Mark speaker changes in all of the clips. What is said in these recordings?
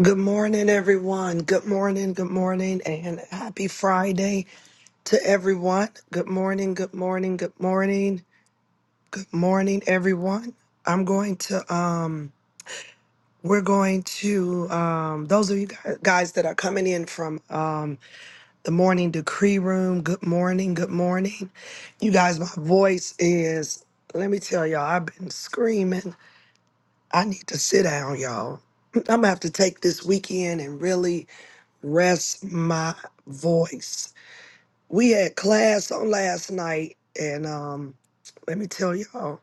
Speaker 1: Good morning, everyone. Good morning, good morning, and happy Friday to everyone. Good morning, good morning, good morning, good morning, everyone. I'm going to, um, we're going to, um, those of you gu- guys that are coming in from um, the morning decree room, good morning, good morning. You guys, my voice is, let me tell y'all, I've been screaming. I need to sit down, y'all. I'm gonna have to take this weekend and really rest my voice. We had class on last night, and um, let me tell y'all,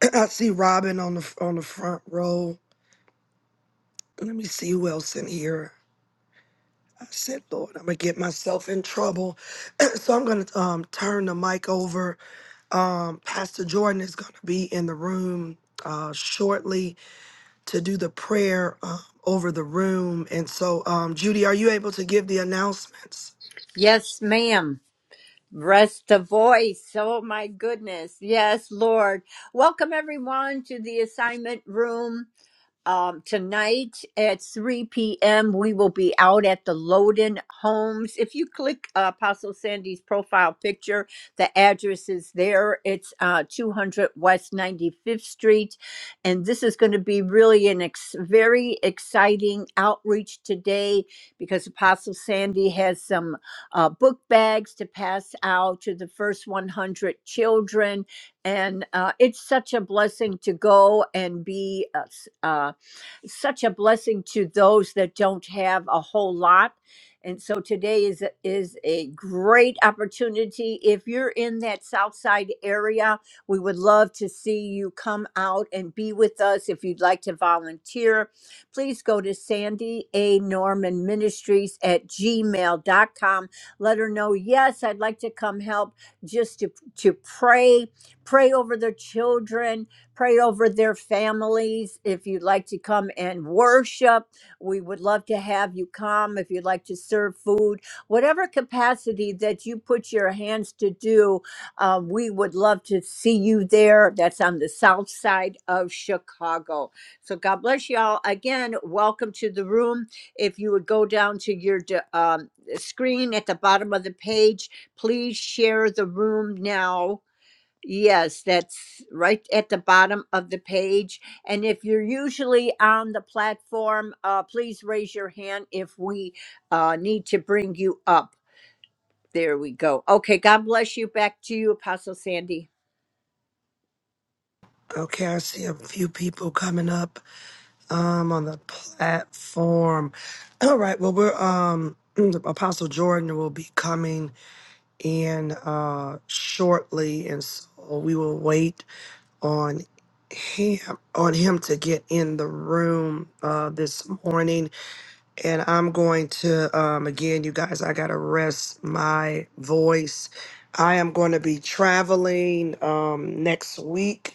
Speaker 1: I see Robin on the on the front row. Let me see who else in here. I said, Lord, I'm gonna get myself in trouble, so I'm gonna um turn the mic over. Um, Pastor Jordan is gonna be in the room uh shortly to do the prayer uh, over the room, and so um, Judy, are you able to give the announcements?
Speaker 2: Yes, ma'am. Rest the voice. Oh my goodness. Yes, Lord. Welcome everyone to the assignment room. Um, tonight at 3 p.m., we will be out at the Loden Homes. If you click uh, Apostle Sandy's profile picture, the address is there. It's uh, 200 West 95th Street. And this is going to be really an ex- very exciting outreach today because Apostle Sandy has some uh, book bags to pass out to the first 100 children. And uh, it's such a blessing to go and be. Uh, s- uh, such a blessing to those that don't have a whole lot. And so today is a, is a great opportunity. If you're in that South Side area, we would love to see you come out and be with us. If you'd like to volunteer, please go to Sandy A. Norman Ministries at Gmail dot com. Let her know, yes, I'd like to come help just to, to pray, pray over their children, Pray over their families. If you'd like to come and worship, we would love to have you come. If you'd like to serve food, whatever capacity that you put your hands to do, uh, we would love to see you there. That's on the south side of Chicago. So God bless y'all. Again, welcome to the room. If you would go down to your d- um, screen at the bottom of the page, please share the room now Yes, that's right at the bottom of the page. And if you're usually on the platform, uh, please raise your hand if we uh, need to bring you up. There we go. Okay, God bless you. Back to you, Apostle Sandy.
Speaker 1: Okay, I see a few people coming up um, on the platform. All right, well, we're um, Apostle Jordan will be coming in uh, shortly, and so we will wait on him on him to get in the room uh, this morning. And I'm going to um, again, you guys, I gotta rest my voice. I am going to be traveling um, next week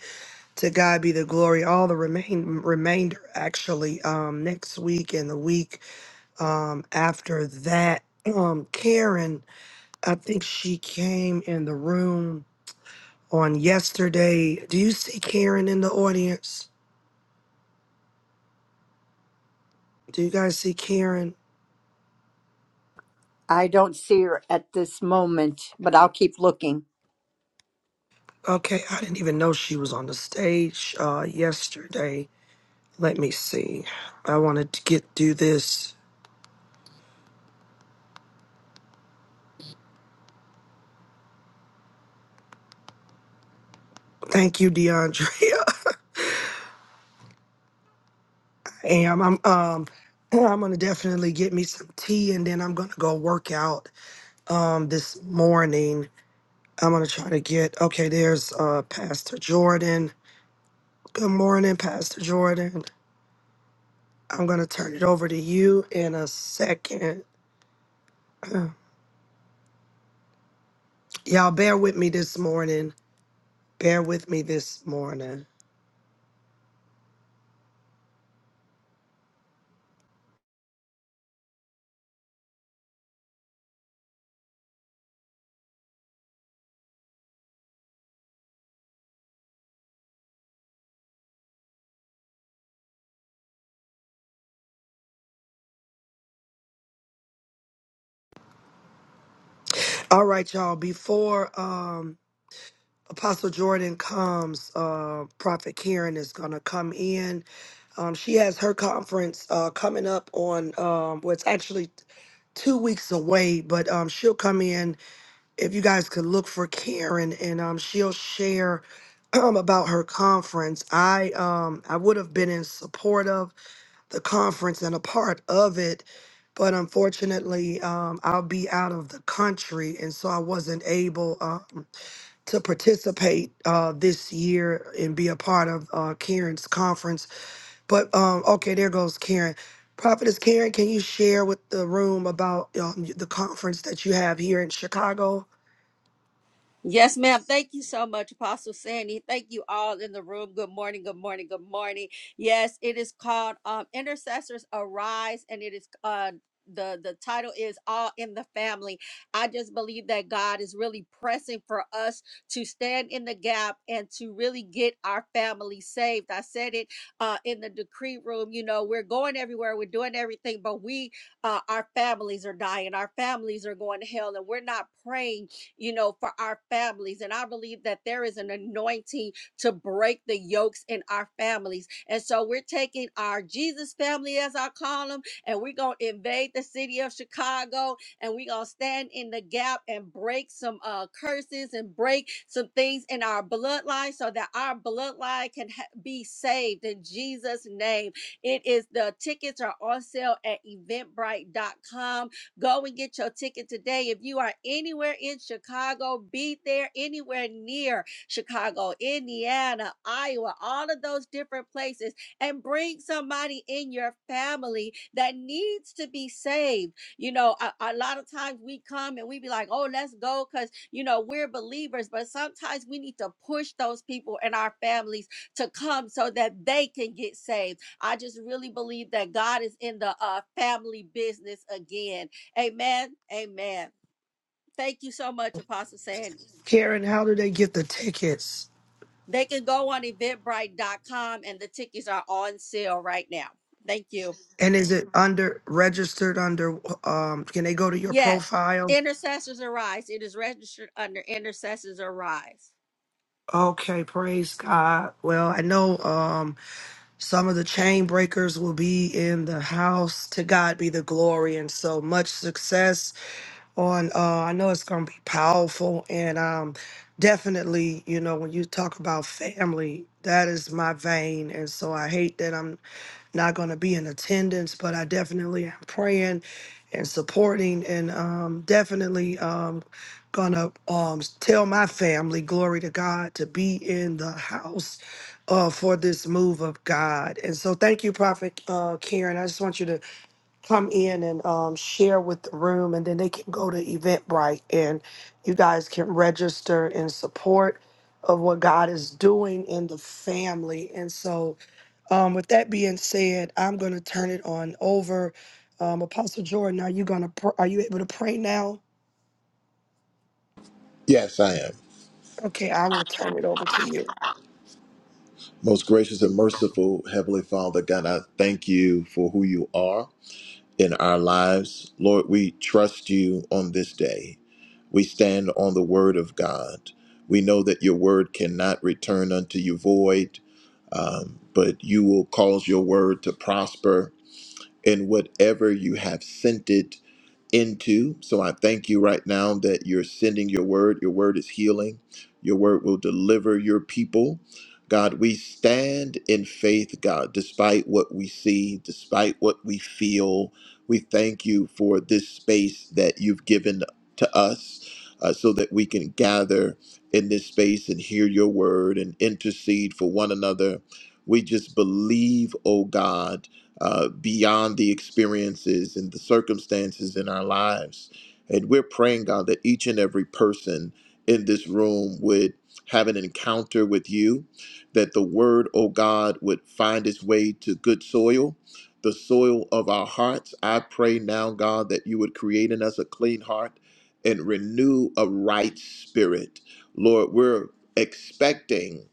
Speaker 1: to God be the glory. All the remain remainder actually um, next week and the week um, after that. Um, Karen, I think she came in the room on yesterday. Do you see Karen in the audience? Do you guys see Karen?
Speaker 2: I don't see her at this moment, but I'll keep looking.
Speaker 1: Okay, I didn't even know she was on the stage uh, yesterday. Let me see. I wanted to get do this. Thank you, DeAndre. am. I'm um I'm gonna definitely get me some tea and then I'm gonna go work out um this morning. I'm gonna try to get okay, there's uh Pastor Jordan. Good morning, Pastor Jordan. I'm gonna turn it over to you in a second. Y'all bear with me this morning. Bear with me this morning. All right, y'all. Before um Apostle Jordan comes, uh, Prophet Karen is going to come in. Um, she has her conference uh, coming up on, um, well, it's actually two weeks away, but um, she'll come in. If you guys could look for Karen, and um, she'll share um, about her conference. I um, I would have been in support of the conference and a part of it, but unfortunately, um, I'll be out of the country, and so I wasn't able. Um, to participate uh, this year and be a part of uh, Karen's conference. But um, okay, there goes Karen. Prophetess Karen, can you share with the room about um, the conference that you have here in Chicago?
Speaker 3: Yes, ma'am. Thank you so much, Apostle Sandy. Thank you all in the room. Good morning, good morning, good morning. Yes, it is called um, Intercessors Arise, and it is uh the the title is all in the family i just believe that god is really pressing for us to stand in the gap and to really get our family saved i said it uh in the decree room you know we're going everywhere we're doing everything but we uh our families are dying our families are going to hell and we're not praying you know, for our families. And I believe that there is an anointing to break the yokes in our families. And so we're taking our Jesus family, as I call them, and we're going to invade the city of Chicago and we're going to stand in the gap and break some uh, curses and break some things in our bloodline so that our bloodline can ha- be saved in Jesus' name. It is the tickets are on sale at eventbrite.com Go and get your ticket today. If you are anywhere in Chicago, be there anywhere near Chicago, Indiana, Iowa, all of those different places, and bring somebody in your family that needs to be saved. You know, a, a lot of times we come and we be like, oh, let's go because, you know, we're believers, but sometimes we need to push those people in our families to come so that they can get saved. I just really believe that God is in the uh, family business again Amen. Amen. Thank you so much, Apostle Sandy.
Speaker 1: Karen, how do they get the tickets?
Speaker 3: They can go on eventbrite.com and the tickets are on sale right now. Thank you.
Speaker 1: And is it under registered under? Um, can they go to your
Speaker 3: Yes.
Speaker 1: profile?
Speaker 3: Intercessors Arise. It is registered under Intercessors Arise.
Speaker 1: Okay, praise God. Well, I know. Um, Some of the chain breakers will be in the house. To God be the glory. And so much success on uh I know it's gonna be powerful and um definitely, you know, when you talk about family, that is my vein. And so I hate that I'm not going to be in attendance, but I definitely am praying and supporting and um, definitely um, going to um, tell my family, glory to God, to be in the house uh, for this move of God. And so, thank you, Prophet uh, Karen. I just want you to come in and um, share with the room, and then they can go to Eventbrite and you guys can register in support of what God is doing in the family. And so, um, with that being said, I'm going to turn it on over. Um, Apostle Jordan, are you gonna pr- are you able to pray now?
Speaker 4: Yes, I am.
Speaker 1: Okay, I will turn it over to you.
Speaker 4: Most gracious and merciful Heavenly Father, God, I thank you for who you are in our lives. Lord, we trust you on this day. We stand on the word of God. We know that your word cannot return unto you void, but you will cause your word to prosper in whatever you have sent it into. So I thank you right now that you're sending your word. Your word is healing. Your word will deliver your people. God, we stand in faith, God, despite what we see, despite what we feel. We thank you for this space that you've given to us uh, so that we can gather in this space and hear your word and intercede for one another. We just believe, oh God uh, beyond the experiences and the circumstances in our lives. And we're praying, God, that each and every person in this room would have an encounter with you, that the word, oh God, would find its way to good soil, the soil of our hearts. I pray now, God, that you would create in us a clean heart and renew a right spirit. Lord, we're expecting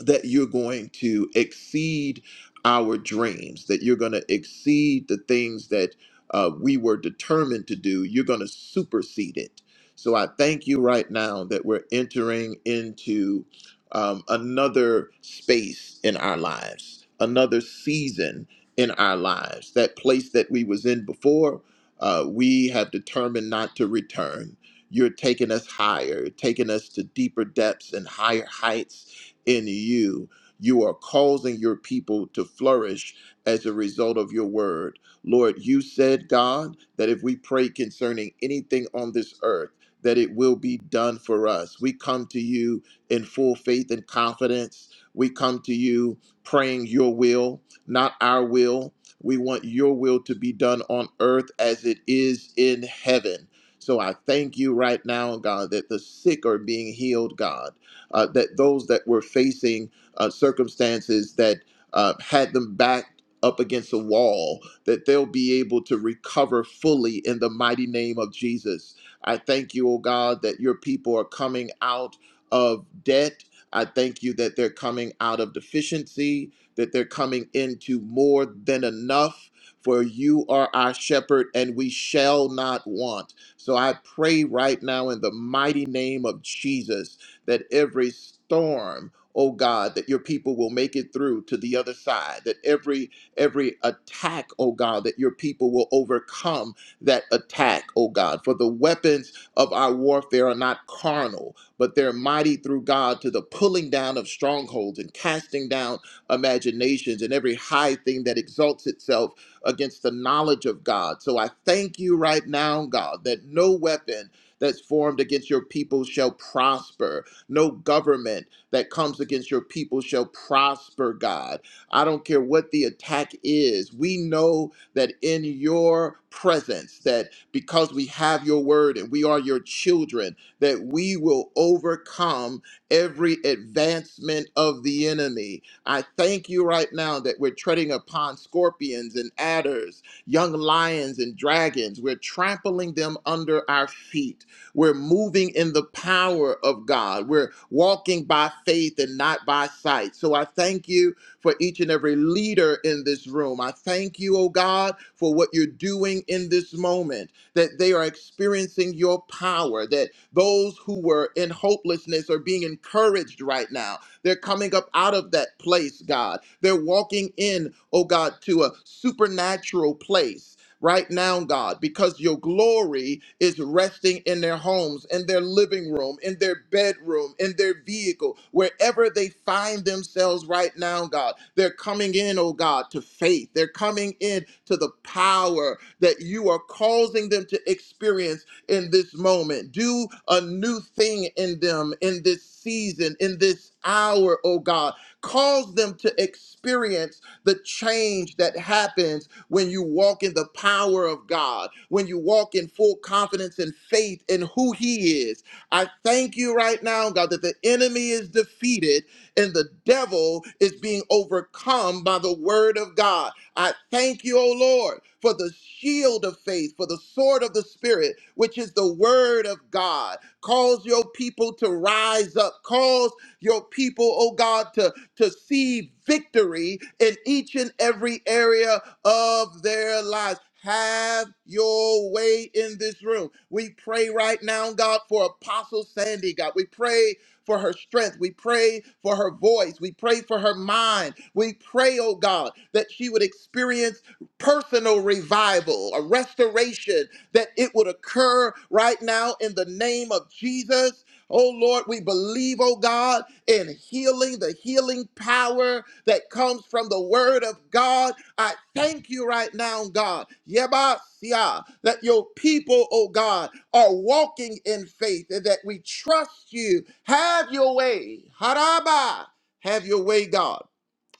Speaker 4: that you're going to exceed our dreams, that you're going to exceed the things that uh, we were determined to do. You're going to supersede it. So I thank you right now that we're entering into um, another space in our lives, another season in our lives. That place that we was in before, uh, we have determined not to return. You're taking us higher, taking us to deeper depths and higher heights in you. You are causing your people to flourish as a result of your word. Lord, you said, God, that if we pray concerning anything on this earth, that it will be done for us. We come to you in full faith and confidence. We come to you praying your will, not our will. We want your will to be done on earth as it is in heaven. So I thank you right now, God, that the sick are being healed, God uh, that those that were facing uh, circumstances that uh, had them back up against a wall, that they'll be able to recover fully in the mighty name of Jesus. I thank you, oh God, that your people are coming out of debt. I thank you that they're coming out of deficiency, that they're coming into more than enough. For you are our shepherd, and we shall not want. So I pray right now in the mighty name of Jesus that every storm oh god that your people will make it through to the other side that every every attack oh god that your people will overcome that attack oh god for the weapons of our warfare are not carnal but they're mighty through god to the pulling down of strongholds and casting down imaginations and every high thing that exalts itself against the knowledge of god so i thank you right now god that no weapon that's formed against your people shall prosper no government that comes against your people shall prosper, God. I don't care what the attack is. We know that in your presence, that because we have your word and we are your children, that we will overcome every advancement of the enemy. I thank you right now that we're treading upon scorpions and adders, young lions and dragons. We're trampling them under our feet. We're moving in the power of God. We're walking by faith and not by sight. So I thank you for each and every leader in this room. I thank you, oh God, for what you're doing in this moment, that they are experiencing your power, that those who were in hopelessness are being encouraged right now. They're coming up out of that place, God. They're walking in, oh God, to a supernatural place right now, God, because your glory is resting in their homes, in their living room, in their bedroom, in their vehicle, wherever they find themselves right now, God. They're coming in, oh God, to faith. They're coming in to the power that you are causing them to experience in this moment. Do a new thing in them in this season, in this hour, oh God. Cause them to experience the change that happens when you walk in the power of God, when you walk in full confidence and faith in who He is. I thank you right now, God, that the enemy is defeated and the devil is being overcome by the word of God. I thank you, O Lord, for the shield of faith, for the sword of the Spirit, which is the word of God. Cause your people to rise up. Cause your people, oh God, to to see victory in each and every area of their lives. Have your way in this room. We pray right now, God, for Apostle Sandy, God. We pray for her strength. We pray for her voice. We pray for her mind. We pray, oh God, that she would experience personal revival, a restoration, that it would occur right now in the name of Jesus Oh Lord, we believe, oh God, in healing, the healing power that comes from the word of God. I thank you right now, God. Yebasia, that your people, oh God, are walking in faith and that we trust you. Have your way. Haraba. Have your way, God.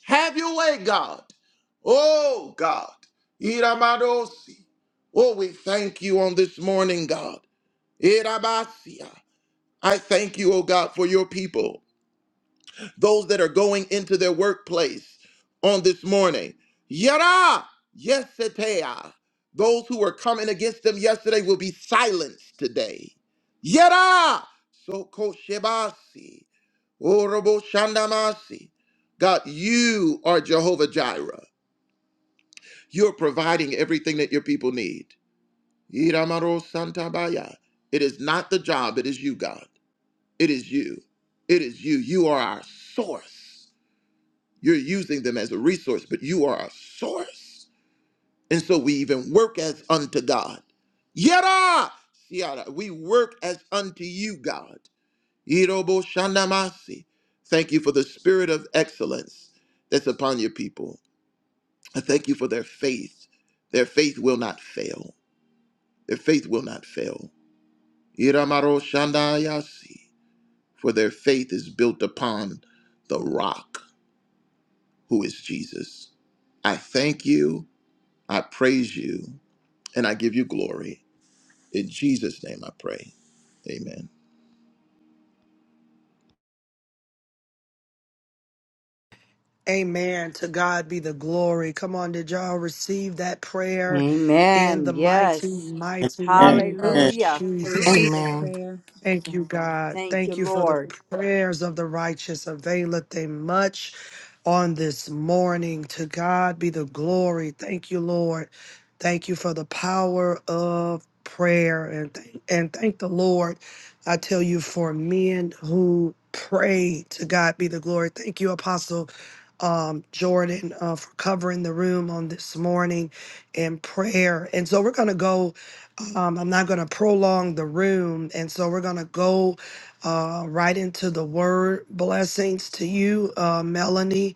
Speaker 4: Have your way, God. Oh God. Iramadosi. Oh, we thank you on this morning, God. Irabasia. I thank you, oh God, for your people, those that are going into their workplace on this morning. Yada, yesetea. Those who were coming against them yesterday will be silenced today. Yada, soko shebasi, orobo shandamasi. God, you are Jehovah Jireh. You're providing everything that your people need. Iramaro santabaya. It is not the job, it is you, God. It is you. It is you. You are our source. You're using them as a resource, but you are our source. And so we even work as unto God. Yada! Yada. We work as unto you, God. Irobo shandamasi. Thank you for the spirit of excellence that's upon your people. I thank you for their faith. Their faith will not fail. Their faith will not fail. Iramaro shandayasi. For their faith is built upon the rock. who is Jesus. I thank you, I praise you, and I give you glory. In Jesus' name I pray. Amen.
Speaker 1: Amen. To God be the glory. Come on, did y'all receive that prayer in
Speaker 2: Amen.
Speaker 1: the mighty,
Speaker 2: Yes.
Speaker 1: mighty
Speaker 5: Amen.
Speaker 6: Amen.
Speaker 1: name of
Speaker 5: I
Speaker 6: Amen.
Speaker 2: Hallelujah.
Speaker 5: receive
Speaker 1: Jesus?
Speaker 5: that
Speaker 7: Amen.
Speaker 5: prayer.
Speaker 1: Thank you, God.
Speaker 2: Thank you,
Speaker 1: Thank you for the
Speaker 2: Lord.
Speaker 1: prayers of the righteous availeth they much on this morning. To God be the glory. Thank you, Lord. Thank you for the power of prayer and th- and thank the Lord. I tell you for men who pray. To God be the glory. Thank you, Apostle um, Jordan, uh, for covering the room on this morning in prayer. And so we're gonna go. Um, I'm not going to prolong the room. And so we're going to go uh, right into the word. Blessings to you, uh, Melanie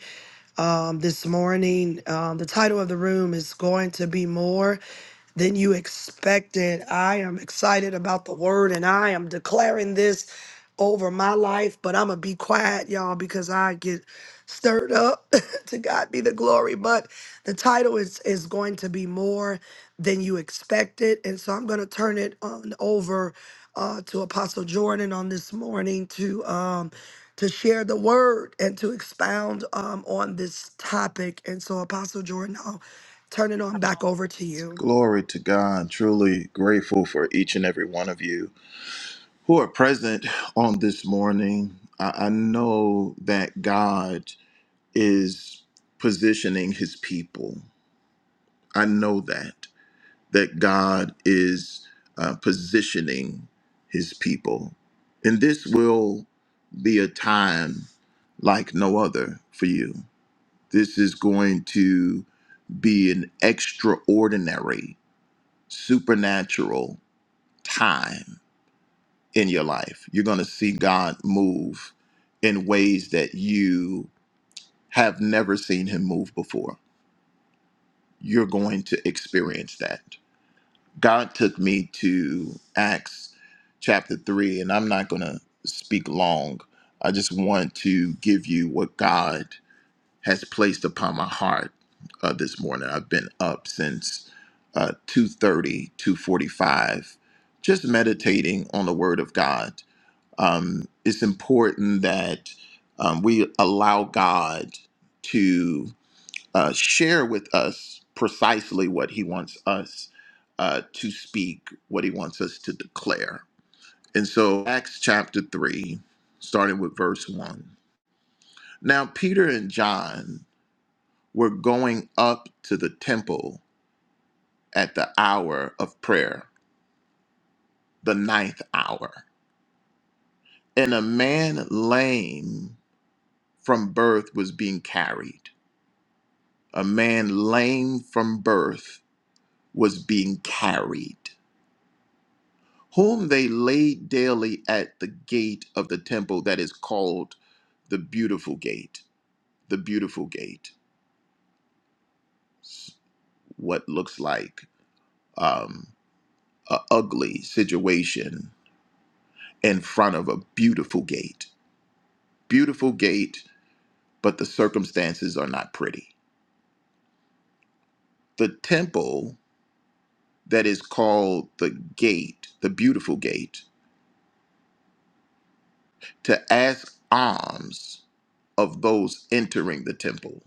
Speaker 1: um, this morning. Um, the title of the room is going to be more than you expected. I am excited about the word and I am declaring this over my life, but I'm going to be quiet, y'all, because I get stirred up. to God be the glory. But the title is, is going to be more than you expected. And so I'm going to turn it on over uh, to Apostle Jordan on this morning to. Um, to share the word and to expound um, on this topic. And so, Apostle Jordan, I'll turn it on back over to you.
Speaker 4: Glory to God. Truly grateful for each and every one of you who are present on this morning. I, I know that God is positioning his people. I know that, that God is uh, positioning his people. And this will be a time like no other for you. This is going to be an extraordinary, supernatural time in your life. You're going to see God move in ways that you have never seen Him move before. You're going to experience that. God took me to Acts chapter 3, and I'm not going to speak long. I just want to give you what God has placed upon my heart uh, this morning. I've been up since uh, 2.30, 2.45, just meditating on the Word of God. Um, it's important that um, we allow God to uh, share with us precisely what He wants us uh, to speak, what He wants us to declare. And so Acts chapter 3, starting with verse 1. Now Peter and John we're going up to the temple at the hour of prayer, the ninth hour. And a man lame from birth was being carried. A man lame from birth was being carried, whom they laid daily at the gate of the temple that is called the beautiful gate. The beautiful gate. What looks like um, a ugly situation in front of a beautiful gate beautiful gate, but the circumstances are not pretty. The temple that is called the gate, the beautiful gate, to ask alms of those entering the temple.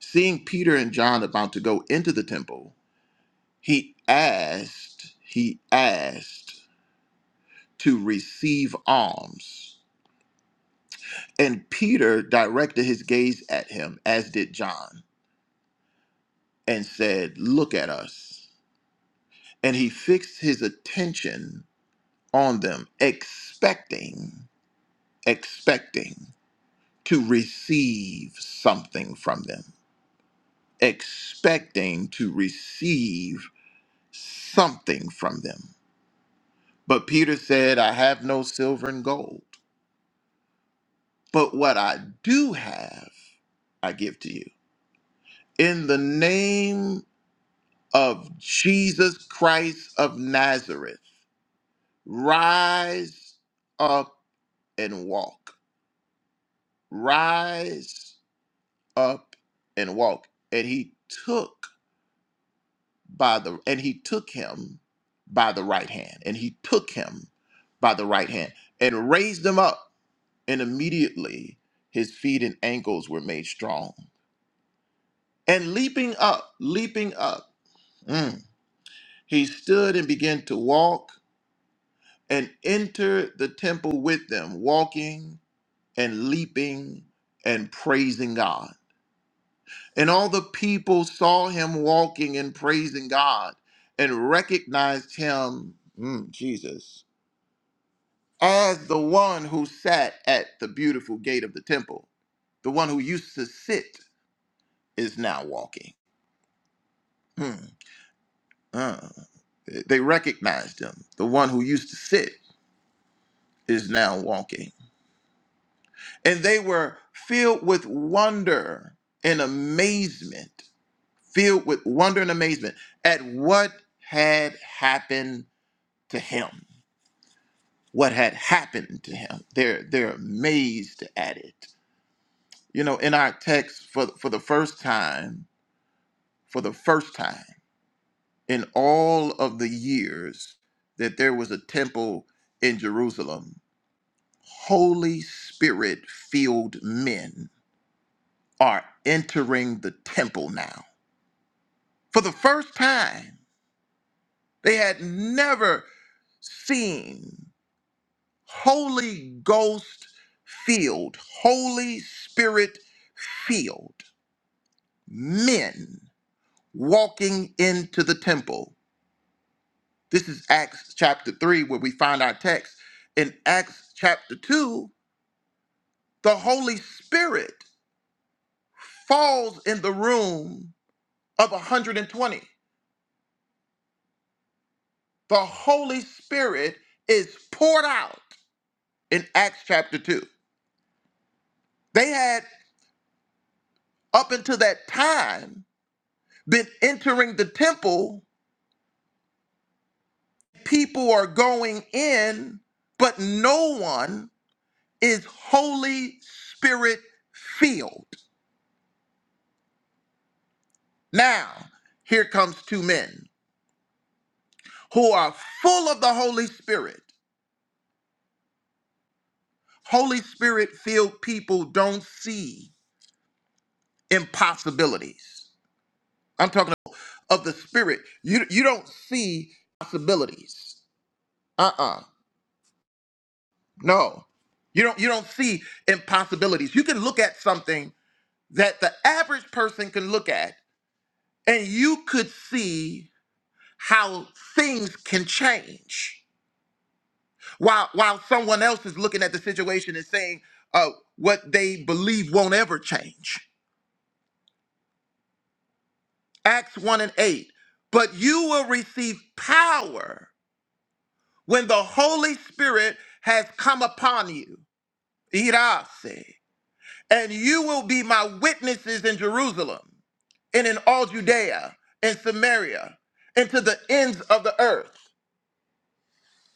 Speaker 4: Seeing Peter and John about to go into the temple, he asked, he asked to receive alms. And Peter directed his gaze at him, as did John, and said, Look at us. And he fixed his attention on them, expecting, expecting to receive something from them, expecting to receive something from them. But Peter said, I have no silver and gold, but what I do have, I give to you. In the name of Jesus Christ of Nazareth, rise up and walk. Rise up and walk. And he took by the and he took him by the right hand. And he took him by the right hand and raised him up. And immediately his feet and ankles were made strong. And leaping up, leaping up, mm, he stood and began to walk and entered the temple with them, walking and leaping and praising God. And all the people saw him walking and praising God and recognized him, mm, Jesus, as the one who sat at the beautiful gate of the temple. The one who used to sit is now walking. Mm, uh. They recognized him. The one who used to sit is now walking. And they were filled with wonder and amazement, filled with wonder and amazement at what had happened to him what had happened to him. They're they're amazed at it. You know, in our text for for the first time, for the first time in all of the years that there was a temple in Jerusalem, Holy Spirit filled men are entering the temple now. For the first time, they had never seen Holy Ghost filled, Holy Spirit filled men walking into the temple. This is Acts chapter 3, where we find our text. In Acts chapter 2, the Holy Spirit falls in the room of 120. The Holy Spirit is poured out in Acts chapter 2. They had, up until that time, been entering the temple people are going in, but no one is Holy Spirit filled. Now, here comes two men who are full of the Holy Spirit. Holy Spirit filled people don't see impossibilities. I'm talking of the Spirit. You, you don't see possibilities. Uh-uh. No. You don't you don't see impossibilities. You can look at something that the average person can look at and you could see how things can change while while someone else is looking at the situation and saying uh, what they believe won't ever change acts 1 and 8 but you will receive power when the holy spirit has come upon you Irase. and you will be my witnesses in jerusalem and in all judea and samaria and to the ends of the earth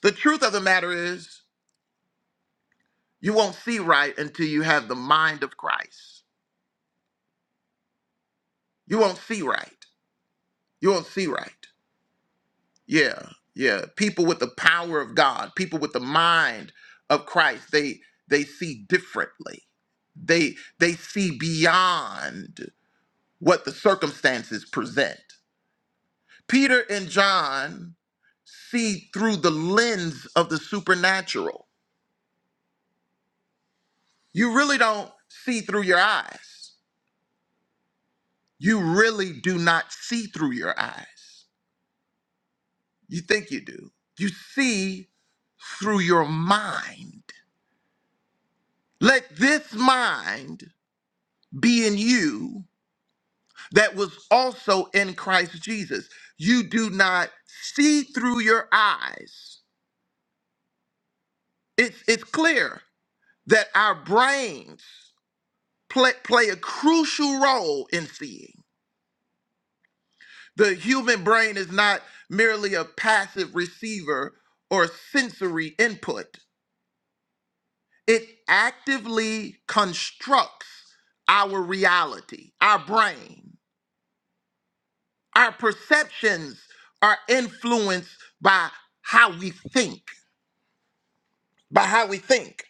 Speaker 4: the truth of the matter is You won't see right until you have the mind of Christ. You won't see right. You won't see right. Yeah, yeah. People with the power of God, people with the mind of Christ, they they see differently. They they see beyond what the circumstances present. Peter and John see through the lens of the supernatural. You really don't see through your eyes. You really do not see through your eyes. You think you do. You see through your mind. Let this mind be in you that was also in Christ Jesus. You do not see through your eyes. It's, it's clear that our brains play, play a crucial role in seeing. The human brain is not merely a passive receiver or sensory input. It actively constructs our reality, our brain. Our perceptions are influenced by how we think, by how we think.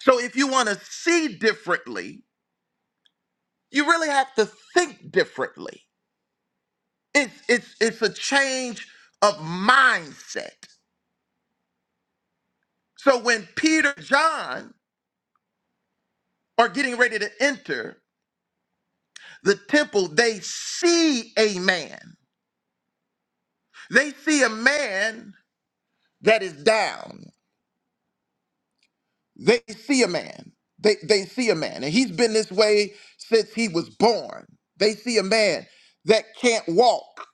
Speaker 4: So if you want to see differently, you really have to think differently. It's it's it's a change of mindset. So when Peter and John are getting ready to enter the temple, they see a man. They see a man that is down. They see a man. They they see a man. And he's been this way since he was born. They see a man that can't walk.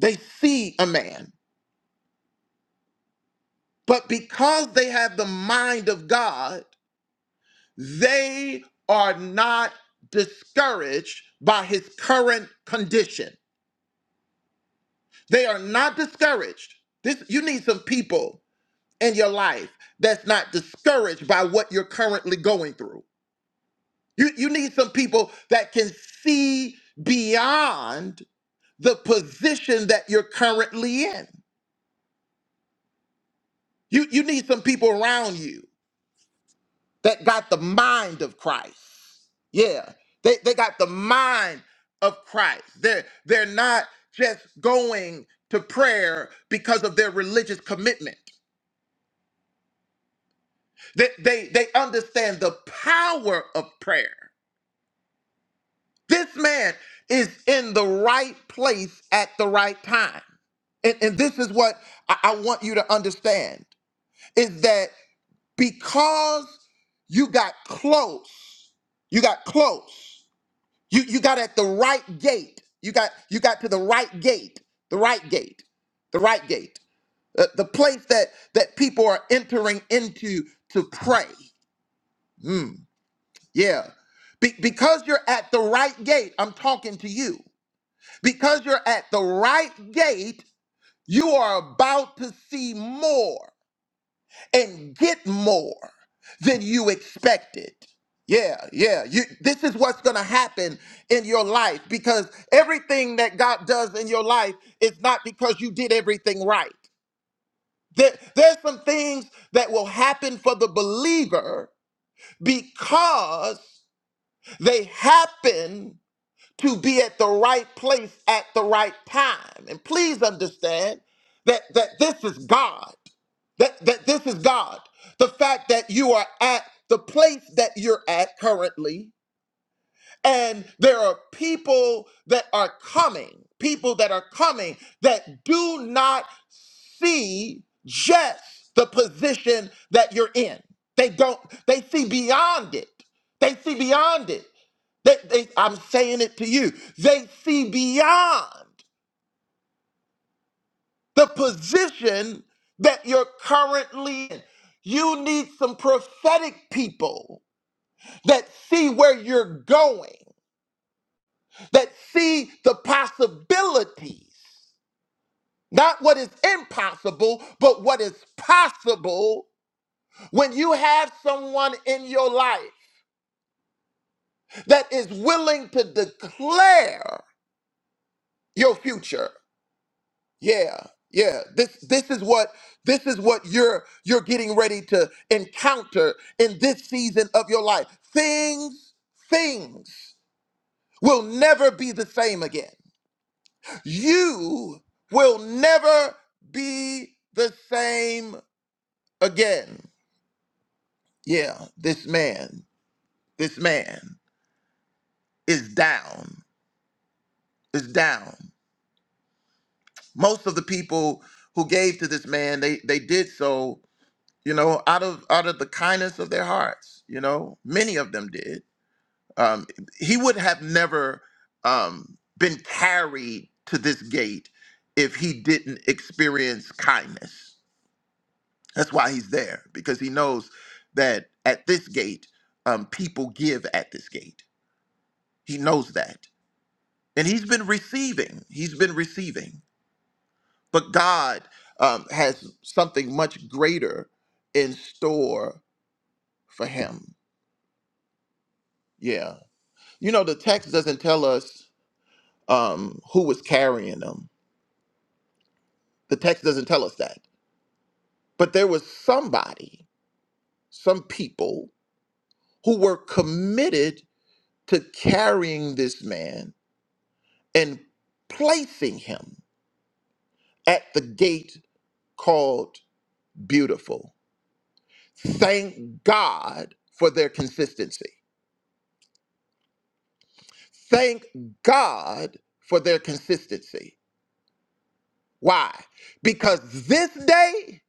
Speaker 4: They see a man. But because they have the mind of God, they are not discouraged by his current condition. They are not discouraged. This you need some people in your life that's not discouraged by what you're currently going through You, you need some people that can see beyond the position that you're currently in. You, you need some people around you that got the mind of Christ. Yeah, they, they got the mind of Christ. They're, they're not just going to prayer because of their religious commitment. They, they, they understand the power of prayer. This man is in the right place at the right time. And, and this is what I, I want you to understand is that because you got close, you got close, you, you got at the right gate. You got you got to the right gate, the right gate, the right gate, uh, the place that that people are entering into to pray. Mm, yeah, Be- because you're at the right gate. I'm talking to you. Because you're at the right gate, you are about to see more and get more than you expected. Yeah, yeah. You, this is what's going to happen in your life because everything that God does in your life is not because you did everything right. There, there's some things that will happen for the believer because they happen to be at the right place at the right time. And please understand that, that this is God. That, that this is God. The fact that you are at the place that you're at currently and there are people that are coming, people that are coming that do not see just the position that you're in. They don't, they see beyond it. They see beyond it. They, they, I'm saying it to you. They see beyond the position that you're currently in. You need some prophetic people that see where you're going that see the possibilities, not what is impossible, but what is possible when you have someone in your life that is willing to declare your future. Yeah. Yeah, this this is what this is what you're you're getting ready to encounter in this season of your life. Things things will never be the same again. You will never be the same again. Yeah, this man, this man is down, is down. Most of the people who gave to this man, they they did so, you know, out of out of the kindness of their hearts. You know, many of them did. Um, he would have never um, been carried to this gate if he didn't experience kindness That's why he's there because he knows that at this gate, um, people give at this gate. He knows that, and he's been receiving. He's been receiving, but God um, has something much greater in store for him. Yeah, you know the text doesn't tell us um, who was carrying them. The text doesn't tell us that, but there was somebody, some people who were committed to carrying this man and placing him at the gate called Beautiful. Thank God for their consistency. Thank God for their consistency. Why? Because this day,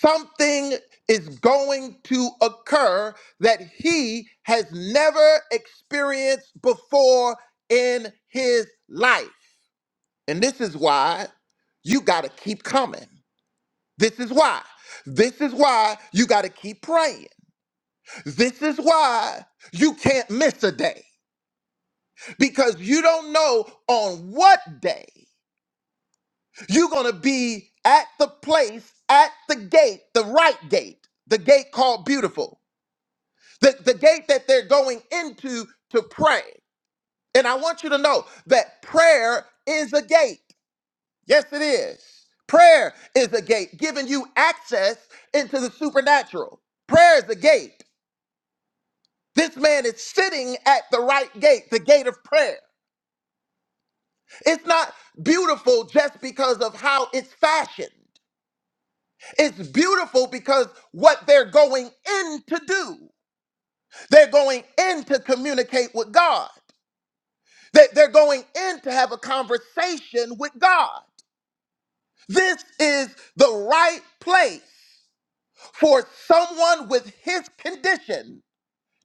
Speaker 4: something is going to occur that he has never experienced before in his life. And this is why you got to keep coming. This is why. This is why you got to keep praying. This is why you can't miss a day because you don't know on what day you're going to be at the place, at the gate, the right gate, the gate called beautiful, the, the gate that they're going into to pray. And I want you to know that prayer is a gate. Yes, it is. Prayer is a gate giving you access into the supernatural. Prayer is a gate. This man is sitting at the right gate, the gate of prayer. It's not beautiful just because of how it's fashioned. It's beautiful because what they're going in to do. They're going in to communicate with God. They- They're going in to have a conversation with God. This is the right place for someone with his condition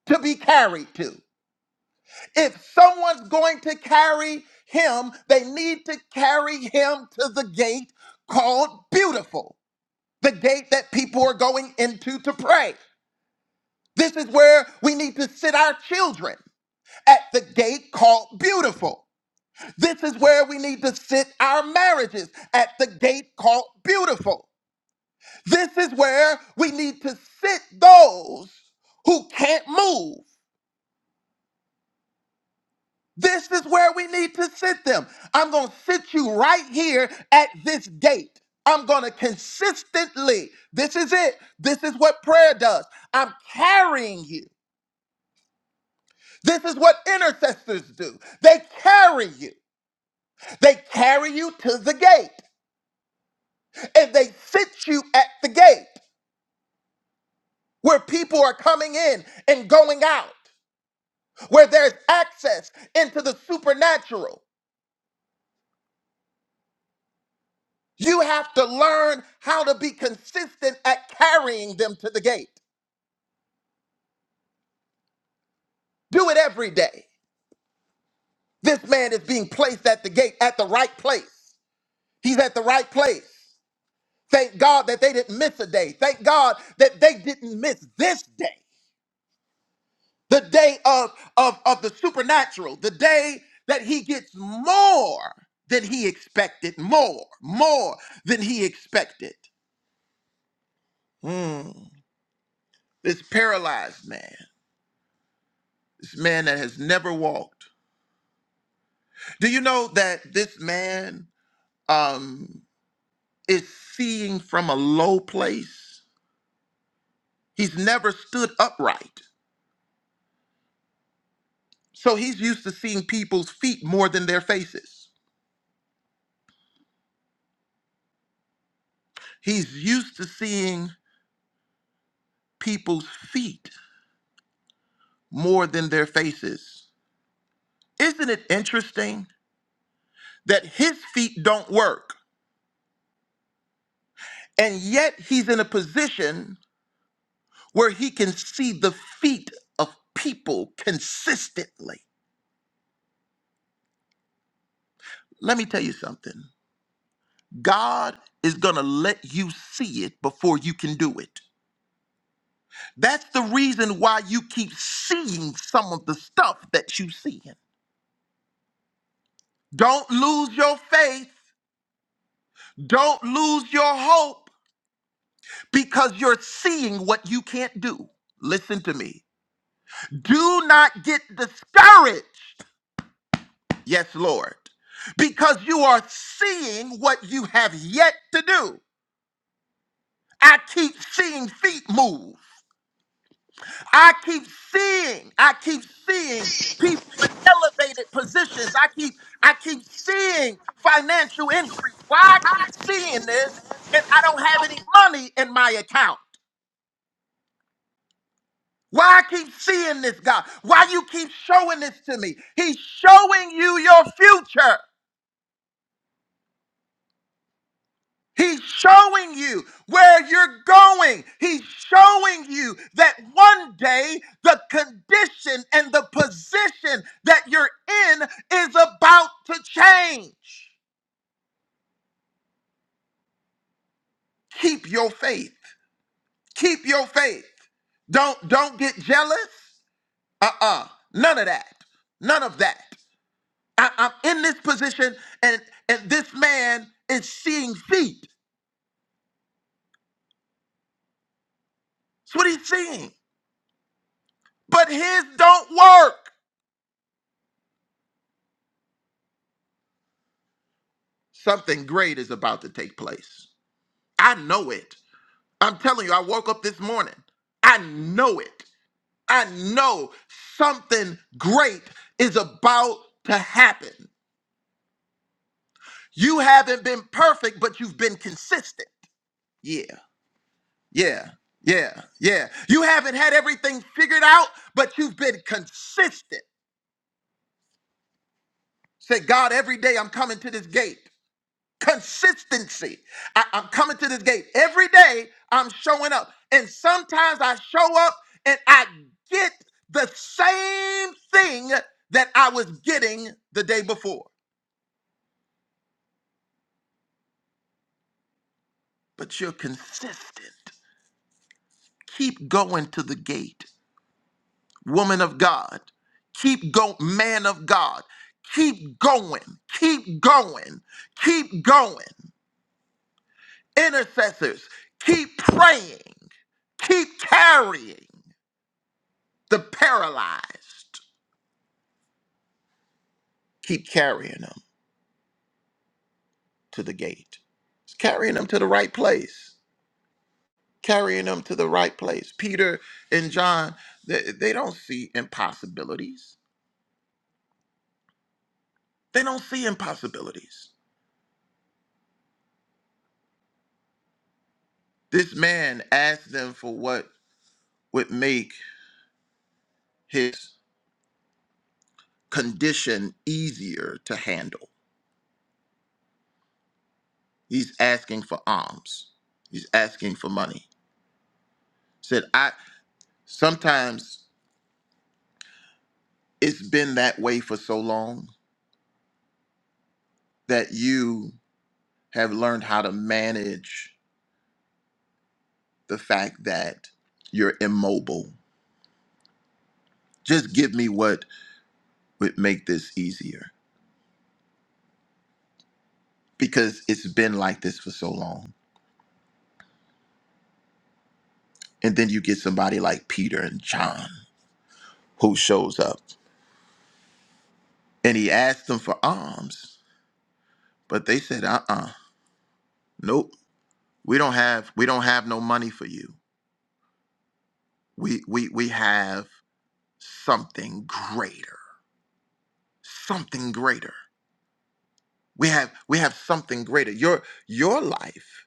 Speaker 4: to be carried to. If someone's going to carry him, they need to carry him to the gate called beautiful, the gate that people are going into to pray. This is where we need to sit our children at the gate called beautiful. This is where we need to sit our marriages at the gate called beautiful. This is where we need to sit those who can't move This is where we need to sit them. I'm going to sit you right here at this gate. I'm going to consistently, this is it. This is what prayer does. I'm carrying you. This is what intercessors do. They carry you, they carry you to the gate and they sit you at the gate where people are coming in and going out, where there's access into the supernatural. You have to learn how to be consistent at carrying them to the gate. Do it every day. This man is being placed at the gate at the right place. He's at the right place. Thank God that they didn't miss a day. Thank God that they didn't miss this day, the day of, of, of the supernatural, the day that he gets more than he expected, more, more than he expected. Mm. This paralyzed man, this man that has never walked. Do you know that this man um, is seeing from a low place? He's never stood upright. So he's used to seeing people's feet more than their faces. He's used to seeing people's feet more than their faces. Isn't it interesting that his feet don't work, and yet he's in a position where he can see the feet of people consistently? Let me tell you something. God is going to let you see it before you can do it. That's the reason why you keep seeing some of the stuff that you see. Don't lose your faith. Don't lose your hope because you're seeing what you can't do. Listen to me. Do not get discouraged. Yes, Lord. Because you are seeing what you have yet to do. I keep seeing feet move. I keep seeing, I keep seeing people in elevated positions. I keep, I keep seeing financial increase. Why I keep seeing this and I don't have any money in my account? Why I keep seeing this, God? Why you keep showing this to me? He's showing you your future. He's showing you where you're going. He's showing you that one day the condition and the position that you're in is about to change. Keep your faith. Keep your faith. Don't don't get jealous. Uh-uh. None of that. None of that. I, I'm in this position and and this man is seeing feet. That's what he's seeing. But his don't work. Something great is about to take place. I know it. I'm telling you, I woke up this morning. I know it. I know something great is about to happen. You haven't been perfect, but you've been consistent. Yeah, yeah, yeah, yeah. You haven't had everything figured out, but you've been consistent. Say, God, every day I'm coming to this gate. Consistency. I, I'm coming to this gate every day. I'm showing up, and sometimes I show up and I get the same thing that I was getting the day before. But you're consistent. Keep going to the gate, woman of God. Keep going, man of God. Keep going. Keep going. Keep going. Intercessors, keep praying. Keep carrying. The paralyzed keep carrying them to the gate, It's carrying them to the right place, carrying them to the right place. Peter and John, they, they don't see impossibilities. They don't see impossibilities. This man asked them for what would make his condition easier to handle. He's asking for alms. He's asking for money. Said, I sometimes it's been that way for so long that you have learned how to manage the fact that you're immobile. Just give me what would make this easier because it's been like this for so long. And then you get somebody like Peter and John who shows up and he asked them for alms, but they said, "Uh, uh nope. We don't have we don't have no money for you. We we we have something greater. Something greater. We have we have something greater. Your your life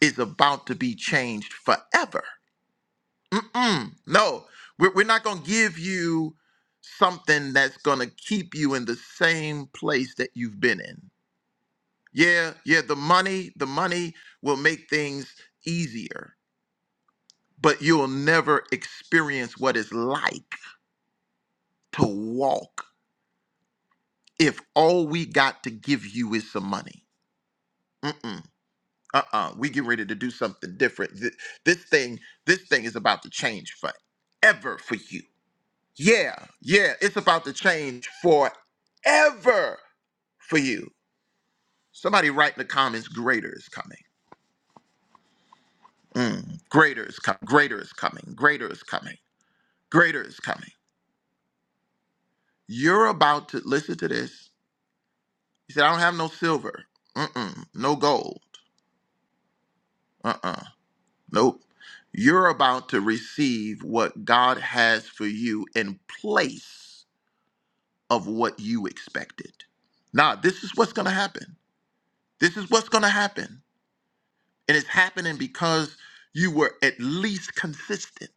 Speaker 4: is about to be changed forever. Mm-mm. No, we're, we're not going to give you something that's going to keep you in the same place that you've been in. Yeah, yeah, the money, the money will make things easier, but you'll never experience what it's like to walk if all we got to give you is some money. Mm-mm. Uh-uh. We get ready to do something different. Th- This thing, this thing is about to change forever for you Yeah, yeah, it's about to change forever for you. Somebody write in the comments, greater is coming. Mm, greater is coming. Greater is coming. Greater is coming. Greater is coming. You're about to listen to this. He said, I don't have no silver. Mm-mm. No gold. Uh-uh. Nope. You're about to receive what God has for you in place of what you expected. Now, this is what's going to happen. This is what's going to happen And it's happening because you were at least consistent.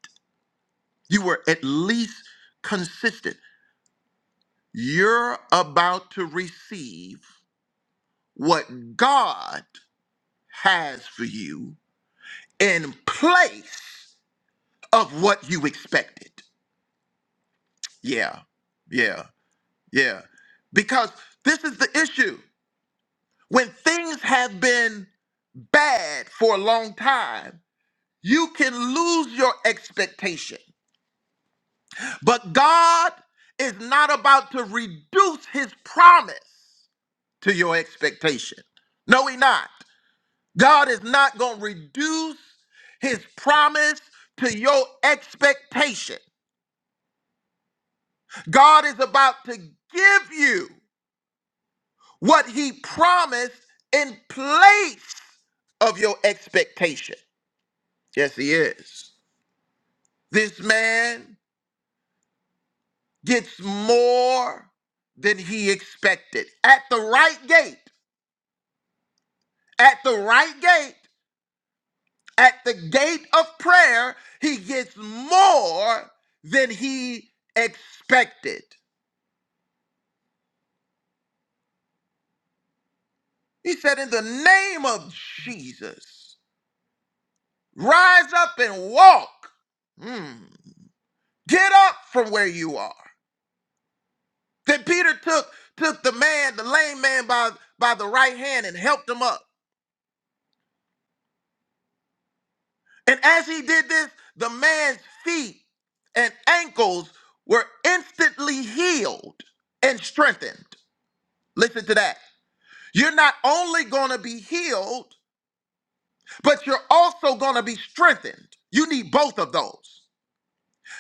Speaker 4: You were at least consistent. You're about to receive what God has for you in place of what you expected. Yeah, yeah, yeah. Because this is the issue. When things have been bad for a long time, you can lose your expectation. But God is not about to reduce his promise to your expectation. No, he not. God is not going to reduce his promise to your expectation. God is about to give you what he promised in place of your expectation. Yes, he is. This man gets more than he expected at the right gate at the right gate, at the gate of prayer, he gets more than he expected. He said, In the name of Jesus, rise up and walk. Hmm. Get up from where you are. Then Peter took, took the man, the lame man, by, by the right hand and helped him up. And as he did this, the man's feet and ankles were instantly healed and strengthened. Listen to that. You're not only going to be healed, but you're also going to be strengthened. You need both of those.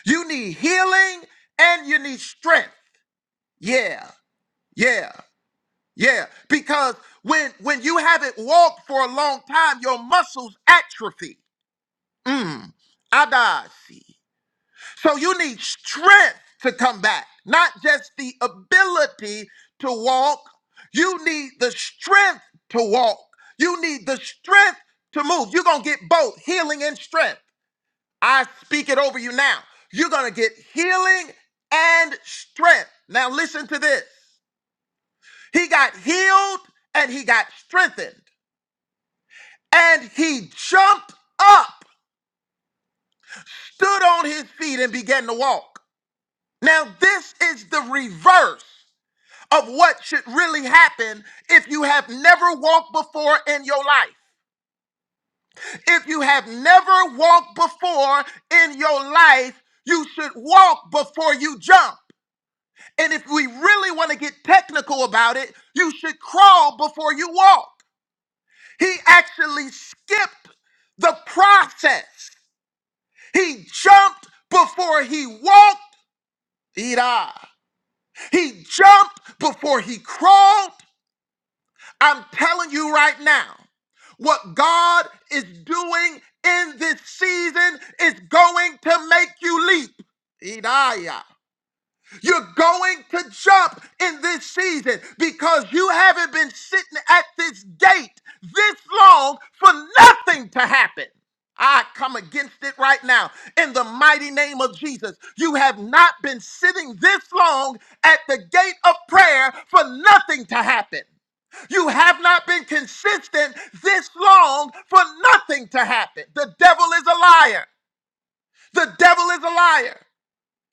Speaker 4: You need healing and you need strength. Yeah. Yeah. Yeah, because when when you haven't walked for a long time, your muscles atrophy. Mm. Adasi. So you need strength to come back, not just the ability to walk. You need the strength to walk. You need the strength to move. You're going to get both healing and strength. I speak it over you now. You're going to get healing and strength. Now, listen to this. He got healed and he got strengthened, and he jumped up, stood on his feet, and began to walk. Now, this is the reverse. of what should really happen if you have never walked before in your life. If you have never walked before in your life, you should walk before you jump. And if we really want to get technical about it, you should crawl before you walk. He actually skipped the process. He jumped before he walked. Ida. He jumped before he crawled. I'm telling you right now, what God is doing in this season is going to make you leap. Idaya. You're going to jump in this season because you haven't been sitting at this gate this long for nothing to happen. I come against it right now in the mighty name of Jesus. You have not been sitting this long at the gate of prayer for nothing to happen. You have not been consistent this long for nothing to happen. The devil is a liar. The devil is a liar.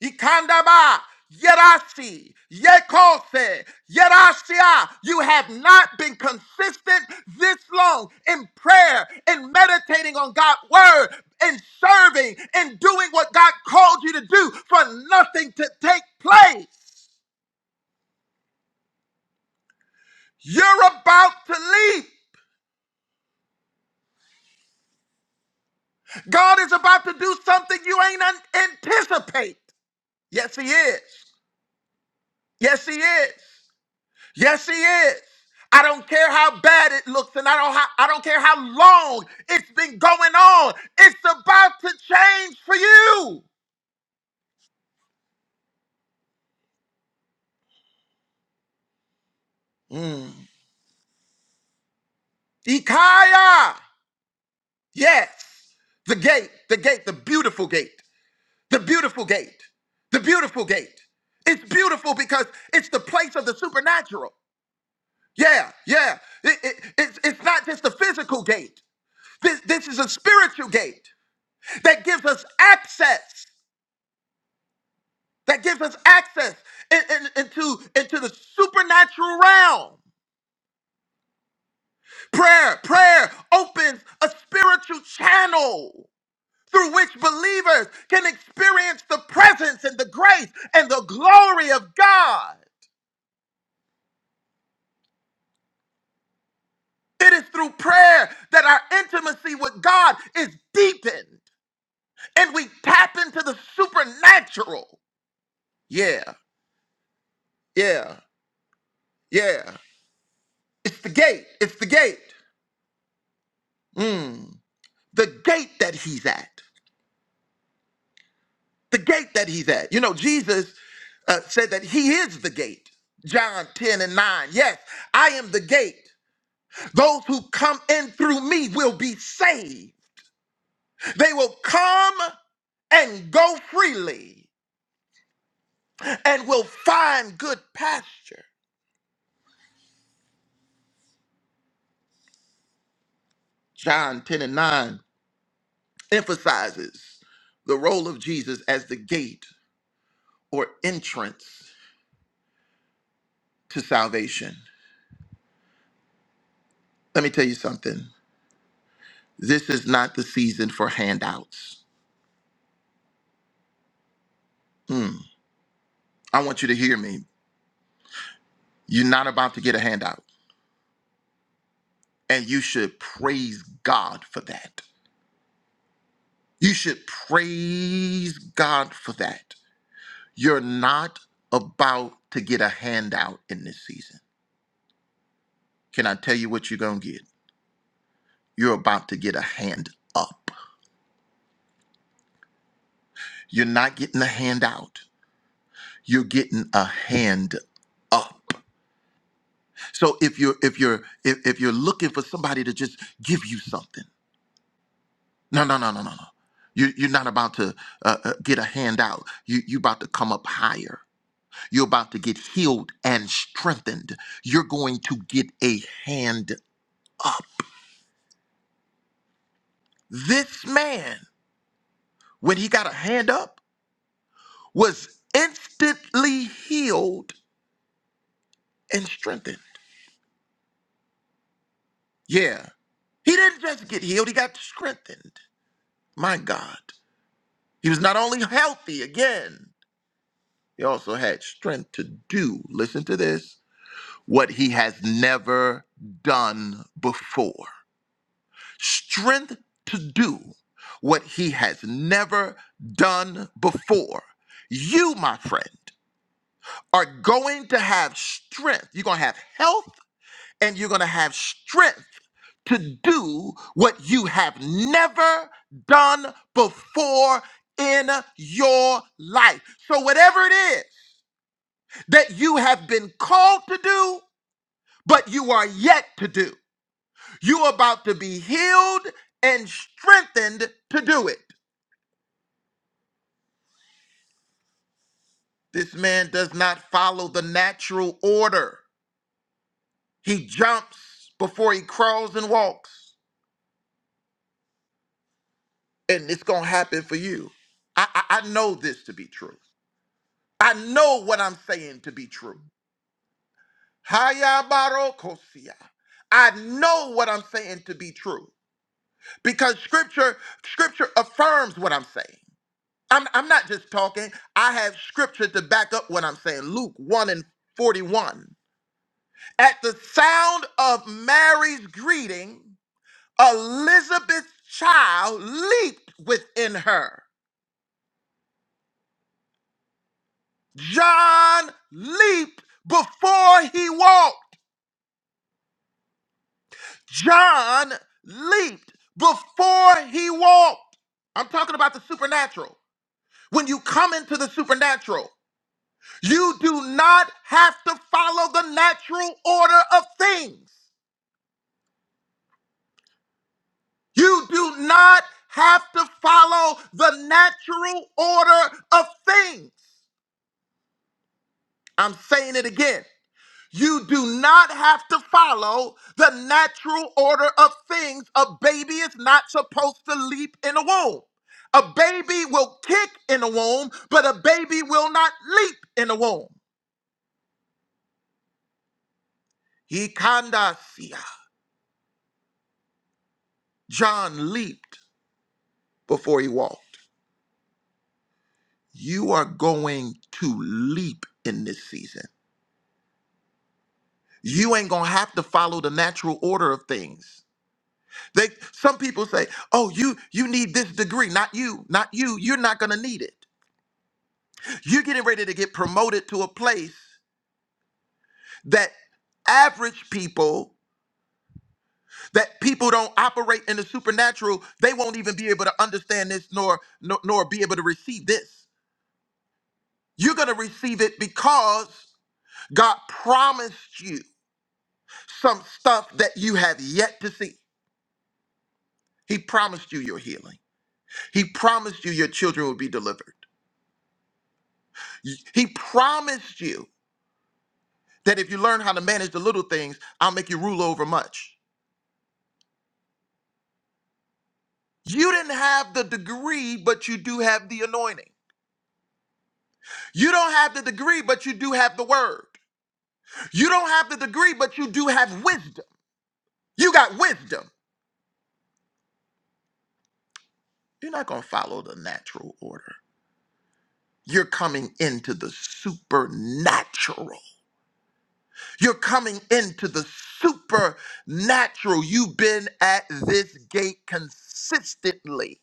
Speaker 4: Ikandaba, Yerasi, Yekose, Yerasia. You have not been consistent this long in prayer, in meditating on God's word, in serving, in doing what God called you to do for nothing to take place. You're about to leave. God is about to do something you ain't un- anticipate. Yes, He is. Yes, He is. Yes, he is. I don't care how bad it looks, and I don't how, I don't care how long it's been going on. It's about to change for you. Mm. Ikaya. Yes. The gate, the gate, the beautiful gate, the beautiful gate, the beautiful gate. It's beautiful because it's the place of the supernatural. Yeah, yeah. It- it- it's, it's not just the physical gate. This, this is a spiritual gate that gives us access. that gives us access in- in- into, into the supernatural realm. Prayer, prayer opens a spiritual channel through which believers can experience the presence and the grace and the glory of God. It is through prayer that our intimacy with God is deepened and we tap into the supernatural. Yeah, yeah, yeah. It's the gate. It's the gate. Mm, the gate that he's at. the gate that he's at. You know, Jesus uh, said that he is the gate. John 10 and 9. Yes, I am the gate. Those who come in through me will be saved. They will come and go freely and will find good pasture. John 10 and 9 emphasizes the role of Jesus as the gate or entrance to salvation. Let me tell you something. This is not the season for handouts. Hmm. I want you to hear me. You're not about to get a handout, and you should praise God for that. You should praise God for that. You're not about to get a handout in this season. Can I tell you what you're going to get? You're about to get a hand up. You're not getting a handout. You're getting a hand up. So if you're if you're if, if you're looking for somebody to just give you something, No, no, no, no, no, no. You, you're not about to uh, uh, get a handout. You, you're about to come up higher. You're about to get healed and strengthened. You're going to get a hand up. This man, when he got a hand up, was instantly healed and strengthened. Yeah. He didn't just get healed, he got strengthened. My God. He was not only healthy again, he also had strength to do. Listen to this what he has never done before. Strength to do what he has never done before. You, my friend, are going to have strength. You're going to have health and you're going to have strength to do what you have never done before in your life. So, whatever it is that you have been called to do, but you are yet to do. You're about to be healed and strengthened to do it. This man does not follow the natural order. He jumps before he crawls and walks. And it's going to happen for you. I, I, I know this to be true. I know what I'm saying to be true. Hayabarokosia. I know what I'm saying to be true because scripture scripture affirms what I'm saying. I'm, I'm not just talking. I have scripture to back up what I'm saying. Luke 1 and 41. At the sound of Mary's greeting, Elizabeth's child leaped within her. John leaped before he walked. John leaped before he walked. I'm talking about the supernatural. When you come into the supernatural, You do not have to follow the natural order of things. You do not have to follow the natural order of things. I'm saying it again. You do not have to follow the natural order of things. A baby is not supposed to leap in a womb. A baby will kick in a womb, but a baby will not leap in a womb. He kandasia. John leaped before he walked. you are going to leap in this season. You ain't gonna have to follow the natural order of things. They some people say, "Oh, you you need this degree, not you, not you. You're not gonna need it. You're getting ready to get promoted to a place that average people, that people don't operate in the supernatural, they won't even be able to understand this nor nor, nor be able to receive this. You're gonna receive it because God promised you. some stuff that you have yet to see. He promised you your healing. He promised you your children will be delivered. He promised you that if you learn how to manage the little things, I'll make you rule over much. You didn't have the degree, but you do have the anointing. You don't have the degree, but you do have the word. You don't have the degree, but you do have wisdom. You got wisdom. You're not going to follow the natural order. You're coming into the supernatural. You're coming into the supernatural. You've been at this gate consistently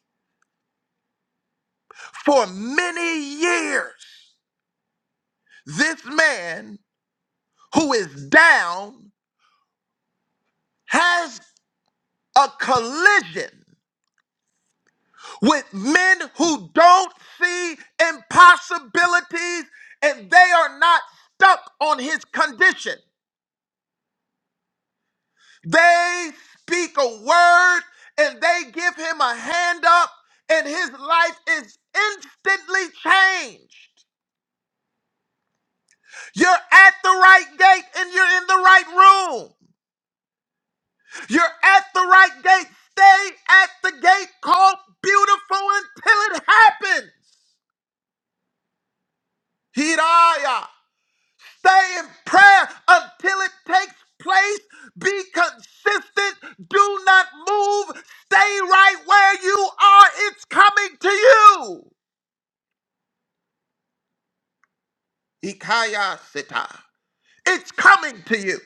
Speaker 4: for many years. This man who is down has a collision with men who don't see impossibilities and they are not stuck on his condition. They speak a word and they give him a hand up, and his life is instantly changed. You're at the right gate and you're in the right room. You're at the right gate. Stay at the gate called beautiful until it happens. Hidaya. Stay in prayer until it takes place. Be consistent. Do not move. Stay right where you are. It's coming to you. Ikaya sita. It's coming to you.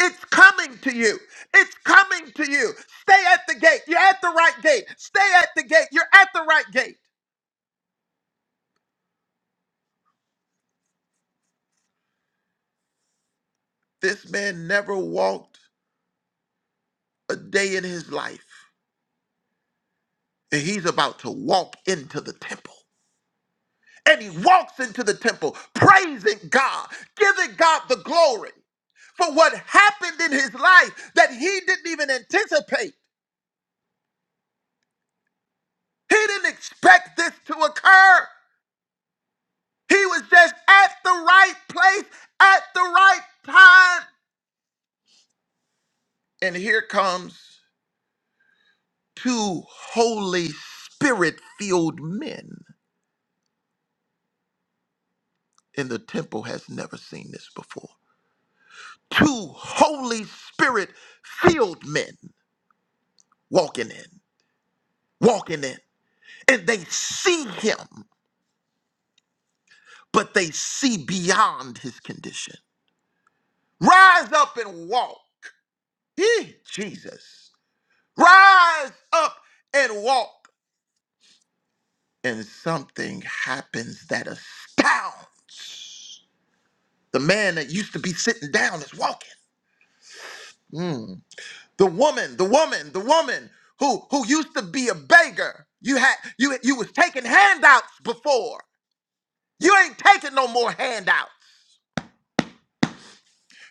Speaker 4: It's coming to you. It's coming to you. Stay at the gate. You're at the right gate. Stay at the gate. You're at the right gate. This man never walked a day in his life, and he's about to walk into the temple. and he walks into the temple praising God, giving God the glory for what happened in his life that he didn't even anticipate. He didn't expect this to occur. He was just at the right place at the right time. And here comes two Holy Spirit filled men. And the temple has never seen this before. Two Holy Spirit filled men walking in, walking in. and they see him, but they see beyond his condition. Rise up and walk. Eh, Jesus. Rise up and walk. And something happens that astounds. The man that used to be sitting down is walking. Mm. The woman, the woman, the woman who who used to be a beggar. You had you you was taking handouts before. You ain't taking no more handouts.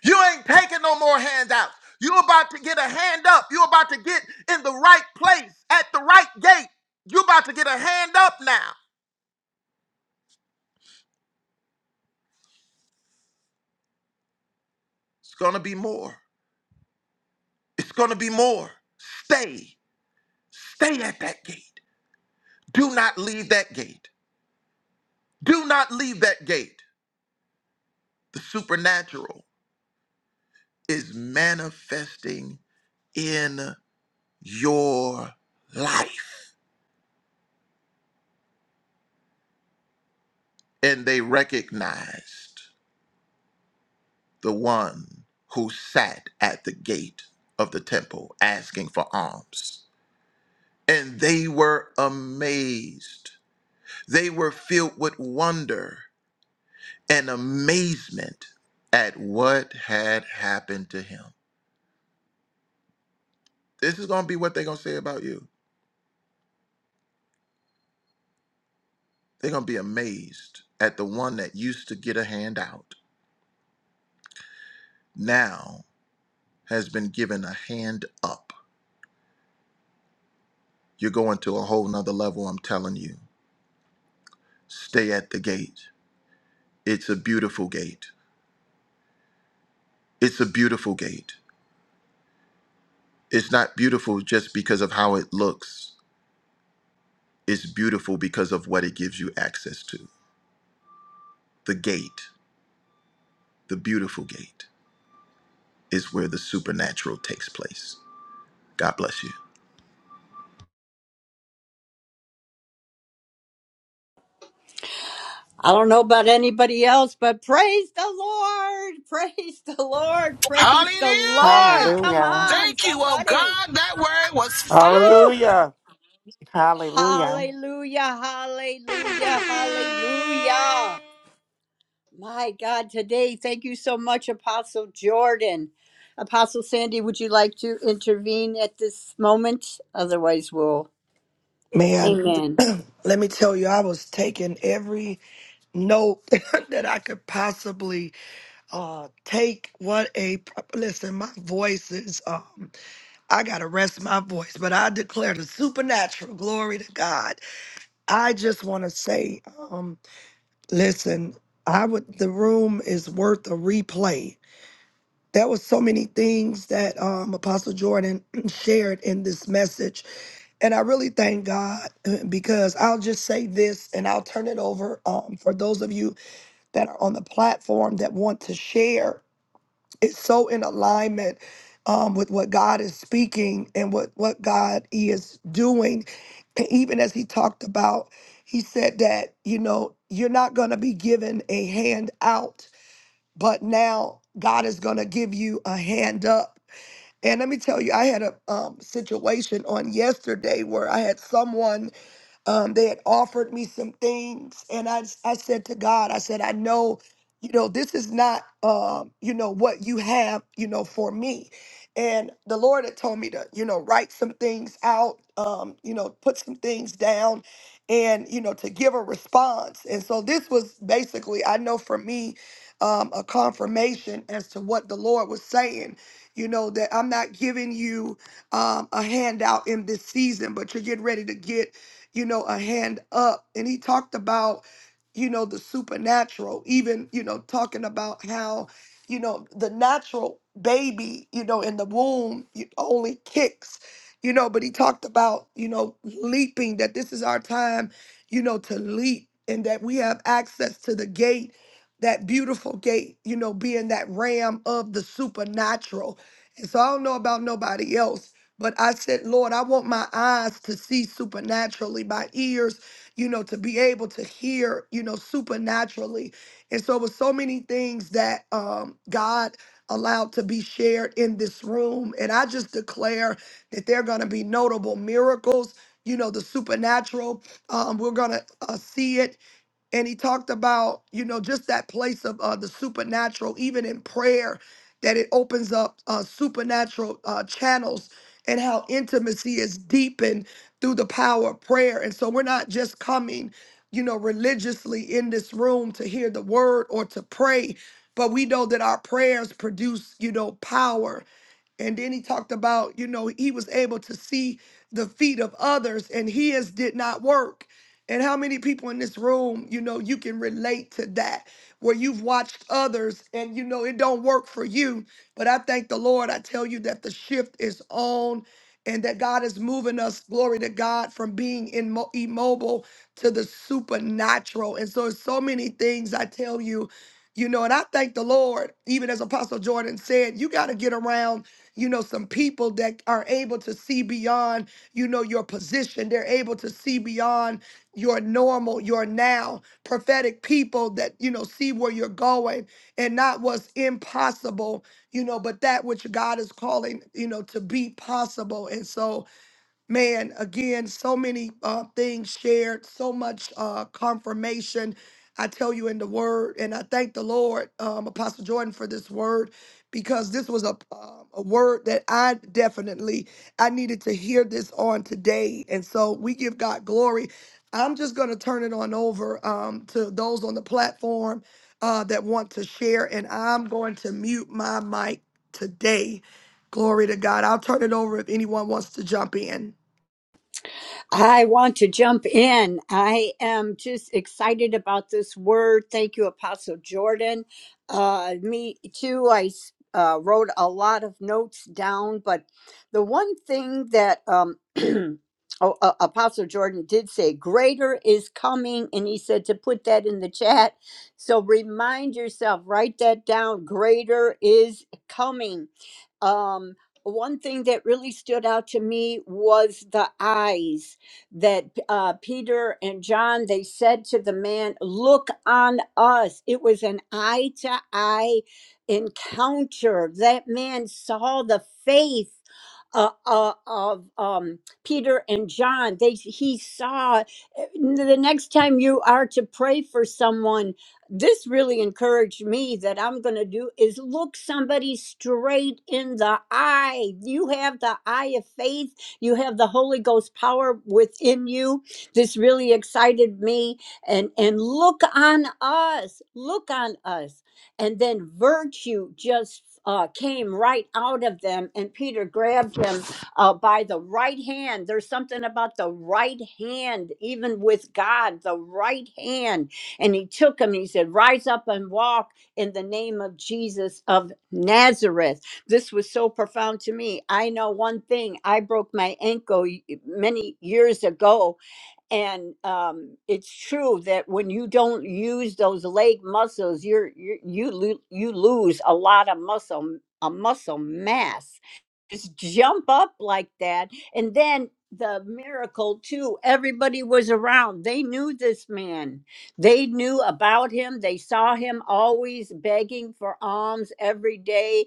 Speaker 4: You ain't taking no more handouts. You about to get a hand up. You about to get in the right place at the right gate. You about to get a hand up now. It's gonna be more. It's gonna be more. Stay. Stay at that gate. Do not leave that gate. Do not leave that gate. The supernatural is manifesting in your life. And they recognized. the one who sat at the gate of the temple asking for alms. And they were amazed. They were filled with wonder and amazement at what had happened to him. This is going to be what they're going to say about you. They're going to be amazed at the one that used to get a hand out, now has been given a hand up. You're going to a whole nother level, I'm telling you. Stay at the gate. It's a beautiful gate. It's a beautiful gate. It's not beautiful just because of how it looks, it's beautiful because of what it gives you access to. The gate, the beautiful gate, is where the supernatural takes place. God bless you.
Speaker 2: I don't know about anybody else, but praise the Lord! Praise the Lord! Praise the Lord!
Speaker 8: Hallelujah.
Speaker 2: Come
Speaker 7: Hallelujah.
Speaker 2: on,
Speaker 8: Thank you, oh
Speaker 2: somebody!
Speaker 8: God. That word was
Speaker 2: Woo!
Speaker 8: fire.
Speaker 6: Hallelujah.
Speaker 7: Hallelujah.
Speaker 2: Hallelujah! Hallelujah! Hallelujah! My God, today, thank you so much, Apostle Jordan. Apostle Sandy, would you like to intervene at this moment? Otherwise, we'll.
Speaker 1: Man,
Speaker 2: Amen.
Speaker 1: let me tell you, I was taking every note that I could possibly uh, take. What a listen, my voice is, um, I got to rest my voice, but I declare the supernatural glory to God. I just want to say, um, listen, I would, the room is worth a replay There was so many things that um, Apostle Jordan shared in this message, and I really thank God uh, because I'll just say this, and I'll turn it over um, for those of you that are on the platform that want to share. It's so in alignment um, with what God is speaking and what what God is doing, and even as He talked about, He said that you know you're not going to be given a hand out but now God is going to give you a hand up. And let me tell you, I had a um, situation on yesterday where I had someone um, they had offered me some things, and I I said to God, I said, I know, you know, this is not, um, you know, what you have, you know, for me. And the Lord had told me to, you know, write some things out, um, you know, put some things down, and you know, to give a response. And so this was basically, I know for me, um, a confirmation as to what the Lord was saying. You know that I'm not giving you um, a handout in this season, but you're getting ready to get you know, a hand up. And he talked about, you know, the supernatural, even, you know, talking about how, you know, the natural baby, you know, in the womb you- only kicks, you know, but he talked about, you know, leaping, that this is our time, you know, to leap and that we have access to the gate, that beautiful gate, you know, being that ram of the supernatural. And so I don't know about nobody else but I said, Lord, I want my eyes to see supernaturally, my ears, you know, to be able to hear, you know, supernaturally. And so it was so many things that um, God allowed to be shared in this room. And I just declare that there are going to be notable miracles, you know, the supernatural. Um, we're going to uh, see it and he talked about you know just that place of uh, the supernatural even in prayer that it opens up uh, supernatural uh, channels and how intimacy is deepened through the power of prayer and so we're not just coming you know religiously in this room to hear the word or to pray but we know that our prayers produce you know power and then he talked about, you know, he was able to see the feet of others and his did not work. And how many people in this room, you know, you can relate to that where you've watched others and you know it don't work for you. But I thank the Lord. I tell you that the shift is on and that God is moving us, glory to God, from being in immobile to the supernatural. And so it's so many things I tell you, you know, and I thank the Lord, even as Apostle Jordan said, you got to get around, you know, some people that are able to see beyond, you know, your position. They're able to see beyond your normal, your now prophetic people that, you know, see where you're going and not what's impossible, you know, but that which God is calling, you know, to be possible. And so, man again so many uh, things shared so much uh, confirmation i tell you in the word and i thank the lord um, apostle jordan for this word because this was a, um a word that i definitely i needed to hear this on today and so we give god glory i'm just going to turn it on over um, to those on the platform uh, that want to share and i'm going to mute my mic today glory to god i'll turn it over if anyone wants to jump in
Speaker 2: I want to jump in. I am just excited about this word. Thank you, Apostle Jordan. Uh, me too. I s- uh, wrote a lot of notes down, but the one thing that um, oh, uh, Apostle Jordan did say, greater is coming, and he said to put that in the chat. So remind yourself, write that down. Greater is coming. Um, one thing that really stood out to me was the eyes that uh, Peter and John they said to the man, "Look on us." It was an eye to eye encounter. That man saw the faith uh, uh, of um, Peter and John. They he saw. The next time you are to pray for someone, this really encouraged me that I'm going to do is look somebody straight in the eye. You have the eye of faith you have the Holy Ghost power within you. This really excited me. And and look on us. Look on us. And then virtue just uh, came right out of them, and Peter grabbed him uh, by the right hand. There's something about the right hand, even with God, the right hand. And he took him and he said, Rise up and walk in the name of Jesus of Nazareth this was so profound to me. I know one thing. I broke my ankle y- many years ago, and um, it's true that when you don't use those leg muscles, you're, you're you lo- you lose a lot of muscle a muscle mass. Just jump up like that, and then the miracle too. Everybody was around. They knew this man. They knew about him. They saw him always begging for alms every day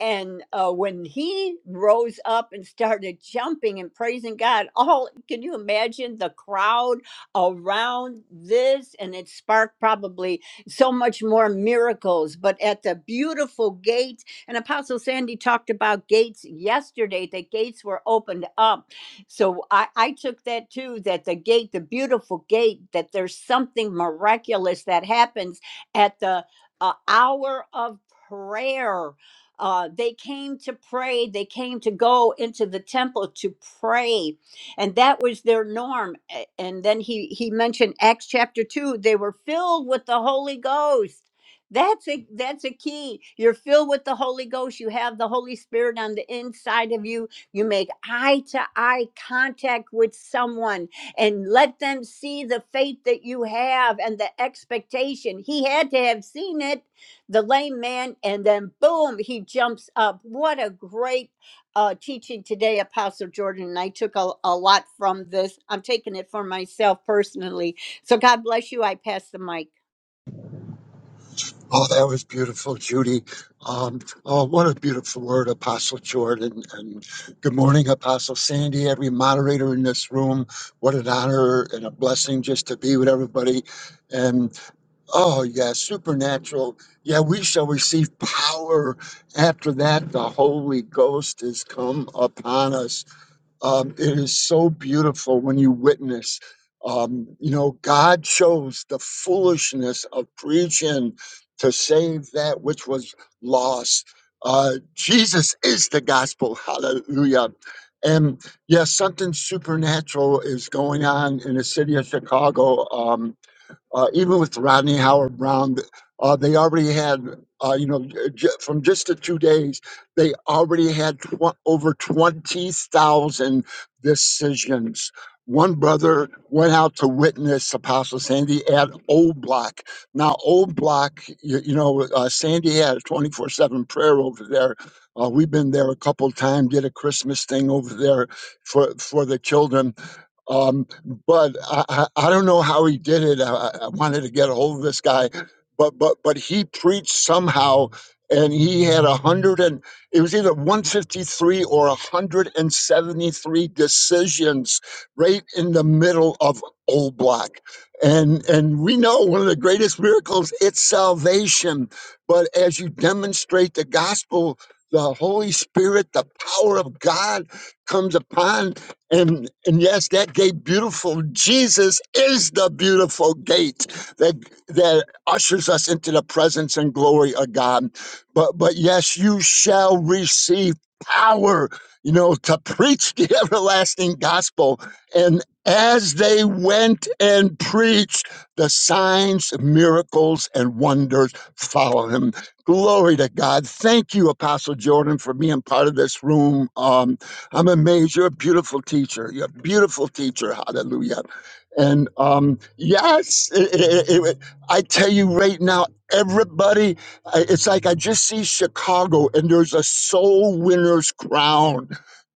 Speaker 2: and uh, when he rose up and started jumping and praising God, all can you imagine the crowd around this? And it sparked probably so much more miracles. But at the beautiful gates, and Apostle Sandy talked about gates yesterday, the gates were opened up. So I, I took that too that the gate, the beautiful gate, that there's something miraculous that happens at the uh, hour of prayer uh, they came to pray. They came to go into the temple to pray, and that was their norm. A- And then he he mentioned Acts chapter two. They were filled with the Holy Ghost. That's a that's a key. You're filled with the Holy Ghost. You have the Holy Spirit on the inside of you. You make eye to eye contact with someone and let them see the faith that you have and the expectation. He had to have seen it the lame man, and then boom, he jumps up. What a great uh, teaching today, Apostle Jordan. And I took a, a lot from this. I'm taking it for myself personally. So God bless you. I pass the mic.
Speaker 9: Oh, that was beautiful, Judy. Um, oh, what a beautiful word, Apostle Jordan. And good morning, Apostle Sandy, every moderator in this room. What an honor and a blessing just to be with everybody. And oh, yeah, supernatural. Yeah, we shall receive power after that. The Holy Ghost has come upon us. Um, it is so beautiful when you witness. Um, you know, God chose the foolishness of preaching to save that which was lost. Uh, Jesus is the gospel. Hallelujah. And yes, something supernatural is going on in the city of Chicago. Um, uh, even with Rodney Howard Brown, uh, they already had, uh, you know, j- from just the two days, they already had tw- over 20,000 decisions. One brother went out to witness Apostle Sandy at Old Block. Now, Old Block, you, you know, uh, Sandy had a 24 7 prayer over there. Uh, we've been there a couple times, did a Christmas thing over there for, for the children um, but I, I, I don't know how he did it. I, I I wanted to get a hold of this guy, but but but he preached somehow, and he had a hundred and it was either one fifty three or a hundred and seventy three decisions right in the middle of Old Block, and and we know one of the greatest miracles it's salvation. But as you demonstrate the gospel. The Holy Spirit, the power of God comes upon and, and yes, that gate beautiful. Jesus is the beautiful gate that that ushers us into the presence and glory of God. But but yes, you shall receive power, you know, to preach the everlasting gospel. And as they went and preached, the signs, miracles, and wonders follow him. Glory to God. Thank you, Apostle Jordan, for being part of this room. Um. I'm amazed. You're a beautiful teacher. You're a beautiful teacher. Hallelujah. And um, yes, it, it, it, it- I tell you right now, everybody, I- it's like I just see Chicago and there's a soul winner's crown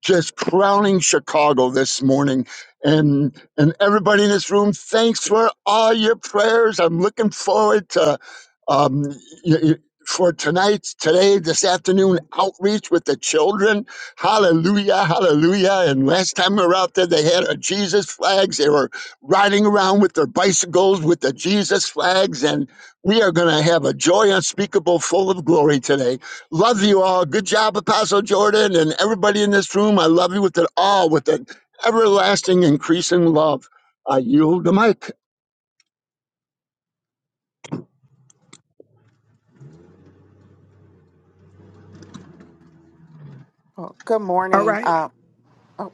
Speaker 9: just crowning Chicago this morning. And and everybody in this room, thanks for all your prayers. I'm looking forward to um, y- y- for tonight's today this afternoon outreach with the children Hallelujah, hallelujah. And last time we were out there, they had our Jesus flags. They were riding around with their bicycles with the Jesus flags. And we are going to have a joy unspeakable, full of glory today. Love you all. Good job, Apostle Jordan and everybody in this room. I love you with it all, with an everlasting increasing love. I yield the mic.
Speaker 7: Well, Good
Speaker 1: all right.
Speaker 7: morning. Uh, oh,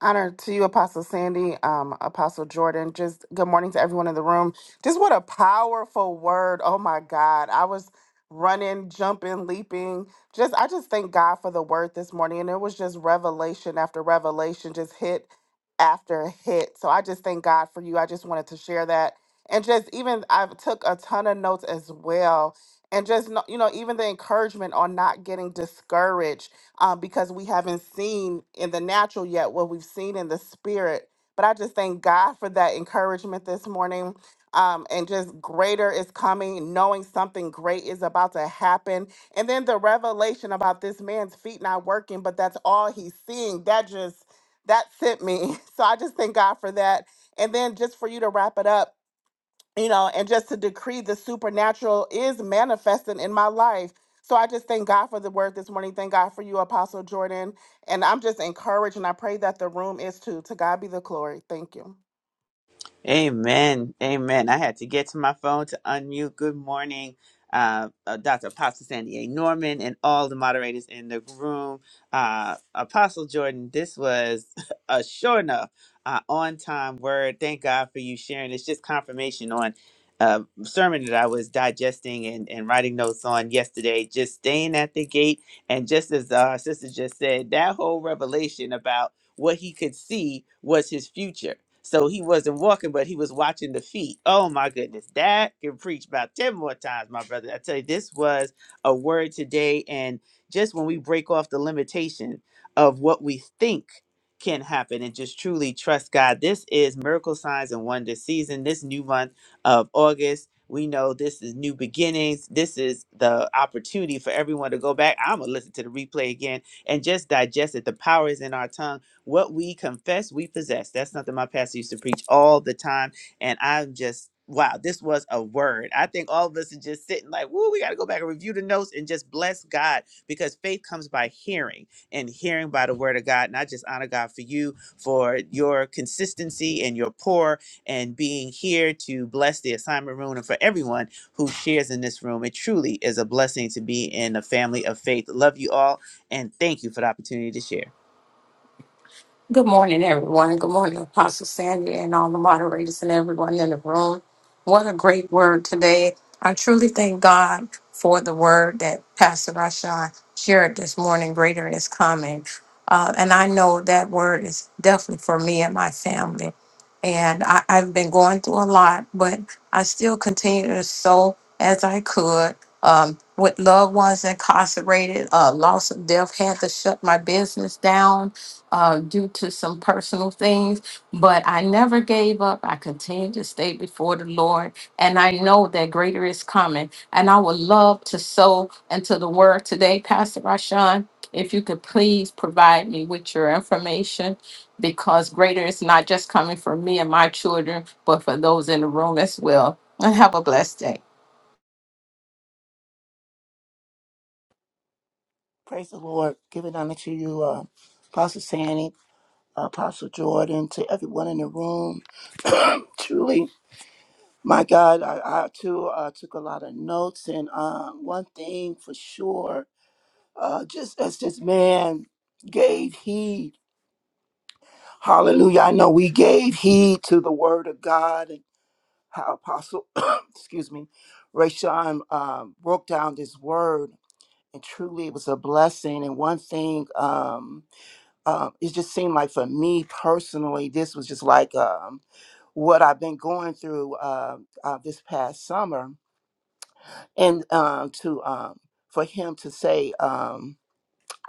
Speaker 7: Honor to you, Apostle Sandy, um, Apostle Jordan. Just good morning to everyone in the room. Just what a powerful word. Oh my God. I was running, jumping, leaping. Just I just thank God for the word this morning. And it was just revelation after revelation, just hit after hit. So I just thank God for you. I just wanted to share that. And just even I took a ton of notes as well. And just kno- you know, even the encouragement on not getting discouraged um, because we haven't seen in the natural yet what we've seen in the spirit. But I just thank God for that encouragement this morning. Um, and just greater is coming, knowing something great is about to happen. And then the revelation about this man's feet not working, but that's all he's seeing. That just, that sent me. So I just thank God for that. And then just for you to wrap it up, you know, and just to decree the supernatural is manifesting in my life. So I just thank God for the word this morning. Thank God for you, Apostle Jordan. And I'm just encouraged, and I pray that the room is too. To God be the glory. Thank you.
Speaker 10: Amen. Amen. I had to get to my phone to unmute. Good morning, uh, uh, Dr. Apostle Sandy A. Norman and all the moderators in the room. Uh, Apostle Jordan, this was a sure enough uh, on time word. Thank God for you sharing. It's just confirmation on a sermon that I was digesting and, and writing notes on yesterday, just staying at the gate. And just as uh, our Sister just said, that whole revelation about what he could see was his future. So he wasn't walking, but he was watching the feet. Oh my goodness, that can preach about 10 more times, my brother. I tell you, this was a word today. And just when we break off the limitation of what we think can happen and just truly trust God, this is Miracle Signs and Wonder season, this new month of August. We know this is new beginnings. This is the opportunity for everyone to go back. I'm going to listen to the replay again and just digest it. The power is in our tongue what we confess, we possess. That's something my pastor used to preach all the time. And I'm just, wow, this was a word. I think all of us are just sitting like, woo, we got to go back and review the notes and just bless God because faith comes by hearing and hearing by the word of God. And I just honor God for you, for your consistency and your pour and being here to bless the assignment room and for everyone who shares in this room. It truly is a blessing to be in a family of faith. Love you all and thank you for the opportunity to share.
Speaker 11: Good morning, everyone. Good morning, Apostle Sandy, and all the moderators and everyone in the room. What a great word today. I truly thank God for the word that Pastor Rashawn shared this morning. Greater is coming. Uh, and I know that word is definitely for me and my family. And I, I've been going through a lot, but I still continue to sow as I could. Um, with loved ones incarcerated, uh, loss of death had to shut my business down uh, due to some personal things, but I never gave up. I continued to stay before the Lord, and I know that greater is coming. And I would love to sow into the word today, Pastor Rashawn. If you could please provide me with your information, because greater is not just coming for me and my children, but for those in the room as well. And have a blessed day.
Speaker 6: Praise the Lord. Give it honor to you, uh, Apostle Sandy, Apostle Jordan, to everyone in the room. Truly, my God, I, I too uh, took a lot of notes, and um, one thing for sure, uh, just as this man gave heed, hallelujah, I know we gave heed to the word of God how Apostle, excuse me, Rayshawn um, broke down this word, and truly it was a blessing. And one thing, um, um, it just seemed like for me personally, this was just like um, what I've been going through uh, uh, this past summer, and um, to um, for him to say, um,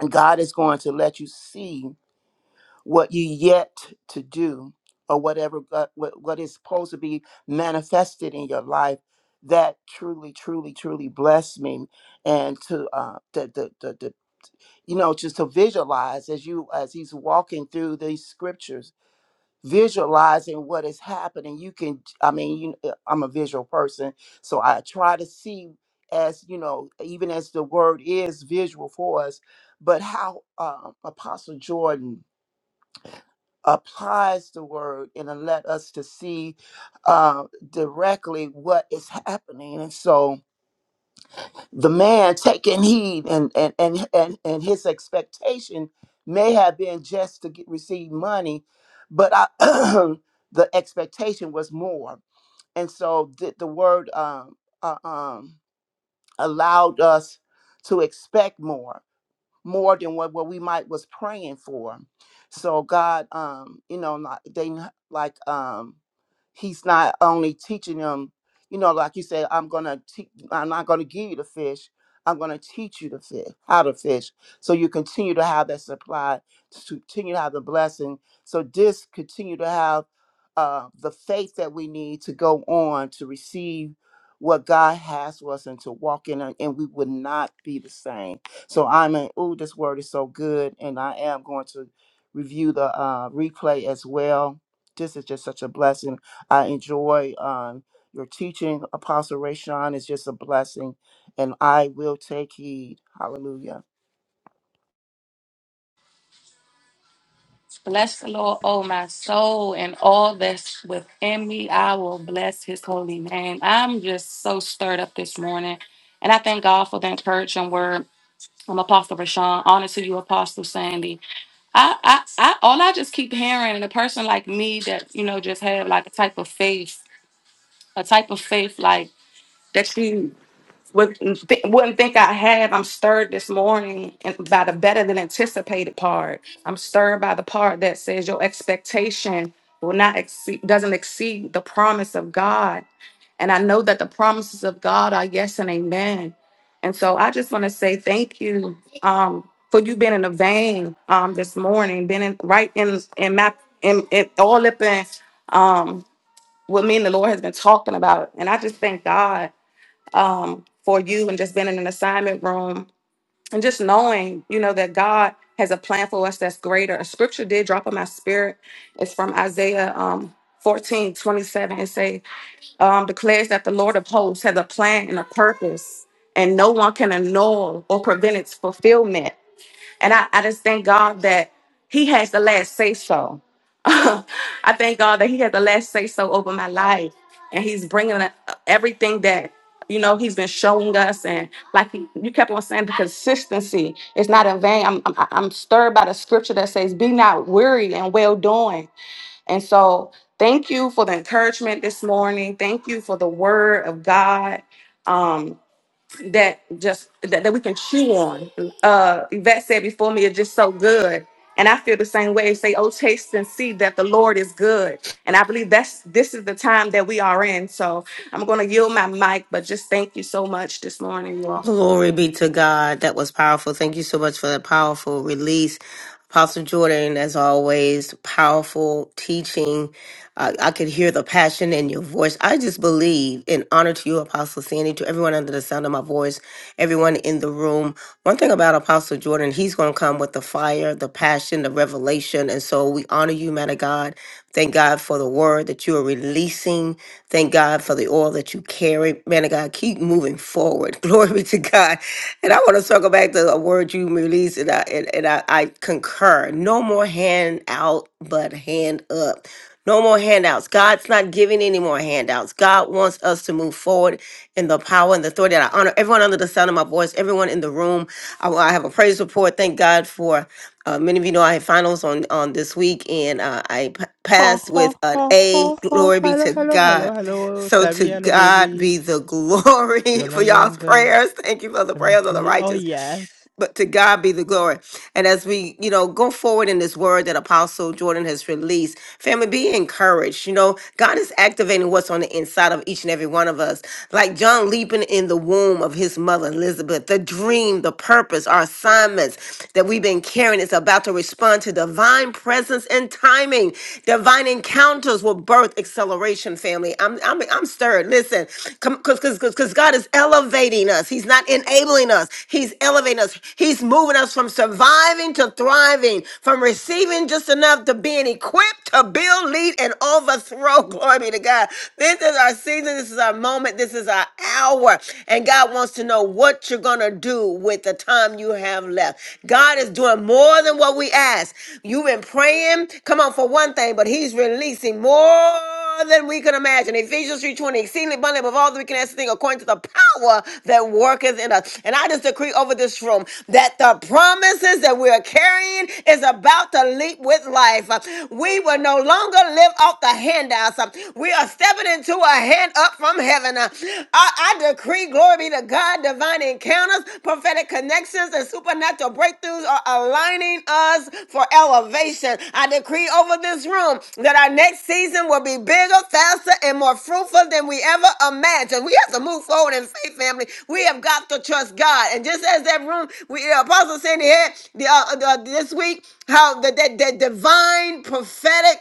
Speaker 6: God is going to let you see. what you yet to do or whatever God, what, what is supposed to be manifested in your life that truly truly truly blessed me and to uh the, the, the, the you know just to visualize as you as he's walking through these scriptures visualizing what is happening you can i mean you kn- i'm a visual person so i try to see as you know even as the word is visual for us but how um apostle jordan applies the word and it let us to see uh, directly what is happening and so the man taking heed and and and and, and his expectation may have been just to get, receive money but I, the expectation was more and so the, the word um, uh, um, allowed us to expect more more than what, what we might was praying for. So God, um, you know, like they like um he's not only teaching them, you know, like you said, I'm gonna te- I'm not gonna give you the fish. I'm gonna teach you to fish how to fish. So you continue to have that supply, to continue to have the blessing. So this continue to have uh, the faith that we need to go on to receive what God has for us and to walk in it, and we would not be the same. So I'm in, ooh, this word is so good. And I am going to review the uh, replay as well. This is just such a blessing. I enjoy um, your teaching, Apostle Rayshawn. It's just a blessing. And I will take heed. Hallelujah.
Speaker 12: Bless the Lord, oh my soul, and all that's within me. I will bless his holy name. I'm just so stirred up this morning. And I thank God for the encouraging word. I'm Apostle Rashawn. Honor to you, Apostle Sandy. I, I, I, all I just keep hearing, and a person like me that, you know, just have like a type of faith, a type of faith like that you wouldn't, th- wouldn't think I have. I'm stirred this morning and by the better than anticipated part. I'm stirred by the part that says your expectation will not exceed, doesn't exceed the promise of God. And I know that the promises of God are yes and amen. And so I just want to say thank you um, for you being in the vein um, this morning, being in, right in in my in, in all up in um, what me and the Lord has been talking about. And I just thank God um, for you and just being in an assignment room and just knowing, you know, that God has a plan for us that's greater. A scripture did drop on my spirit. It's from Isaiah um, fourteen twenty seven 27. It say, um, declares that the Lord of hosts has a plan and a purpose and no one can annul or prevent its fulfillment. And I, I just thank God that He has the last say so. I thank God that He had the last say so over my life. And He's bringing uh, everything that, you know, He's been showing us. And like he, you kept on saying, the consistency is not in vain. I'm, I'm, I'm stirred by the scripture that says, Be not weary and well doing. And so thank you for the encouragement this morning. Thank you for the word of God. Um, that just that, that we can chew on. Uh Yvette said before me, it's just so good. And I feel the same way. Say, oh, taste and see that the Lord is good. And I believe that's this is the time that we are in. So I'm gonna yield my mic, but just thank you so much this morning, you all.
Speaker 13: Glory be to God. That was powerful. Thank you so much for that powerful release. Apostle Jordan, as always, powerful teaching. Uh, I could hear the passion in your voice. I just believe in honor to you, Apostle Sandy, to everyone under the sound of my voice, everyone in the room. One thing about Apostle Jordan, he's going to come with the fire, the passion, the revelation. And so we honor you, man of God. Thank God for the word that you are releasing. Thank God for the oil that you carry. Man of God, keep moving forward. Glory be to God. And I want to circle back to a word you released, and I, and, and I, I concur. No more hand out, but hand up. No more handouts. God's not giving any more handouts. God wants us to move forward in the power and the authority. And I honor everyone under the sound of my voice, everyone in the room. I, I have a praise report. Thank God for uh, many of you know I had finals on on this week, and uh, I p-
Speaker 14: Ha
Speaker 13: passed
Speaker 14: ha
Speaker 13: with an
Speaker 14: ha ha
Speaker 13: A.
Speaker 14: ha.
Speaker 13: Glory be
Speaker 14: Hello,
Speaker 13: to
Speaker 14: hello,
Speaker 13: God.
Speaker 14: hello, hello,
Speaker 13: So to
Speaker 14: Sammy, hello,
Speaker 13: God
Speaker 14: baby.
Speaker 13: be the glory for y'all's
Speaker 14: Jalagan, the.
Speaker 13: prayers. Thank you for the prayers of the
Speaker 14: Oh,
Speaker 13: righteous
Speaker 14: yes.
Speaker 13: but to God be the glory. And as we, you know, go forward in this word that Apostle Jordan has released, family, be encouraged. You know, God is activating what's on the inside of each and every one of us. Like John leaping in the womb of his mother, Elizabeth, the dream, the purpose, our assignments that we've been carrying is about to respond to divine presence and timing. Divine encounters will birth acceleration, family. I'm. I'm I'm I'm stirred. Listen, because God is elevating us. He's not enabling us. He's elevating us. He's moving us from surviving to thriving, from receiving just enough to being equipped to build, lead, and overthrow. Glory be to God. This is our season. This is our moment. This is our hour. And God wants to know what you're gonna do with the time you have left. God is doing more than what we ask. You've been praying, come on, for one thing, but he's releasing more than we can imagine. Ephesians 3.20, exceedingly abundantly above all that we can ask a thing according to the power that worketh in us. And I just decree over this room that the promises that we are carrying is about to leap with life. Uh, We will no longer live off the handouts. Uh, We are stepping into a hand up from heaven. Uh, I, I decree free. Glory be to God. Divine encounters, prophetic connections, and supernatural breakthroughs are aligning us for elevation. I decree over this room that our next season will be bigger, faster, and more fruitful than we ever imagined. We have to move forward in faith, family. We have got to trust God. And just as that room, we the apostle said here the, uh, the, this week, how that that that divine prophetic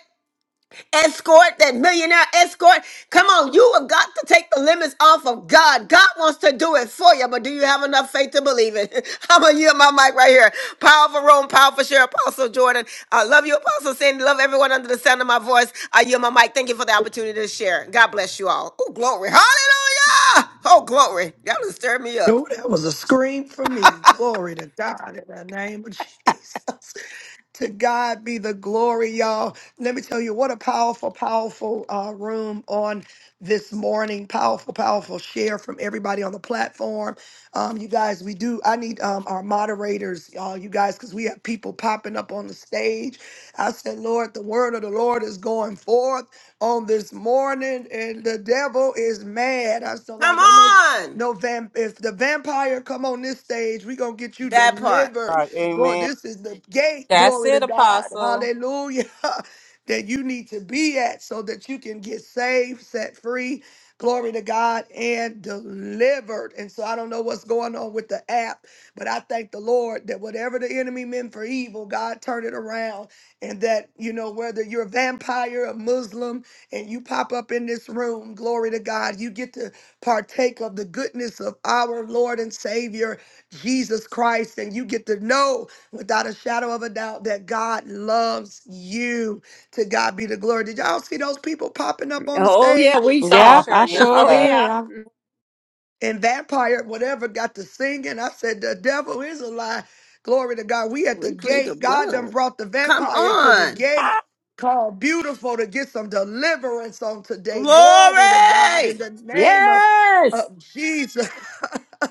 Speaker 13: escort, that millionaire escort. Come on, you have got to take the limits off of God. God wants to do it for you, but do you have enough faith to believe it? I'm gonna yield my mic right here. Powerful room, powerful share, Apostle Jordan. I love you, Apostle Sandy. Love everyone under the sound of my voice. I yield my mic. Thank you for the opportunity to share. God bless you all. Oh, glory. Hallelujah. Oh, glory. Y'all done stir me up.
Speaker 1: Oh, that was a scream for me. Glory to God in the name of Jesus. To God be the glory, y'all. Let me tell you what a powerful, powerful uh, room on this morning. Powerful, powerful share from everybody on the platform. Um, you guys, we do. I need um, our moderators, y'all, you guys, because we have people popping up on the stage. I said, Lord, the word of the Lord is going forth on this morning, and the devil is mad. I still
Speaker 13: Come
Speaker 1: like, I know.
Speaker 13: on.
Speaker 1: No vamp. If the vampire come on this stage, we gonna get you
Speaker 13: That part.
Speaker 6: All
Speaker 1: delivered
Speaker 6: Right.
Speaker 1: Lord,
Speaker 6: Amen.
Speaker 1: this is the gate,
Speaker 5: That's
Speaker 1: glory to
Speaker 5: it,
Speaker 1: God.
Speaker 5: Apostle.
Speaker 1: Hallelujah. That you need to be at so that you can get saved, set free, glory to God, and delivered. And so I don't know what's going on with the app, but I thank the Lord that whatever the enemy meant for evil, God turned it around. And that, you know, whether you're a vampire, a Muslim, and you pop up in this room, glory to God, you get to partake of the goodness of our Lord and Savior Jesus Christ, and you get to know without a shadow of a doubt that God loves you. To God be the glory. Did y'all see those people popping up on the
Speaker 2: Oh, yeah,
Speaker 1: stage?
Speaker 2: we
Speaker 5: I
Speaker 2: saw.
Speaker 12: Yep, I
Speaker 5: sure
Speaker 12: sure
Speaker 2: Oh,
Speaker 6: Yeah.
Speaker 5: did.
Speaker 2: yeah.
Speaker 12: did. I'm-
Speaker 1: and vampire whatever got to singing. I said, the devil is a lie. Glory to God. We at the
Speaker 13: We plead the
Speaker 1: gate. God done
Speaker 13: blood.
Speaker 1: brought the
Speaker 13: Come
Speaker 1: vampire to the
Speaker 13: on.
Speaker 1: gate called beautiful to get some deliverance on today. Glory to God in
Speaker 13: Glory.
Speaker 1: the name of,
Speaker 2: Yes.
Speaker 1: of Jesus.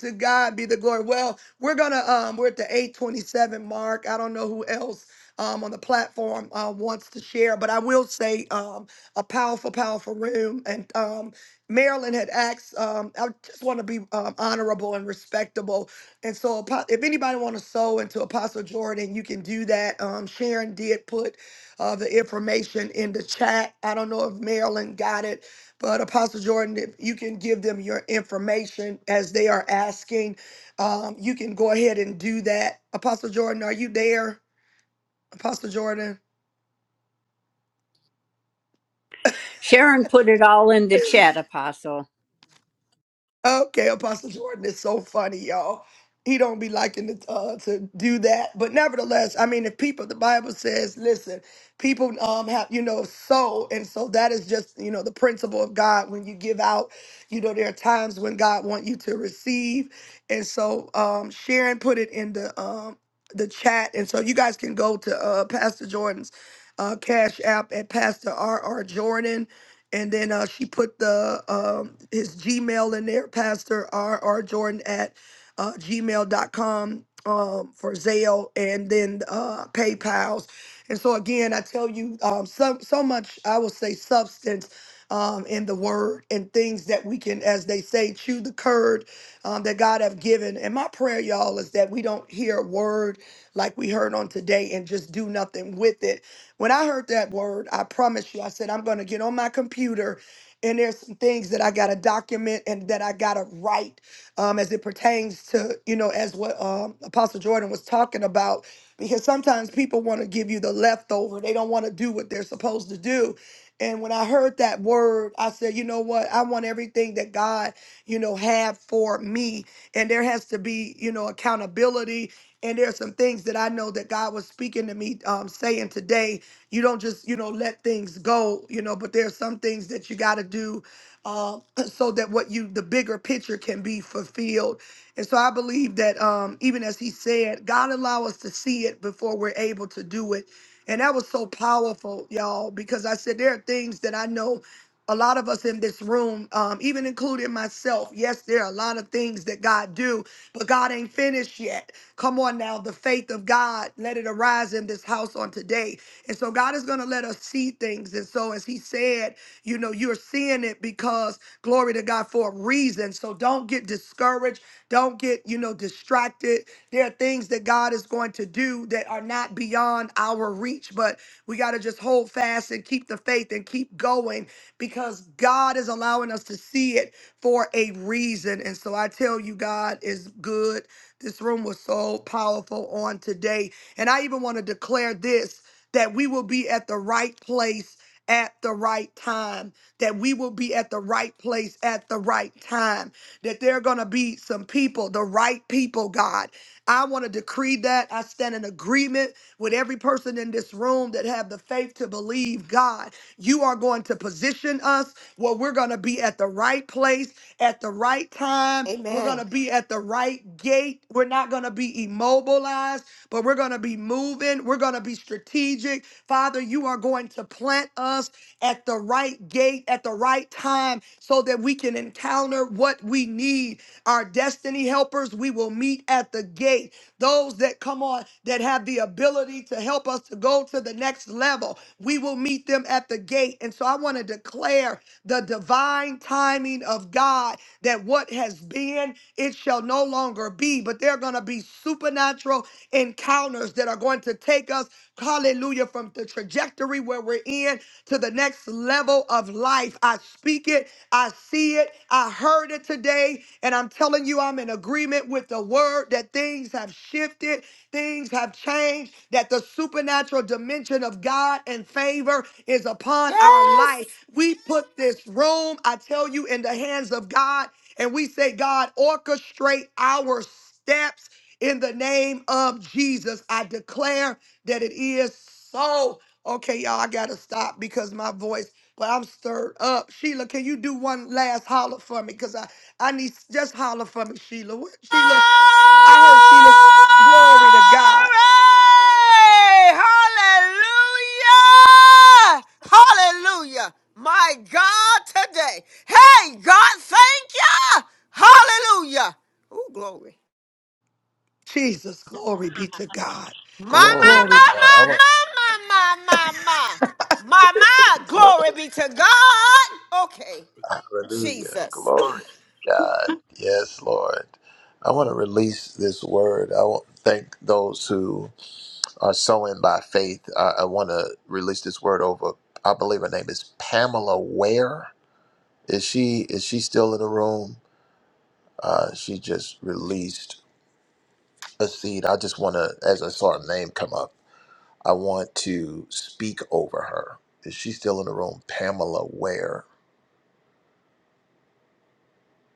Speaker 1: to God be the glory. Well, we're gonna um we're at the 827 mark. I don't know who else um on the platform uh wants to share, but I will say um a powerful, powerful room. And um Marilyn had asked, um, I just want to be um, honorable and respectable. And so apo- if anybody want to sow into Apostle Jordan, you can do that. Um, Sharon did put uh, the information in the chat. I don't know if Marilyn got it, but Apostle Jordan, if you can give them your information as they are asking, um, you can go ahead and do that. Apostle Jordan, are you there? Apostle Jordan?
Speaker 2: Sharon put it all in the chat, Apostle.
Speaker 1: Okay, Apostle Jordan is so funny, y'all. He don't be liking to, uh, to do that, but nevertheless, I mean, if people, the Bible says, listen, people um have you know sow, and so that is just you know the principle of God. When you give out, you know there are times when God want you to receive, and so um Sharon put it in the um the chat, and so you guys can go to uh Pastor Jordan's uh Cash App at Pastor R R Jordan and then uh, she put the um, his Gmail in there, Pastor R R Jordan at uh, gmail.com um, for Zale and then uh, PayPal's. And so again, I tell you, um, so so much I will say substance um, in the word and things that we can, as they say, chew the curd um, that God have given. And my prayer, y'all, is that we don't hear a word like we heard on today and just do nothing with it when I heard that word, I promise you, I said, I'm going to get on my computer and there's some things that I got to document and that I got to write um, as it pertains to, you know, as what um, Apostle Jordan was talking about. Because sometimes people want to give you the leftover, they don't want to do what they're supposed to do. And when I heard that word, I said, you know what? I want everything that God, you know, had for me. And there has to be, you know, accountability. And there's some things that I know that God was speaking to me, um, saying today you don't just, you know, let things go, you know, but there are some things that you got to do uh, so that what you, the bigger picture can be fulfilled. And so I believe that um, even as he said, God allow us to see it before we're able to do it. And that was so powerful, y'all, because I said there are things that I know a lot of us in this room, um, even including myself, yes, there are a lot of things that God do, but God ain't finished yet. Come on now, the faith of God, let it arise in this house on today. And so God is going to let us see things. And so as he said, you know, you're seeing it because glory to God for a reason. So don't get discouraged. Don't get, you know, distracted. There are things that God is going to do that are not beyond our reach, but we got to just hold fast and keep the faith and keep going because God is allowing us to see it for a reason. And so I tell you, God is good. This room was so powerful on today. And I even want to declare this that we will be at the right place at the right time, that we will be at the right place at the right time, that there are going to be some people, the right people, God. I want to decree that. I stand in agreement with every person in this room that have the faith to believe God. You are going to position us where we're going to be at the right place at the right time. We're
Speaker 13: Amen.
Speaker 1: going to be at the right gate. We're not going to be immobilized, but we're going to be moving. We're going to be strategic. Father, you are going to plant us at the right gate at the right time so that we can encounter what we need. Our destiny helpers, we will meet at the gate those that come on that have the ability to help us to go to the next level. We will meet them at the gate. And so I want to declare the divine timing of God that what has been, it shall no longer be. But there are going to be supernatural encounters that are going to take us, hallelujah, from the trajectory where we're in to the next level of life. I speak it, I see it see it. I heard it today. And I'm telling you, I'm in agreement with the word that things have shifted, things have changed, that the supernatural dimension of God and favor is upon our
Speaker 13: Yes.
Speaker 1: life. We put this room, I tell you, in the hands of God. And we say, God, orchestrate our steps in the name of Jesus. I declare that it is so. Okay, y'all, I gotta stop because my voice, but I'm stirred up. Sheila, can you do one last holler for me? Cause I, I need just holler for me, Sheila. What, Sheila, I heard Sheila. Glory to God.
Speaker 13: Glory! Hallelujah! Hallelujah! My God, today. Hey, God, thank you! Hallelujah! Oh, glory.
Speaker 1: Jesus, glory be to God.
Speaker 13: My,
Speaker 4: Glory
Speaker 13: my,
Speaker 4: to
Speaker 1: Glory.
Speaker 13: my,
Speaker 4: God. I want
Speaker 13: my, my, my, my, my, my. My, my,
Speaker 4: to glory.
Speaker 13: glory be to God. Okay,
Speaker 4: Hallelujah.
Speaker 13: Jesus.
Speaker 4: Glory to God. Yes, Lord. I want to release this word. I want to thank those who are sowing by faith. I, I want to release this word over, I believe her name is Pamela Ware. Is she is she still in the room? Uh, she just released a seed. I just want to, as I saw her name come up, I want to speak over her. Is she still in the room? Pamela Ware.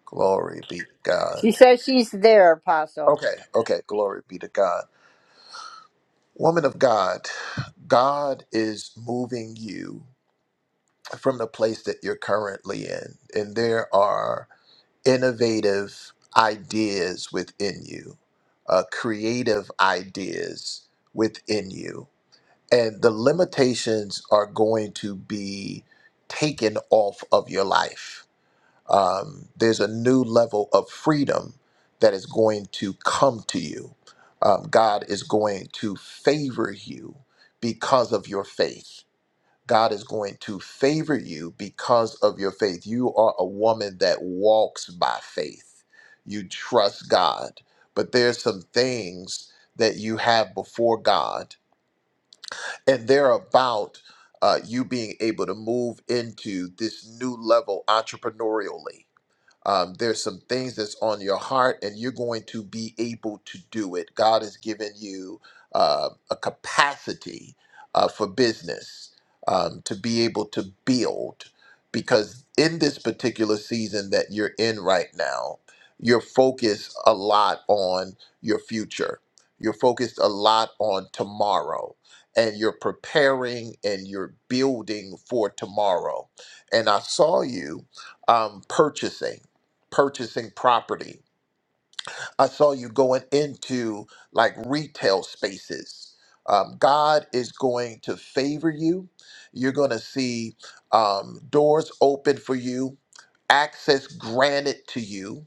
Speaker 4: Glory be to God.
Speaker 2: She says she's there, Apostle.
Speaker 4: Okay, okay. Glory be to God. Woman of God, God is moving you from the place that you're currently in, and there are innovative ideas within you, uh, creative ideas within you. And the limitations are going to be taken off of your life. Um, there's a new level of freedom that is going to come to you. Um, God is going to favor you because of your faith God is going to favor you because of your faith. You are a woman that walks by faith. You trust God. But there's some things that you have before God, and they're about uh, you being able to move into this new level entrepreneurially um, there's some things that's on your heart, and you're going to be able to do it. God has given you uh, a capacity uh, for business um, to be able to build, because in this particular season that you're in right now, you're focused a lot on your future. You're focused a lot on tomorrow, and you're preparing and you're building for tomorrow. And I saw you um, purchasing purchasing property. I saw you going into like retail spaces. Um, God is going to favor you. You're going to see um, doors open for you, access granted to you.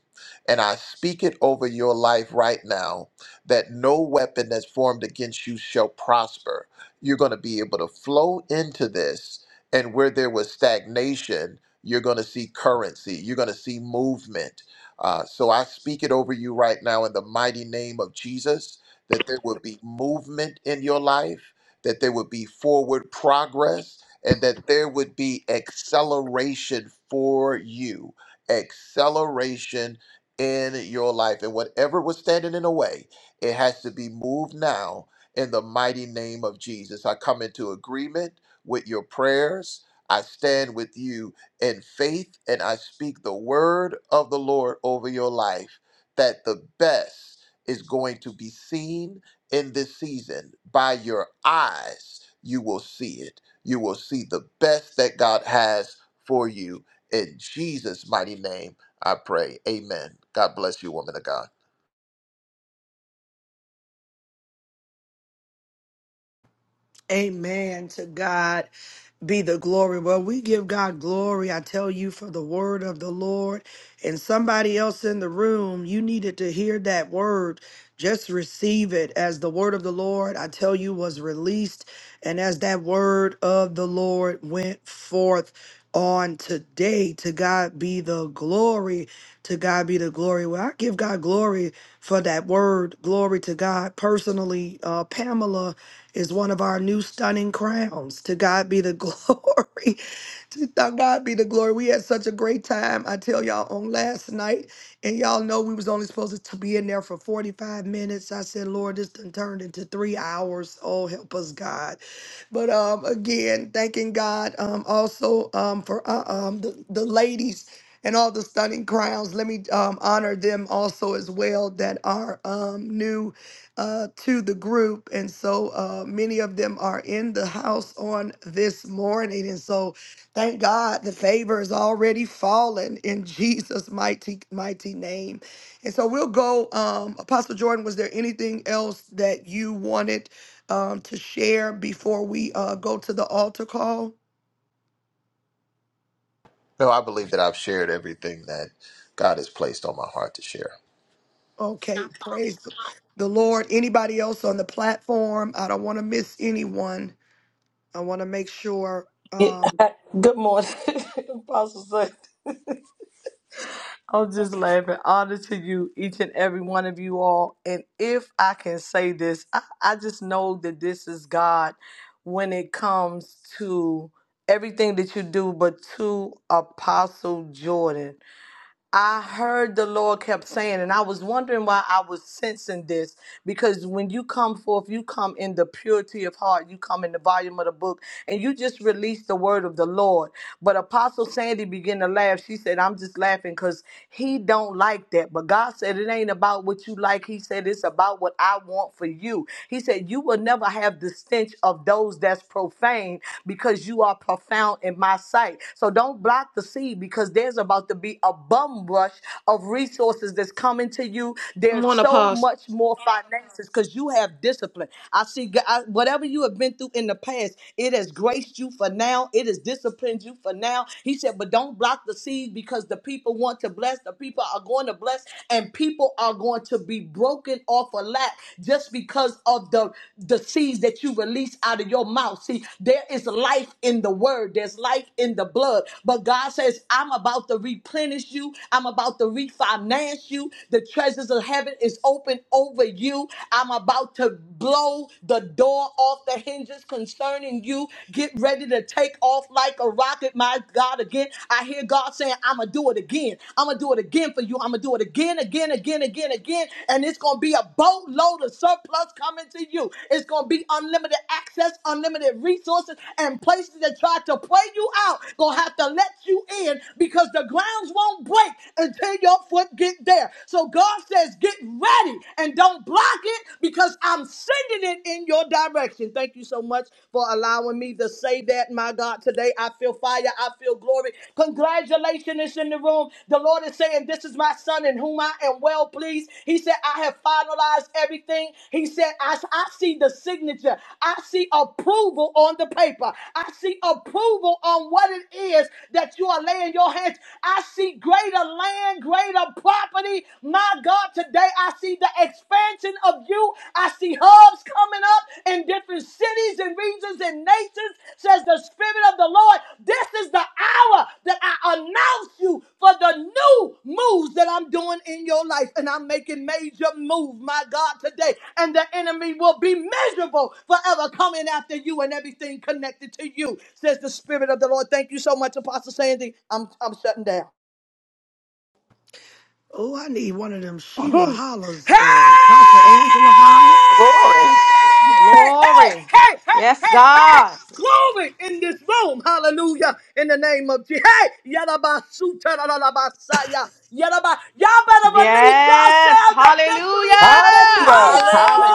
Speaker 4: And I speak it over your life right now that no weapon that's formed against you shall prosper. You're going to be able to flow into this. And where there was stagnation, you're going to see currency, you're going to see movement uh, so I speak it over you right now in the mighty name of Jesus that there would be movement in your life, that there would be forward progress, and that there would be acceleration for you. Acceleration in your life. And whatever was standing in the way, it has to be moved now in the mighty name of Jesus. I come into agreement with your prayers. I stand with you in faith, and I speak the word of the Lord over your life that the best is going to be seen in this season. By your eyes, you will see it. You will see the best that God has for you. In Jesus' mighty name, I pray. Amen. God bless you, woman of God.
Speaker 1: Amen. To God be the glory. Well, we give God glory, I tell you, for the word of the Lord. And somebody else in the room, you needed to hear that word. Just receive it as the word of the Lord, I tell you, was released. And as that word of the Lord went forth on today, to God be the glory. To God be the glory. Well, I give God glory for that word. Glory to God. Personally, uh, Pamela is one of our new stunning crowns. To God be the glory. to th- God be the glory. We had such a great time. I tell y'all on last night, and y'all know we was only supposed to be in there for 45 minutes. I said, Lord, this done turned into three hours. Oh, help us, God. But um, again, thanking God um also um for uh, um the, the ladies and all the stunning crowns. Let me um honor them also as well that are um new uh, to the group. And so uh, many of them are in the house on this morning. And so thank God the favor is already fallen in Jesus' mighty, mighty name. And so we'll go. Um, Apostle Jordan, was there anything else that you wanted um, to share before we uh, go to the altar call?
Speaker 4: No, I believe that I've shared everything that God has placed on my heart to share.
Speaker 1: Okay, praise the Lord. Anybody else on the platform? I don't want to miss anyone. I want to make sure.
Speaker 15: It,
Speaker 1: Um,
Speaker 15: good morning, Apostle. Son. I'm just laughing. Honor to you, each and every one of you all. And if I can say this, I, I just know that this is God when it comes to everything that you do, but to Apostle Jordan. I heard the Lord kept saying, and I was wondering why I was sensing this because when you come forth, you come in the purity of heart, you come in the volume of the book, and you just release the word of the Lord. But Apostle Sandy began to laugh. She said, I'm just laughing because he don't like that. But God said, It ain't about what you like. He said, It's about what I want for you. He said, You will never have the stench of those that's profane because you are profound in my sight. So don't block the seed because there's about to be abundance bum rush of resources that's coming to you.
Speaker 12: I'm
Speaker 15: There's
Speaker 12: on a
Speaker 15: so
Speaker 12: pause.
Speaker 15: much more finances because you have discipline. I see G- I- whatever you have been through in the past, it has graced you for now. It has disciplined you for now. He said, but don't block the seed because the people want to bless. The people are going to bless, and people are going to be broken off a lack just because of the the seeds that you release out of your mouth. See, there is life in the word. There's life in the blood. But God says, I'm about to replenish you you. I'm about to refinance you. The treasures of heaven is open over you. I'm about to blow the door off the hinges concerning you. Get ready to take off like a rocket, my God, again. I hear God saying, I'm going to do it again. I'm going to do it again for you. I'm going to do it again, again, again, again, again. And it's going to be a boatload of surplus coming to you. It's going to be unlimited access, unlimited resources, and places that try to play you out going to have to let you in because the grounds won't break until your foot get there. So God says, get ready and don't block it because I'm sending it in your direction. Thank you so much for allowing me to say that, my God. Today I feel fire. I feel glory. Congratulations in the room. The Lord is saying, this is my son in whom I am well pleased. He said, I have finalized everything. He said, I, I see the signature. I see approval on the paper. I see approval on what it is that you are laying your hands. I see see greater land, greater property. My God, today I see the expansion of you. I see hubs coming up in different cities and regions and nations, says the Spirit of the Lord. This is the hour that I announce you for the new moves that I'm doing in your life. And I'm making major moves, my God, today. And the enemy will be miserable forever coming after you and everything connected to you, says the Spirit of the Lord. Thank you so much, Apostle Sandy. I'm, I'm shutting down.
Speaker 1: Oh, I need one of them Sheila Hollers,
Speaker 15: Hey!
Speaker 1: uh, Pastor Angela Holler.
Speaker 6: glory.
Speaker 15: Hey!
Speaker 12: Glory.
Speaker 15: Hey! Hey!
Speaker 12: Yes,
Speaker 15: Hey! Hey!
Speaker 12: God.
Speaker 15: Glory in this room. Hallelujah. In the name of Jesus. Hey! Yadabasuta basaya, Yadaba. Y'all better release
Speaker 12: Yes.
Speaker 15: yourselves of
Speaker 12: Hallelujah.
Speaker 15: victory in
Speaker 2: Hallelujah!
Speaker 15: this
Speaker 6: Yeah.
Speaker 15: room.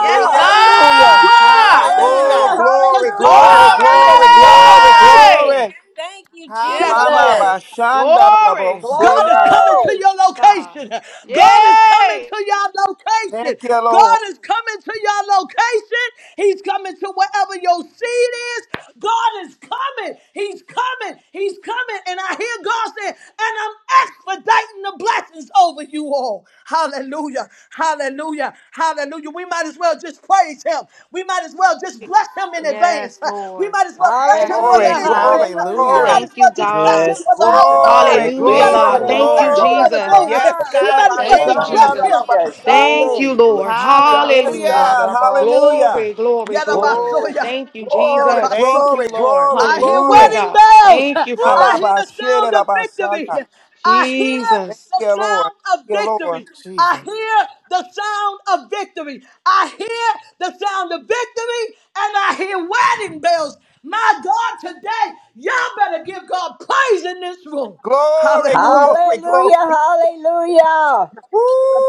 Speaker 12: Yes,
Speaker 15: the sound of
Speaker 6: Hallelujah.
Speaker 15: glory in
Speaker 12: God.
Speaker 15: this
Speaker 6: Oh,
Speaker 2: Hallelujah!
Speaker 7: Hallelujah.
Speaker 15: room. Because
Speaker 6: glory,
Speaker 15: God
Speaker 2: Hallelujah!
Speaker 15: is
Speaker 6: glory,
Speaker 5: Glory
Speaker 15: coming
Speaker 5: to
Speaker 6: glory,
Speaker 15: to your
Speaker 6: glory,
Speaker 7: Hallelujah.
Speaker 5: God.
Speaker 15: location.
Speaker 12: Glory.
Speaker 6: glory.
Speaker 5: Thank you,
Speaker 15: Shut
Speaker 12: Yes,
Speaker 6: Mama
Speaker 7: Hallelujah.
Speaker 12: Lord.
Speaker 5: Jesus.
Speaker 15: up,
Speaker 6: Bashanda Labo.
Speaker 12: Glory,
Speaker 15: God is coming
Speaker 5: Woo!
Speaker 15: to
Speaker 2: Glory!
Speaker 15: your
Speaker 12: God.
Speaker 15: location. God is coming
Speaker 12: Yay.
Speaker 15: to your location.
Speaker 6: Thank you, Lord.
Speaker 15: God is coming to your location. He's coming to wherever your seed is. God is coming. He's coming. He's coming. And I hear God say, and I'm expediting the blessings over over you all. Hallelujah. Hallelujah. Hallelujah. We might as well just praise him. We might as well just bless him in advance.
Speaker 12: Yes,
Speaker 15: Uh, We
Speaker 12: Lord.
Speaker 15: might as well bless
Speaker 12: Yes,
Speaker 15: him for the
Speaker 6: Glory,
Speaker 2: Hallelujah,
Speaker 12: Jesus.
Speaker 6: glory,
Speaker 15: increase. Uh, We
Speaker 6: glory,
Speaker 7: Hallelujah.
Speaker 15: might
Speaker 2: hallelujah.
Speaker 15: as
Speaker 12: Thank
Speaker 15: well
Speaker 12: you,
Speaker 15: just bless
Speaker 2: Thank
Speaker 12: God.
Speaker 15: him
Speaker 2: you,
Speaker 10: Yes,
Speaker 15: for the
Speaker 10: Jesus.
Speaker 15: outcome. Uh,
Speaker 6: glory,
Speaker 2: Lord.
Speaker 10: Glory,
Speaker 15: We
Speaker 12: Hallelujah,
Speaker 10: glory.
Speaker 15: might as
Speaker 7: Thank you,
Speaker 15: well
Speaker 6: glory,
Speaker 12: God.
Speaker 15: just
Speaker 12: Thank
Speaker 2: Strength,
Speaker 12: you,
Speaker 15: bless him
Speaker 7: Lord.
Speaker 6: glory.
Speaker 15: for
Speaker 2: Lord,
Speaker 15: the
Speaker 12: Jesus.
Speaker 2: my
Speaker 15: glory.
Speaker 7: Yes,
Speaker 2: arms
Speaker 15: We
Speaker 2: in
Speaker 7: God.
Speaker 15: might as
Speaker 2: the
Speaker 15: well
Speaker 12: Thank you,
Speaker 15: just
Speaker 7: Thank
Speaker 2: name of
Speaker 6: Elabashanda,
Speaker 7: you.
Speaker 15: bless
Speaker 12: Jesus.
Speaker 15: him.
Speaker 2: Jesus.
Speaker 12: Thank
Speaker 4: Oh,
Speaker 12: you,
Speaker 6: elabashande.
Speaker 4: we
Speaker 12: Lord.
Speaker 4: bless you,
Speaker 6: Yes,
Speaker 12: Hallelujah.
Speaker 7: Hallelujah.
Speaker 6: God,
Speaker 4: God.
Speaker 6: hallelujah.
Speaker 12: Glory, glory, glory.
Speaker 4: Oh,
Speaker 15: Yadabasoya.
Speaker 12: Thank you,
Speaker 6: Glory,
Speaker 12: Jesus.
Speaker 7: Thank
Speaker 15: Yadabasoya.
Speaker 7: you,
Speaker 6: glory,
Speaker 7: Lord.
Speaker 6: glory,
Speaker 15: I hear
Speaker 12: Hallelujah,
Speaker 6: glory.
Speaker 15: wedding
Speaker 12: God.
Speaker 15: bells.
Speaker 12: Thank you,
Speaker 6: My
Speaker 15: I
Speaker 7: Woo.
Speaker 12: Father.
Speaker 15: hear
Speaker 6: Baba,
Speaker 15: the
Speaker 6: shit,
Speaker 15: sound of victory.
Speaker 6: elabashaya.
Speaker 15: I hear
Speaker 6: Thank
Speaker 12: Jesus.
Speaker 15: the
Speaker 6: you, Lord.
Speaker 15: sound of
Speaker 6: Thank you, Lord.
Speaker 15: victory. I
Speaker 7: Jesus.
Speaker 15: hear the sound of victory. I hear the sound of victory and I hear wedding bells. My God, today, y'all better give God praise in this room.
Speaker 6: Glory,
Speaker 15: Hallelujah.
Speaker 6: glory,
Speaker 2: Hallelujah,
Speaker 6: glory.
Speaker 2: hallelujah.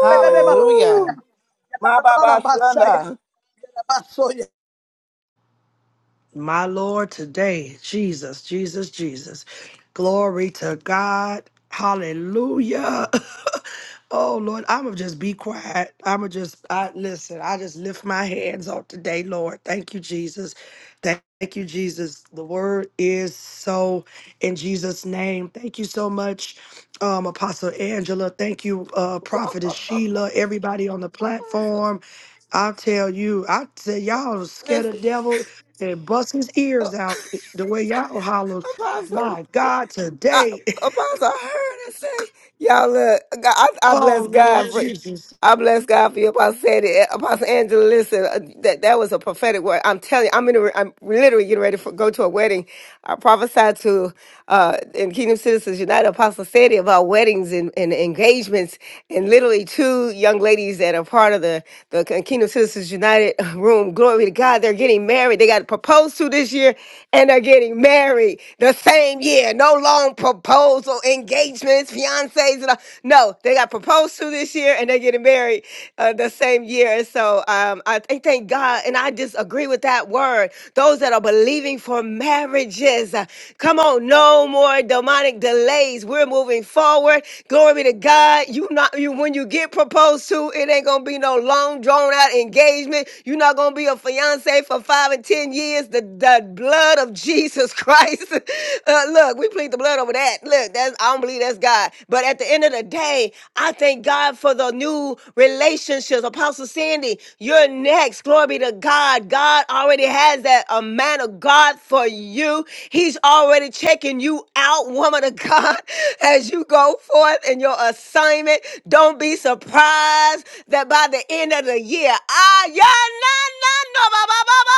Speaker 7: Hallelujah.
Speaker 6: My Baba, shanda.
Speaker 1: My Lord, today, Jesus, Jesus, Jesus. Glory to God. Hallelujah. Oh Lord, I'ma just be quiet. I'ma just I listen, I just lift my hands up today, Lord. Thank you, Jesus. Thank you, Jesus. The word is so in Jesus' name. Thank you so much, um, Apostle Angela. Thank you, uh, Prophetess Sheila, everybody on the
Speaker 13: Apostle,
Speaker 1: platform. I tell you, I tell y'all was scared of devil and bust his ears
Speaker 13: listen,
Speaker 1: out the way y'all holler. My God,
Speaker 13: I,
Speaker 1: today.
Speaker 13: Apostle, I heard her say, y'all look, I, I
Speaker 1: Oh
Speaker 13: bless God
Speaker 1: Lord
Speaker 13: for,
Speaker 1: Jesus.
Speaker 13: I bless God for you, Apostle Sandy. Eh, Apostle Angela, listen, uh, that, that was a prophetic word. I'm telling you, I'm, in a, I'm literally getting ready to go to a wedding. I prophesied to uh, in Kingdom Citizens United, Apostle Sandy, about weddings and, and engagements. And literally, two young ladies that are part of the, the Kingdom Citizens United room, glory to God, they're getting married. They got proposed to this year and they're getting married the same year. No long proposal, engagements boyfriends, fiancés, and all. No, they got proposed to this year and they're getting married uh, the same year. And so um, I think, thank God, and I just agree with that word. Those that are believing for marriages, uh, come on, no more demonic delays. We're moving forward. Glory be to God. You not you when you get proposed to, it ain't gonna be no long drawn out engagement. You're not gonna be a fiance for five and ten years. The the blood of Jesus Christ. Uh, look, we plead the blood over that. Look, that's I don't believe that's God. But at the end of the day, I thank God for the new relationships. Apostle Sandy, you're next. Glory be to God. God already has that a man of God for you. He's already checking you out, woman of God, as you go forth in your assignment. Don't be surprised that by the end of the year, ah, yeah, nah, nah, no, ba, ba, ba, ba,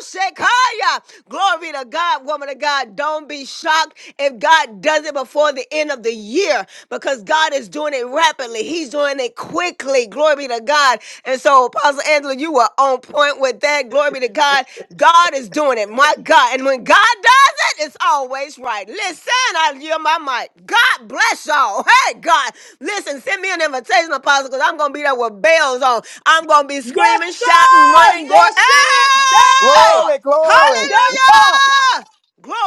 Speaker 13: Shekaya. Glory to God, woman of God. Don't be shocked if God does it before the end of the year because God is doing it rapidly. He's doing it quickly. Glory be to God. And so, Apostle Angela, you were on point with that. Glory be to God. God is doing it. My God. And when God does it, it's always right. Listen, I hear my mic. God bless y'all. Hey, God. Listen, send me an invitation, Apostle, because I'm going to be there with bells on. I'm gonna be
Speaker 15: Yes,
Speaker 13: screaming, shouting,
Speaker 15: sir.
Speaker 13: running, going,
Speaker 15: That's it. That
Speaker 13: hey!
Speaker 15: part.
Speaker 6: Glory,
Speaker 15: That,
Speaker 6: glory.
Speaker 15: that part.
Speaker 13: Hallelujah!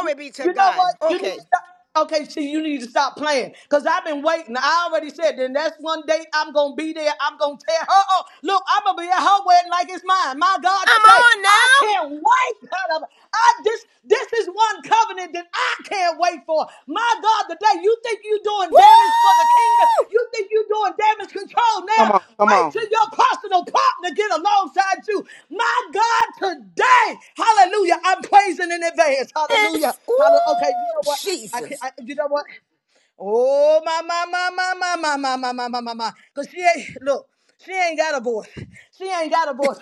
Speaker 15: You
Speaker 13: be to
Speaker 15: you know
Speaker 13: God.
Speaker 15: what? You need
Speaker 13: Okay.
Speaker 15: to stop. Okay, see, you need to stop playing. Because I've been waiting. I already said Then that's one date I'm going to be there. I'm going to tell her, oh, look, I'm going to be at her wedding like it's mine. My God,
Speaker 13: I'm
Speaker 15: today.
Speaker 13: on
Speaker 15: I
Speaker 13: now.
Speaker 15: can't wait. I'm- I, this, this is one covenant that I can't wait fight for. My God, today you think you're doing damage for the kingdom.
Speaker 13: Woo!
Speaker 15: You think you're doing damage control
Speaker 6: Come
Speaker 15: now.
Speaker 6: on, come
Speaker 15: Wait
Speaker 6: on.
Speaker 15: till your personal partner get alongside you. My God, today, hallelujah, I'm praising in advance. Hallelujah.
Speaker 13: It's
Speaker 15: Hallelujah. Okay, you
Speaker 13: Ooh,
Speaker 15: know what? I can
Speaker 13: Jesus.
Speaker 15: I, you know what? Oh my my my my my my my my my my my my. Cause she ain't look, she ain't got a voice. She ain't got a voice.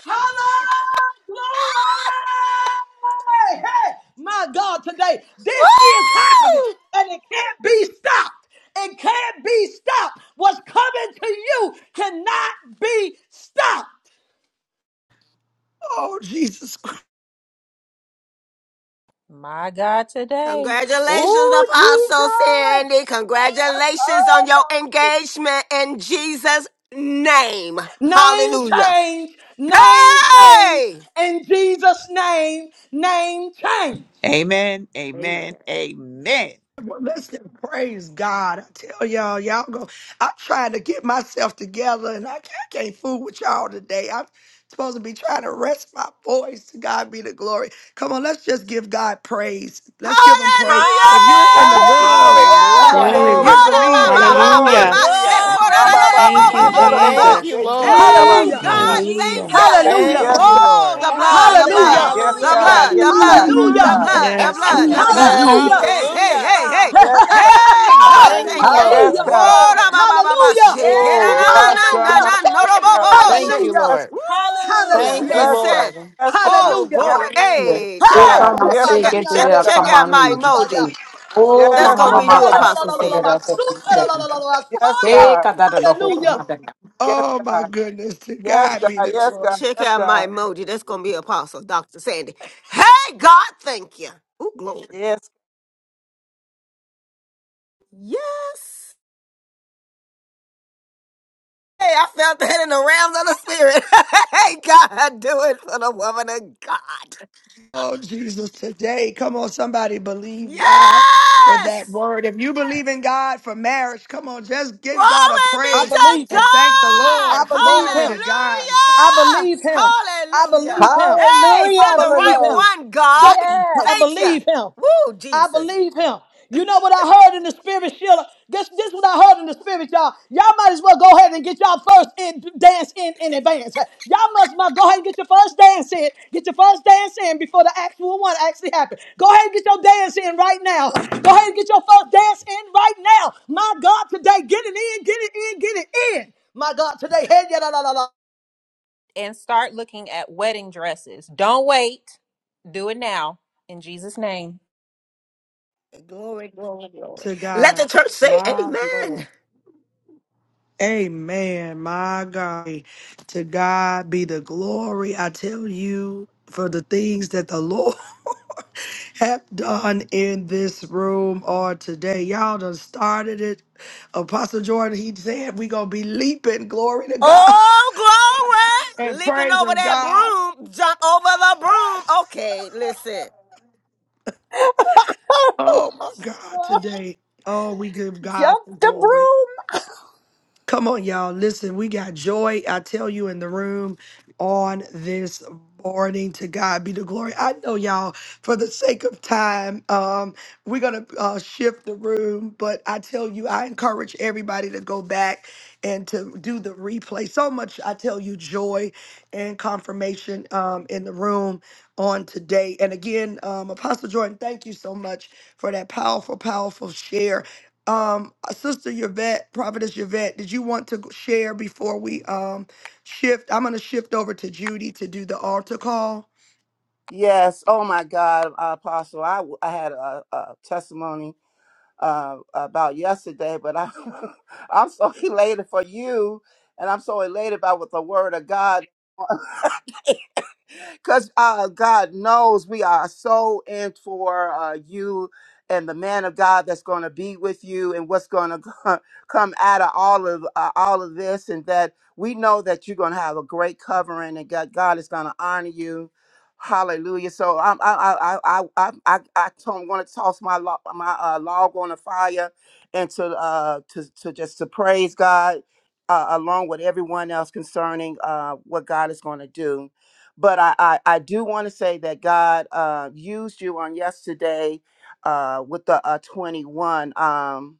Speaker 15: Hallelujah! Glory! Hey, my God, today this is happening
Speaker 13: Woo!
Speaker 15: and it can't be stopped. It can't be stopped. What's coming to you cannot be stopped.
Speaker 1: Oh Jesus
Speaker 5: My God, today.
Speaker 13: Congratulations,
Speaker 2: Oh,
Speaker 13: Apostle
Speaker 2: Jesus.
Speaker 13: Sandy. Congratulations on your
Speaker 2: Oh,
Speaker 13: engagement in Jesus' name.
Speaker 15: Name
Speaker 13: Hallelujah.
Speaker 15: change, name change,
Speaker 13: Hey!
Speaker 15: in Jesus' name, name change.
Speaker 10: Amen.
Speaker 13: Amen.
Speaker 10: Amen. Amen.
Speaker 1: Well, let's just praise God. I tell y'all, y'all go. I'm trying to get myself together and I, can't- I can't fool with y'all today. I'm supposed to be trying to rest my voice. To God be the glory. Come on, let's just give God praise. Let's give him praise.
Speaker 13: Hallelujah!
Speaker 1: If
Speaker 5: Hallelujah!
Speaker 1: you're in the room,
Speaker 6: Glory,
Speaker 1: come on.
Speaker 2: hallelujah.
Speaker 1: And if
Speaker 7: Hallelujah.
Speaker 12: Glory.
Speaker 1: you
Speaker 6: glory,
Speaker 13: Hola, ba,
Speaker 1: believe
Speaker 6: glory,
Speaker 13: ba,
Speaker 10: Yes,
Speaker 13: ba, ba,
Speaker 1: God,
Speaker 10: Jesus.
Speaker 6: glory.
Speaker 12: Hallelujah.
Speaker 13: ba,
Speaker 5: Glory!
Speaker 7: Hallelujah.
Speaker 10: Thank
Speaker 13: shekora, la,
Speaker 10: you.
Speaker 13: la, la,
Speaker 6: Mababa
Speaker 13: bo,
Speaker 12: Thank
Speaker 10: Thank
Speaker 13: bo,
Speaker 12: you,
Speaker 10: you,
Speaker 13: bo,
Speaker 6: Shanda
Speaker 10: Lord.
Speaker 6: da
Speaker 13: bo,
Speaker 6: da bo
Speaker 7: Thank
Speaker 13: bo.
Speaker 12: Jesus.
Speaker 7: you,
Speaker 6: se te ya da
Speaker 7: Lord.
Speaker 6: ba
Speaker 13: Hey,
Speaker 5: Thank
Speaker 10: Woo,
Speaker 6: se
Speaker 15: Hallelujah.
Speaker 5: you,
Speaker 10: glory.
Speaker 13: God,
Speaker 6: ya.
Speaker 13: thank
Speaker 12: Hallelujah.
Speaker 13: you.
Speaker 15: Hallelujah.
Speaker 5: Jesus.
Speaker 7: Thank
Speaker 6: Yes,
Speaker 7: you,
Speaker 6: God.
Speaker 13: Oh,
Speaker 7: Lord.
Speaker 13: the blood, the blood,
Speaker 15: Hallelujah.
Speaker 6: Yes,
Speaker 13: the
Speaker 6: God.
Speaker 13: blood,
Speaker 7: Hallelujah.
Speaker 5: Hallelujah.
Speaker 6: Yes,
Speaker 13: the blood, the
Speaker 15: Hallelujah.
Speaker 6: God.
Speaker 13: blood, the
Speaker 12: Yes,
Speaker 13: blood,
Speaker 12: Lord.
Speaker 13: the
Speaker 5: Hallelujah.
Speaker 13: blood.
Speaker 6: Yes,
Speaker 15: Hallelujah.
Speaker 6: God.
Speaker 13: Hey,
Speaker 5: Thank
Speaker 13: hey,
Speaker 5: you,
Speaker 7: Hallelujah.
Speaker 13: hey, hey,
Speaker 5: Father.
Speaker 6: Yes, God. Yes, God.
Speaker 5: Thank you,
Speaker 13: hey, God,
Speaker 7: Thank
Speaker 5: Father.
Speaker 7: you,
Speaker 13: thank you.
Speaker 5: Thank
Speaker 6: Yes,
Speaker 15: Hallelujah.
Speaker 7: Lord.
Speaker 5: you,
Speaker 6: God.
Speaker 13: Oh, da
Speaker 5: Lord.
Speaker 13: ba ba ba ba
Speaker 15: Hallelujah.
Speaker 13: she. Hey, na
Speaker 6: Oh,
Speaker 13: na
Speaker 7: Woo.
Speaker 13: na na na
Speaker 5: Yes.
Speaker 6: Rabashana.
Speaker 15: Hallelujah.
Speaker 13: na no
Speaker 6: Yes,
Speaker 13: no
Speaker 5: Glory,
Speaker 13: bo
Speaker 6: God.
Speaker 13: bo
Speaker 5: glory,
Speaker 13: bo
Speaker 7: Thank
Speaker 13: she.
Speaker 7: you,
Speaker 5: glory.
Speaker 15: Hallelujah.
Speaker 6: Bless
Speaker 7: Lord.
Speaker 6: God.
Speaker 13: Woo!
Speaker 7: Thank
Speaker 5: Hallelujah.
Speaker 15: Hallelujah.
Speaker 7: you,
Speaker 6: Bless God.
Speaker 13: Listen.
Speaker 7: Lord.
Speaker 6: Bless
Speaker 13: Oh,
Speaker 15: Hallelujah.
Speaker 13: glory.
Speaker 11: Hallelujah.
Speaker 13: Hey, check
Speaker 11: Oh,
Speaker 13: out,
Speaker 15: Hey,
Speaker 6: God.
Speaker 11: Mama, I
Speaker 6: Yes,
Speaker 11: say,
Speaker 13: check
Speaker 6: God.
Speaker 13: out,
Speaker 11: get it
Speaker 13: check,
Speaker 6: Yes,
Speaker 15: Shabbatiande.
Speaker 6: God.
Speaker 11: up,
Speaker 6: Yes,
Speaker 13: check
Speaker 15: la,
Speaker 6: God.
Speaker 11: come
Speaker 15: la,
Speaker 13: out
Speaker 11: on
Speaker 15: la, la,
Speaker 13: my
Speaker 11: in.
Speaker 13: emoji.
Speaker 15: Basaya.
Speaker 11: Oh,
Speaker 13: That's
Speaker 6: Yes,
Speaker 11: Mama,
Speaker 13: gonna
Speaker 6: Lord.
Speaker 13: be
Speaker 15: Shikanda,
Speaker 11: Mama,
Speaker 13: you,
Speaker 15: la, la,
Speaker 6: Yes,
Speaker 15: la,
Speaker 11: fast,
Speaker 13: Apostle
Speaker 15: la, la,
Speaker 6: Lord.
Speaker 11: get
Speaker 15: la, la,
Speaker 11: it
Speaker 6: Yes,
Speaker 13: Sandy.
Speaker 11: up.
Speaker 6: Lord.
Speaker 11: come
Speaker 15: Basuka, la, la,
Speaker 11: on
Speaker 15: la,
Speaker 11: in.
Speaker 15: la, la,
Speaker 6: Yes,
Speaker 15: Basaya.
Speaker 11: Hey,
Speaker 6: God.
Speaker 11: kadada do hoka
Speaker 15: Hallelujah.
Speaker 11: mata.
Speaker 6: Yes,
Speaker 1: oh my
Speaker 6: God.
Speaker 1: goodness, to
Speaker 6: Yes,
Speaker 1: God be
Speaker 6: God.
Speaker 1: the
Speaker 13: Ch-
Speaker 6: Yes, God.
Speaker 1: glory.
Speaker 13: Check
Speaker 6: Yes,
Speaker 13: out my
Speaker 6: God.
Speaker 13: emoji. That's gonna be Apostle Dr. Sandy. Hey, God, thank you. Ooh, glory.
Speaker 6: Yes.
Speaker 13: Yes. Hey, I felt that in the realms of the spirit. hey, God, do it for the woman of God.
Speaker 1: Oh, Jesus, today. Come on, somebody believe God for that
Speaker 13: Yes.
Speaker 1: word. If you believe in God for marriage, come on, just give God a
Speaker 13: Glory
Speaker 15: I
Speaker 13: be
Speaker 1: praise
Speaker 13: to
Speaker 15: believe him.
Speaker 1: and thank the
Speaker 13: God.
Speaker 15: I
Speaker 1: Lord.
Speaker 15: believe
Speaker 1: Glory
Speaker 15: him.
Speaker 1: to God.
Speaker 13: Hallelujah.
Speaker 15: I believe him. I
Speaker 13: Hallelujah.
Speaker 15: believe him.
Speaker 13: Hey,
Speaker 15: I
Speaker 13: send
Speaker 2: Hallelujah
Speaker 13: the
Speaker 2: for
Speaker 15: believe
Speaker 13: right
Speaker 15: him.
Speaker 2: those.
Speaker 13: one,
Speaker 15: Some,
Speaker 13: God.
Speaker 2: Yes.
Speaker 15: I
Speaker 13: Thank you.
Speaker 15: believe him.
Speaker 13: Woo,
Speaker 15: I
Speaker 13: Jesus.
Speaker 15: believe him. You know what I heard in the spirit, Sheila? This this is what I heard in the spirit, y'all. Y'all might as well go ahead and get y'all first in, dance in in advance. Y'all must might go ahead and get your first dance in. Get your first dance in before the actual one actually happens. Go ahead and get your dance in right now. Go ahead and get your first dance in right now. My God, today, get it in, get it in, get it in. My God, today, hey, yeah, la, la, la, la.
Speaker 5: And start looking at wedding dresses. Don't wait. Do it now. In Jesus' name.
Speaker 13: Glory, glory, glory.
Speaker 1: To
Speaker 13: Let
Speaker 1: God,
Speaker 13: the church say
Speaker 1: my
Speaker 13: amen.
Speaker 1: Lord. Amen. My God. To God be the glory. I tell you for the things that the Lord have done in this room or today. Y'all done started it Apostle Jordan, he said we gonna be leaping. Glory to God.
Speaker 13: Oh, glory!
Speaker 1: and
Speaker 13: Leaping over
Speaker 1: praising
Speaker 13: that
Speaker 1: God.
Speaker 13: broom, jump over the broom. Okay, listen.
Speaker 1: Oh my God,
Speaker 2: Lord,
Speaker 1: today. Oh, we give God
Speaker 2: Jump
Speaker 1: the
Speaker 2: the
Speaker 1: glory.
Speaker 2: broom.
Speaker 1: Come on, y'all. Listen, we got joy, I tell you, in the room on this morning. To God be the glory. I know, y'all, for the sake of time, um, we're going to uh, shift the room, but I tell you, I encourage everybody to go back and to do the replay. So much, I tell you, joy and confirmation um, in the room on today. And again, um, Apostle Jordan, thank you so much for that powerful, powerful share. Um, Sister Yvette, Prophetess Yvette, did you want to share before we um shift? I'm going to shift over to Judy to do the altar call.
Speaker 6: Yes. Oh my God, Apostle. I I had a, a testimony uh, about yesterday, but I, I'm so elated for you, and I'm so elated about what the Word of God because uh, God knows we are so in for uh, you and the man of God that's going to be with you and what's going to come out of all of uh, all of this, and that we know that you're going to have a great covering and God, God is going to honor you. Hallelujah! So I'm, I I I I I I don't want to toss my log, my uh, log on the fire and to uh to to just to praise God uh, along with everyone else concerning uh what God is going to do but I, I, I do want to say that God uh, used you on yesterday uh, with the uh, 21. Um,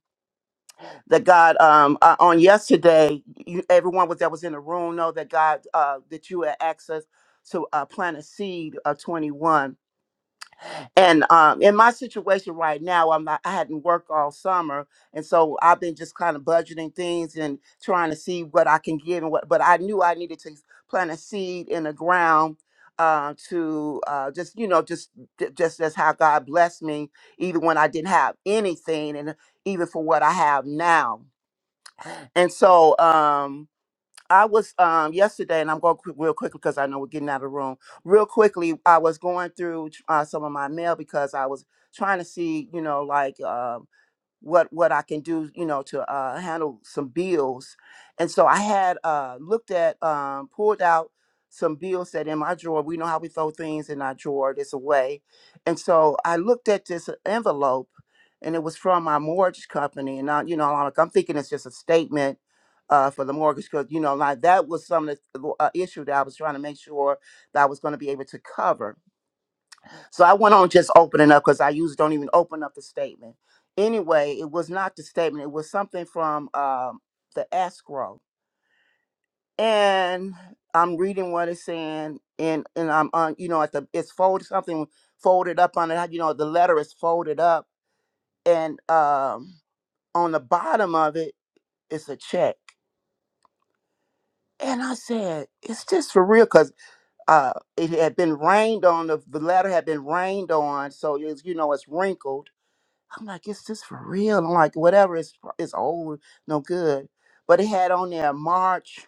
Speaker 6: that God um, uh, on yesterday, you, everyone was that was in the room know that God uh, that you had access to uh, plant a seed of 21 and um, in my situation right now, I'm not, I hadn't worked all summer, and so I've been just kind of budgeting things and trying to see what I can give and what. But I knew I needed to plant a seed in the ground uh, to uh, just you know just j- just as how God blessed me, even when I didn't have anything, and even for what I have now. And so. Um, I was um yesterday, and I'm going quick, real quickly because I know we're getting out of the room. Real quickly, I was going through uh, some of my mail because I was trying to see, you know, like um, what what I can do, you know, to uh, handle some bills. And so I had uh, looked at, um, pulled out some bills that in my drawer. We know how we throw things in our drawer this away. And so I looked at this envelope, and it was from my mortgage company. And I, you know, I'm like, I'm thinking it's just a statement uh, for the mortgage because you know like that was some of the uh, issue that I was trying to make sure that I was going to be able to cover. So I went on just opening up because I usually don't even open up the statement. Anyway, it was not the statement; it was something from um, the escrow, and I'm reading what it's saying, and and I'm on you know at the it's folded something folded up on it. You know the letter is folded up, and um, on the bottom of it, it's a check. And I said, "Is this for real?" 'Cause uh, it had been rained on. The, the letter had been rained on, so it's you know it's wrinkled. I'm like, is this for real? I'm like, whatever, it's pro- it's old, no good. But it had on there March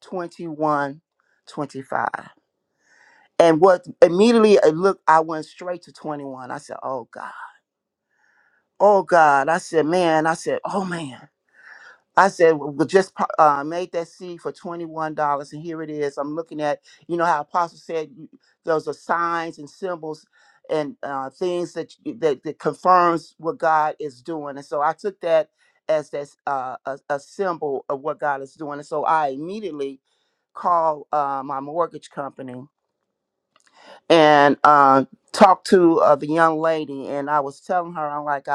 Speaker 6: 21, 25, And what immediately I looked, I went straight to 21. I said, oh God, oh God. I said, man, I said, oh man. I said, well, we just po- uh, made that seed for $21. And here it is. I'm looking at, you know, how Apostle said you- those are signs and symbols and uh, things that, you- that that confirms what God is doing. And so I took that as that's uh, a, a symbol of what God is doing. And so I immediately called uh, my mortgage company and uh, talked to uh, the young lady. And I was telling her, I'm like,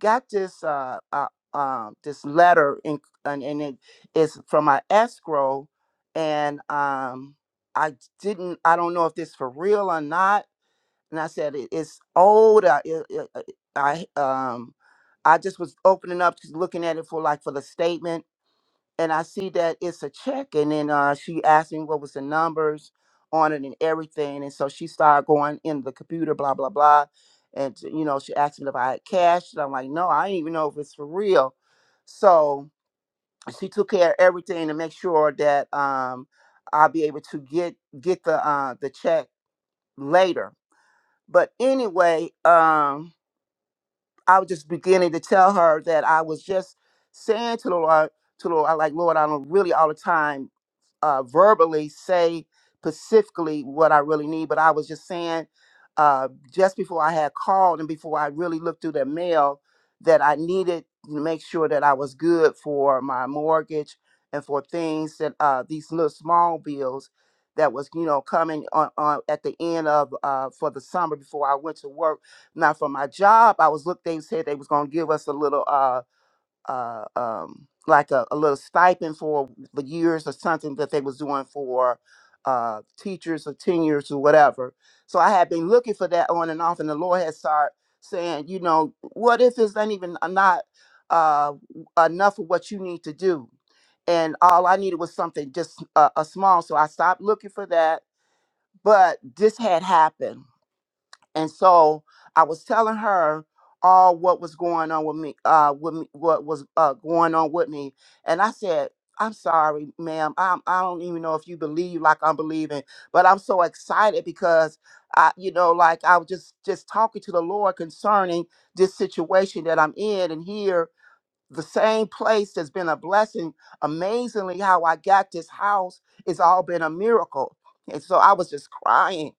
Speaker 6: got this uh, uh um this letter in, and and it is from my escrow, and um I didn't I don't know if this for real or not, and I said "It- it's old. I it, it, I um I just was opening up, just looking at it for like for the statement and I see that it's a check. And then uh, she asked me what was the numbers on it and everything. And so she started going in the computer, blah blah blah. And you know, she asked me if I had cash, and I'm like, no, I didn't even know if it's for real. So she took care of everything to make sure that um, I'll be able to get get the uh, the check later. But anyway, um, I was just beginning to tell her that I was just saying to the Lord, to the Lord, I like Lord, I don't really all the time uh, verbally say specifically what I really need, but I was just saying uh, just before I had called and before I really looked through the mail that I needed to make sure that I was good for my mortgage and for things that uh, these little small bills that was you know coming on, on at the end of uh, for the summer before I went to work. Now for my job, I was looked. They said they was gonna give us a little. uh uh, um, like a, a little stipend for the years or something that they was doing for uh, teachers or tenures or whatever. So I had been looking for that on and off, and the Lord had started saying, you know, what if it's not even uh, not uh, enough of what you need to do? And all I needed was something just uh, a small. So I stopped looking for that. But this had happened and so I was telling her all what was going on with me, uh, with me, what was uh, going on with me. And I said, I'm sorry, ma'am. I'm, I don't even know if you believe like I'm believing, but I'm so excited because I, you know, like I was just, just talking to the Lord concerning this situation that I'm in and here, the same place that's been a blessing. Amazingly, how I got this house, it's all been a miracle. And so I was just crying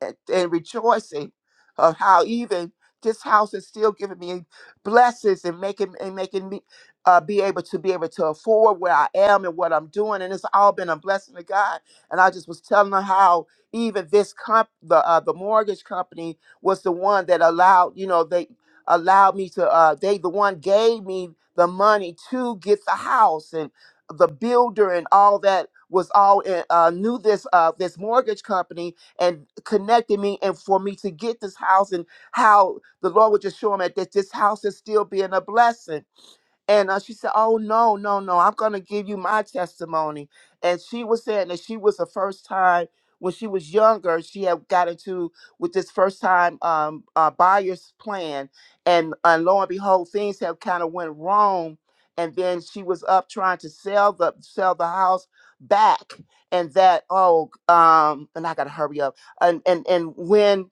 Speaker 6: and, and rejoicing of how even this house is still giving me blessings and making and making me uh, be able to be able to afford where I am and what I'm doing, and it's all been a blessing to God. And I just was telling her how even this comp the uh, the mortgage company was the one that allowed you know they allowed me to uh, they the one gave me the money to get the house and the builder and all that was all in, uh, knew this uh, this mortgage company and connecting me and for me to get this house and how the Lord would just show him that this house is still being a blessing and uh, she said, Oh, no, no, no, I'm going to give you my testimony. And she was saying that she was the first time when she was younger, she had got into with this first time um, uh, buyer's plan. And uh, lo and behold, things have kind of went wrong. And then she was up trying to sell the sell the house back, and that oh um and I gotta hurry up and and and when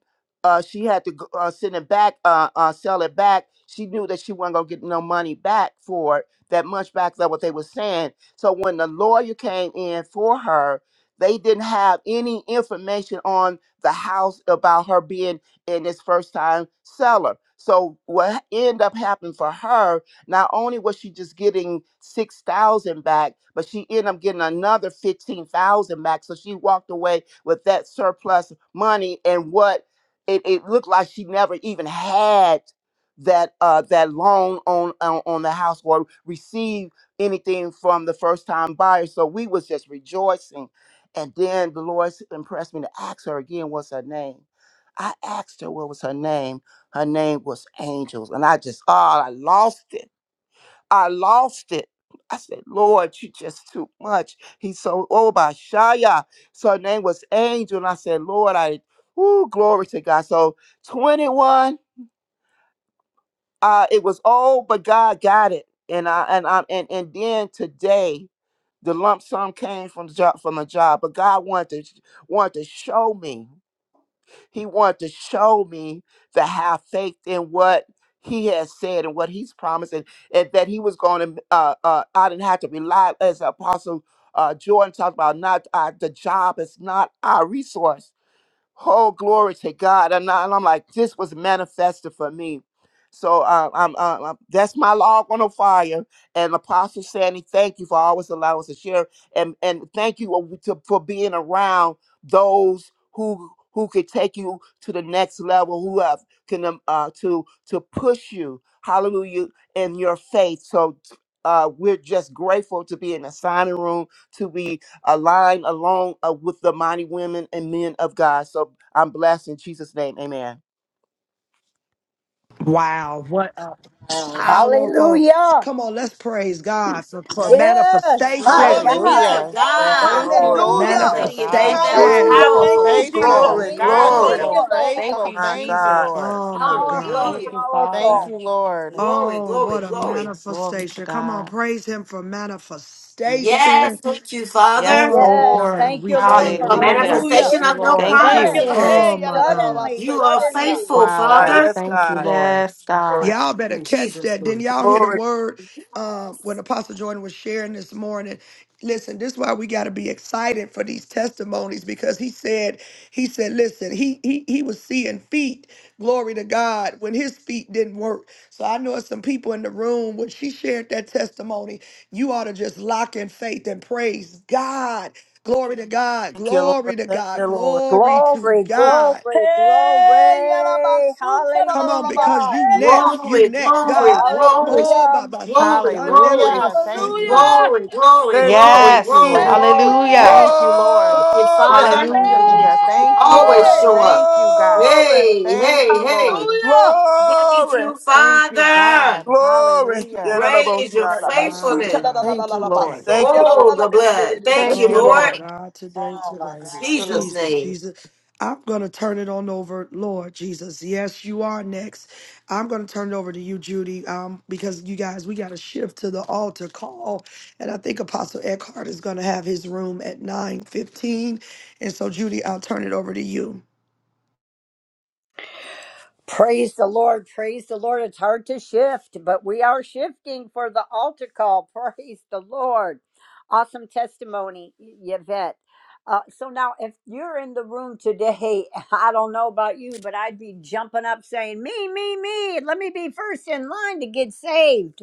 Speaker 6: uh, she had to go, uh, send it back, uh, uh, sell it back. She knew that she wasn't gonna get no money back for it, that much back. That what they were saying. So when the lawyer came in for her, they didn't have any information on the house about her being in this first time seller. So what ended up happening for her? Not only was she just getting six thousand back, but she ended up getting another fifteen thousand back. So she walked away with that surplus money and what it, it looked like she never even had that uh that loan on on, on the house or received anything from the first time buyer so we was just rejoicing and then the lord s- impressed me to ask her again what's her name i asked her what was her name her name was angels and i just oh i lost it I lost it. I said, Lord, you just too much. He's so oh by Shia. So her name was Angel. And I said, Lord, I woo, glory to God. So 21, uh, it was old, but God got it. And I and I and, and then today the lump sum came from the job from a job, but God wanted to wanted to show me. He wanted to show me to have faith in what he has said and what he's promised, and, and that he was going to. Uh, uh, I didn't have to rely, as Apostle uh, Jordan talked about, not uh, the job is not our resource Oh, glory to God. And, I, am like, this was manifested for me. So um, I'm, uh, I'm, that's my log on the fire. And Apostle Sandy, thank you for always allowing us to share. And, and thank you uh, to, for being around those who who could take you to the next level, who have can um, uh, to to push you, hallelujah, in your faith. So uh, we're just grateful to be in the signing room, to be align along uh, with the mighty women and men of God. So I'm blessed in Jesus' name. Amen.
Speaker 1: Wow, what a powerful.
Speaker 2: Hallelujah.
Speaker 1: Come on, let's praise God for, for
Speaker 2: Yes, my
Speaker 1: manifestation.
Speaker 13: Glory be
Speaker 2: God.
Speaker 13: to
Speaker 15: Hallelujah.
Speaker 7: Hallelujah.
Speaker 6: Thank
Speaker 2: Yes,
Speaker 6: you,
Speaker 2: yes,
Speaker 13: God.
Speaker 7: Thank you,
Speaker 6: Lord.
Speaker 7: Lord.
Speaker 12: Thank
Speaker 15: Hallelujah.
Speaker 12: you,
Speaker 13: Lady
Speaker 2: yes,
Speaker 13: Yvette,
Speaker 12: God.
Speaker 2: yes.
Speaker 13: that was
Speaker 7: God, you're
Speaker 1: Manifestation.
Speaker 15: Hallelujah.
Speaker 2: yes.
Speaker 7: so
Speaker 15: Thank you,
Speaker 13: powerful.
Speaker 6: Woo!
Speaker 2: God,
Speaker 15: Jesus.
Speaker 7: faithful.
Speaker 6: Glory,
Speaker 2: thank
Speaker 7: God,
Speaker 2: you,
Speaker 12: Hallelujah.
Speaker 7: you're
Speaker 15: Thank
Speaker 6: glory.
Speaker 13: Glory.
Speaker 7: so
Speaker 15: you,
Speaker 2: Lord.
Speaker 12: Thank
Speaker 15: Lord.
Speaker 7: faithful.
Speaker 12: you,
Speaker 6: My
Speaker 7: Thank you,
Speaker 6: God.
Speaker 12: Jesus.
Speaker 7: Lord.
Speaker 1: Oh my God.
Speaker 2: Powerful,
Speaker 12: Thank
Speaker 13: Hallelujah.
Speaker 12: you,
Speaker 7: Thank
Speaker 2: powerful.
Speaker 12: Father.
Speaker 7: you, Lord.
Speaker 13: Glory,
Speaker 1: Oh,
Speaker 13: glory,
Speaker 1: what a
Speaker 13: glory.
Speaker 12: Glory to
Speaker 1: manifestation. Come on,
Speaker 12: God.
Speaker 1: praise Him for
Speaker 13: Yes,
Speaker 1: manifestation.
Speaker 13: thank you,
Speaker 12: Yes,
Speaker 13: Father,
Speaker 1: Oh
Speaker 2: Yes,
Speaker 12: Lord.
Speaker 1: God,
Speaker 2: thank
Speaker 1: we
Speaker 2: you, Lord, for
Speaker 1: thank
Speaker 13: for
Speaker 1: you.
Speaker 7: Hallelujah.
Speaker 12: Hallelujah.
Speaker 7: Thank
Speaker 15: Hallelujah.
Speaker 13: manifestation
Speaker 7: you,
Speaker 13: of
Speaker 2: manifestation.
Speaker 13: your
Speaker 7: Lord.
Speaker 12: Thank
Speaker 15: Thank you.
Speaker 12: you.
Speaker 2: Sudden,
Speaker 15: Lord.
Speaker 1: Oh
Speaker 13: promises.
Speaker 15: Hey,
Speaker 1: my God.
Speaker 2: suddenly,
Speaker 13: You are
Speaker 15: yadadadabasataya.
Speaker 2: suddenly.
Speaker 13: faithful,
Speaker 7: Wow,
Speaker 6: God,
Speaker 7: God.
Speaker 13: Father.
Speaker 6: yes,
Speaker 7: Thank you,
Speaker 6: God.
Speaker 7: Lord.
Speaker 12: Yes,
Speaker 6: Glory,
Speaker 12: God.
Speaker 1: Y'all better
Speaker 13: In
Speaker 1: catch
Speaker 13: Jesus'
Speaker 1: that.
Speaker 13: name.
Speaker 1: Didn't y'all hear the
Speaker 6: glory.
Speaker 1: word um, when Apostle Jordan was sharing this morning? Listen, this is why we got to be excited for these testimonies because he said, he said, listen, he he he was seeing feet. Glory to God when his feet didn't work. So I know some people in the room when she shared that testimony, you ought to just lock in faith and praise God. Glory to God.
Speaker 6: Thank you, Lord.
Speaker 1: Glory to
Speaker 6: Thank
Speaker 1: God.
Speaker 6: you, Lord.
Speaker 1: Glory to
Speaker 2: Glory,
Speaker 15: Hmm.
Speaker 1: God.
Speaker 2: glory,
Speaker 15: Hey,
Speaker 2: glory.
Speaker 1: Come on, because
Speaker 2: Hallelujah.
Speaker 1: you
Speaker 15: yadabasutadadadabasaya.
Speaker 13: Glory,
Speaker 1: next, you
Speaker 13: glory,
Speaker 1: next,
Speaker 13: glory,
Speaker 1: God.
Speaker 15: Hold it.
Speaker 13: glory,
Speaker 1: Oh,
Speaker 2: Hallelujah.
Speaker 1: Baba
Speaker 13: glory,
Speaker 1: Shandela
Speaker 13: glory,
Speaker 7: Hallelujah. Thank
Speaker 1: Bosayim.
Speaker 7: you.
Speaker 15: Hallelujah.
Speaker 13: glory,
Speaker 6: Thank you,
Speaker 13: glory,
Speaker 7: Thank you,
Speaker 12: Yes.
Speaker 13: glory,
Speaker 6: Jesus.
Speaker 7: Lord.
Speaker 13: glory.
Speaker 12: Hallelujah.
Speaker 15: Hey,
Speaker 7: Thank you, Lord.
Speaker 13: Thank you, Father.
Speaker 6: Glory,
Speaker 12: Hallelujah,
Speaker 7: Hallelujah.
Speaker 12: Jesus.
Speaker 13: You
Speaker 7: Thank you,
Speaker 13: always
Speaker 7: Lord.
Speaker 15: hey.
Speaker 13: show up.
Speaker 7: Thank you, God.
Speaker 6: glory,
Speaker 13: Hey,
Speaker 7: Thank
Speaker 13: hey,
Speaker 7: you, Lord.
Speaker 13: hey.
Speaker 15: Hallelujah.
Speaker 13: Thank
Speaker 6: glory,
Speaker 13: you,
Speaker 7: Thank you,
Speaker 13: Father.
Speaker 7: God.
Speaker 6: glory. Yeah,
Speaker 7: Hallelujah.
Speaker 6: that
Speaker 13: Great
Speaker 6: about
Speaker 13: is your
Speaker 6: Shia.
Speaker 1: My
Speaker 13: faithfulness.
Speaker 1: God,
Speaker 7: Thank you, Lord.
Speaker 1: today.
Speaker 15: Yadabasutadadadadadabasoya.
Speaker 6: Thank you, Lord.
Speaker 13: Oh, the blood. Thank you,
Speaker 7: Thank
Speaker 6: Thank
Speaker 7: you,
Speaker 6: you,
Speaker 1: Oh,
Speaker 6: Lord.
Speaker 1: my
Speaker 13: Lord.
Speaker 7: Lord.
Speaker 1: God, today,
Speaker 2: Oh my
Speaker 1: today.
Speaker 2: God!
Speaker 6: Thank you,
Speaker 13: Jesus'
Speaker 6: Lord.
Speaker 1: Jesus,
Speaker 13: name.
Speaker 1: Jesus. I'm going to turn it on over, Lord Jesus. Yes, you are next. I'm going to turn it over to you, Judy, um, because you guys, we got to shift to the altar call. And I think Apostle Eckhart is going to have his room at 9:15. And so, Judy, I'll turn it over to you.
Speaker 2: Praise the Lord. Praise the Lord. It's hard to shift, but we are shifting for the altar call. Praise the Lord. Awesome testimony, Y- Yvette. Uh, so now, if you're in the room today, I don't know about you, but I'd be jumping up saying, Me, me, me. Let me be first in line to get saved.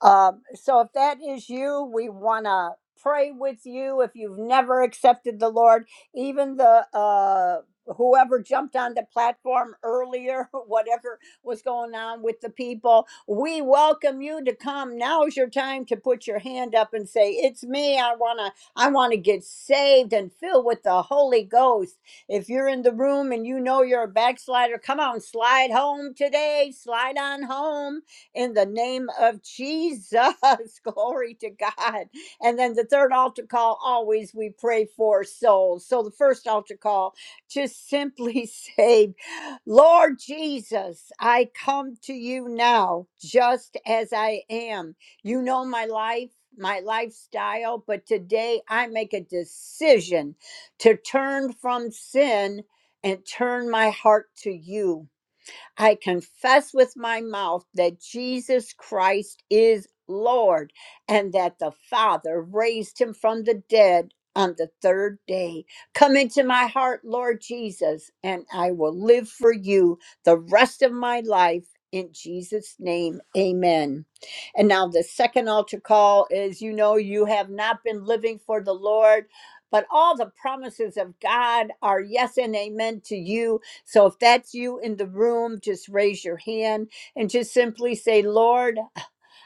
Speaker 2: Um, so if that is you, we want to pray with you. If you've never accepted the Lord, even the uh, whoever jumped on the platform earlier, whatever was going on with the people, we welcome you to come. Now's your time to put your hand up and say, "It's me. I wanna, I wanna get saved and filled with the Holy Ghost." If you're in the room and you know you're a backslider, come on, slide home today. Slide on home in the name of Jesus. Glory to God. And then the third altar call, always we pray for souls. So the first altar call, just simply say, Lord Jesus, I come to you now just as I am. You know my life. My lifestyle, but today I make a decision to turn from sin and turn my heart to you. I confess with my mouth that Jesus Christ is Lord and that the Father raised him from the dead on the third day. Come into my heart, Lord Jesus, and I will live for you the rest of my life. In Jesus' name, amen. And now the second altar call is you know, you have not been living for the Lord, but all the promises of God are yes and amen to you. So if that's you in the room, just raise your hand and just simply say, Lord,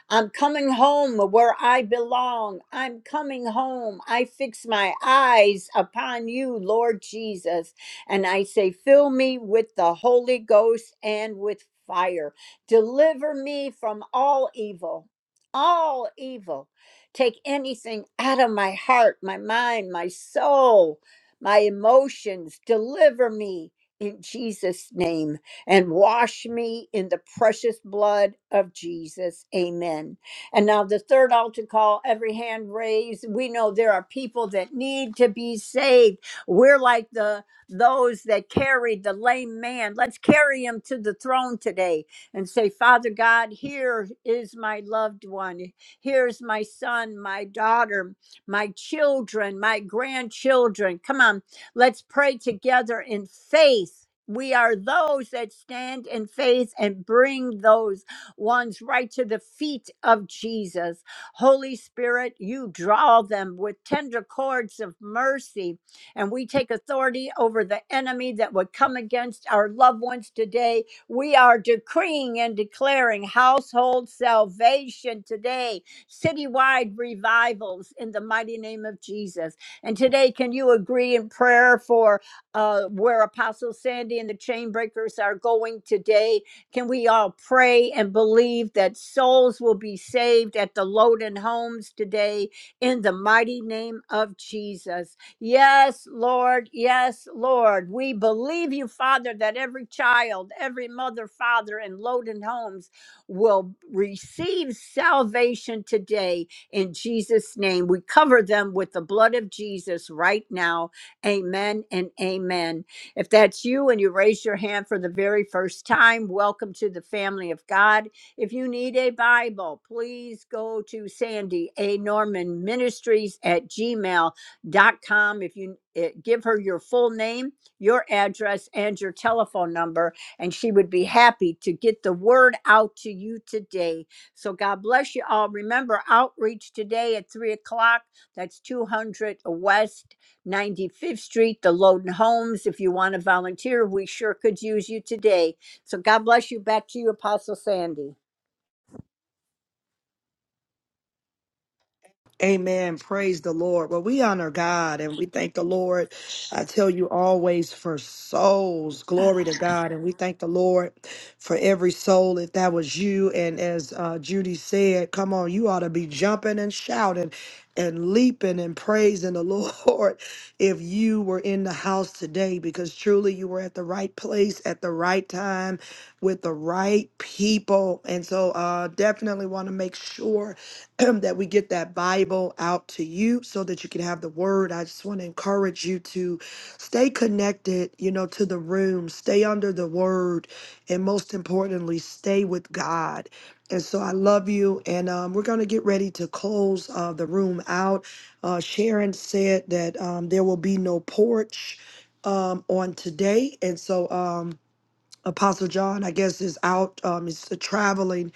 Speaker 2: I'm coming home where I belong. I'm coming home. I fix my eyes upon you, Lord Jesus. And I say, fill me with the Holy Ghost and with fire. Deliver me from all evil, all evil. Take anything out of my heart, my mind, my soul, my emotions. Deliver me in Jesus' name and wash me in the precious blood of Jesus. Amen. And now, the third altar call, every hand raised. We know there are people that need to be saved. We're like the those that carried the lame man. Let's carry him to the throne today and say, Father God, here is my loved one. Here's my son, my daughter, my children, my grandchildren. Come on. Let's pray together in faith. We are those that stand in faith and bring those ones right to the feet of Jesus. Holy Spirit, you draw them with tender cords of mercy. And we take authority over the enemy that would come against our loved ones today. We are decreeing and declaring household salvation today, citywide revivals in the mighty name of Jesus. And today, can you agree in prayer for uh, where Apostle Sandy and the Chainbreakers are going today? Can we all pray and believe that souls will be saved at the Loden homes today in the mighty name of Jesus? Yes, Lord. Yes, Lord. We believe you, Father, that every child, every mother, father in Loden homes will receive salvation today in Jesus' name. We cover them with the blood of Jesus right now. Amen and amen. If that's you and you raise your hand for the very first time, welcome to the family of God. If you need a Bible, please go to Sandy A. Norman Ministries at gmail dot com. If you eh, give her your full name, your address, and your telephone number, and she would be happy to get the word out to you today so God bless you all. Remember, outreach today at 3 o'clock. That's 200 West 95th Street, the Loden Homes. If you want to volunteer, we sure could use you today. So God bless you. Back to you, Apostle Sandy.
Speaker 1: Amen. Praise the Lord. Well, we honor God and we thank the Lord. I tell you always for souls. Glory to God. And we thank the Lord for every soul. If that was you, and as uh, Judy said, come on, you ought to be jumping and shouting and leaping and praising the Lord if you were in the house today, because truly you were at the right place at the right time with the right people. And so, uh, definitely want to make sure. that we get that Bible out to you so that you can have the word. I just want to encourage you to stay connected, you know, to the room, stay under the word, and most importantly, stay with God. And so I love you. And um, we're going to get ready to close uh, the room out. Uh, Sharon said that um, there will be no porch um, on today. And so, um, Apostle John, I guess, is out. Um, is traveling,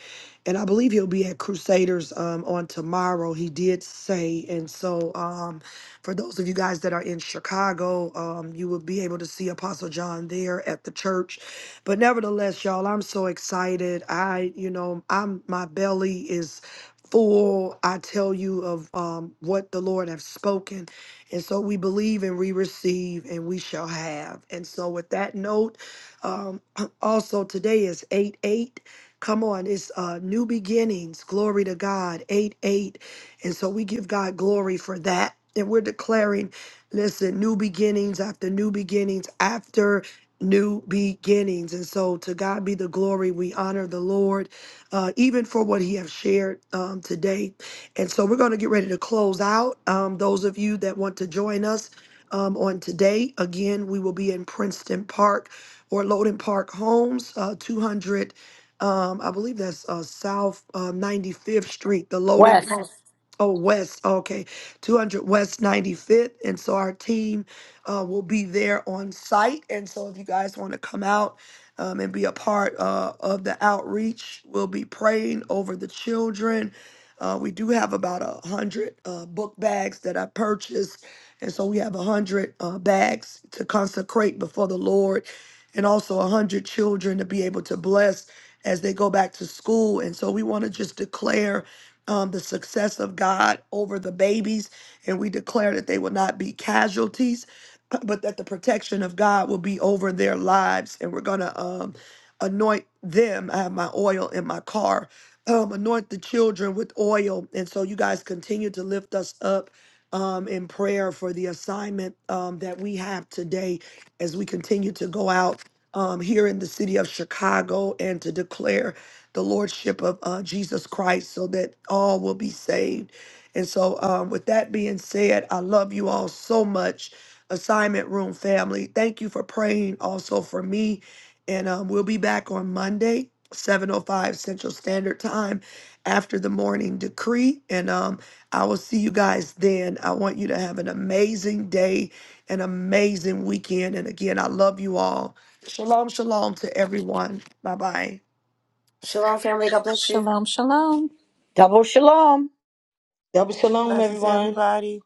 Speaker 1: and I believe he'll be at Crusaders um, on tomorrow. He did say, and so um, for those of you guys that are in Chicago, um, you will be able to see Apostle John there at the church. But nevertheless, y'all, I'm so excited. I, you know, I'm my belly is full. I tell you of um, what the Lord have spoken, and so we believe and we receive, and we shall have. And so with that note. Um, also, today is 8 8. Come on, it's uh, new beginnings. Glory to God. 8 8. And so we give God glory for that. And we're declaring, listen, new beginnings after new beginnings after new beginnings. And so to God be the glory. We honor the Lord, uh, even for what he has shared um, today. And so we're going to get ready to close out. Um, those of you that want to join us um, on today, again, we will be in Princeton Park or Loden Park Homes, uh, 200, um, I believe that's uh, South uh, 95th Street, the Loden Park.
Speaker 2: West.
Speaker 1: Oh, West. Okay. 200 West 95th. And so our team uh, will be there on site. And so if you guys want to come out um, and be a part uh, of the outreach, we'll be praying over the children. Uh, we do have about a hundred uh, book bags that I purchased. And so we have a hundred uh, bags to consecrate before the Lord and also a hundred children to be able to bless as they go back to school. And so we want to just declare um, the success of God over the babies, and we declare that they will not be casualties, but that the protection of God will be over their lives. And we're going to um, anoint them. I have my oil in my car. Um, anoint the children with oil. And so you guys continue to lift us up. Um, in prayer for the assignment um, that we have today as we continue to go out um, here in the city of Chicago and to declare the lordship of uh, Jesus Christ so that all will be saved. And so, um, with that being said, I love you all so much, Assignment Room family. Thank you for praying also for me. And um, we'll be back on Monday, 7.05 Central Standard Time after the morning decree. And um, I will see you guys then. I want you to have an amazing day, an amazing weekend. And again, I love you all. Shalom, shalom to everyone. Bye bye.
Speaker 5: Shalom, shalom.
Speaker 2: Double shalom.
Speaker 15: Double shalom,
Speaker 6: Blessings,
Speaker 15: everyone.
Speaker 6: everybody.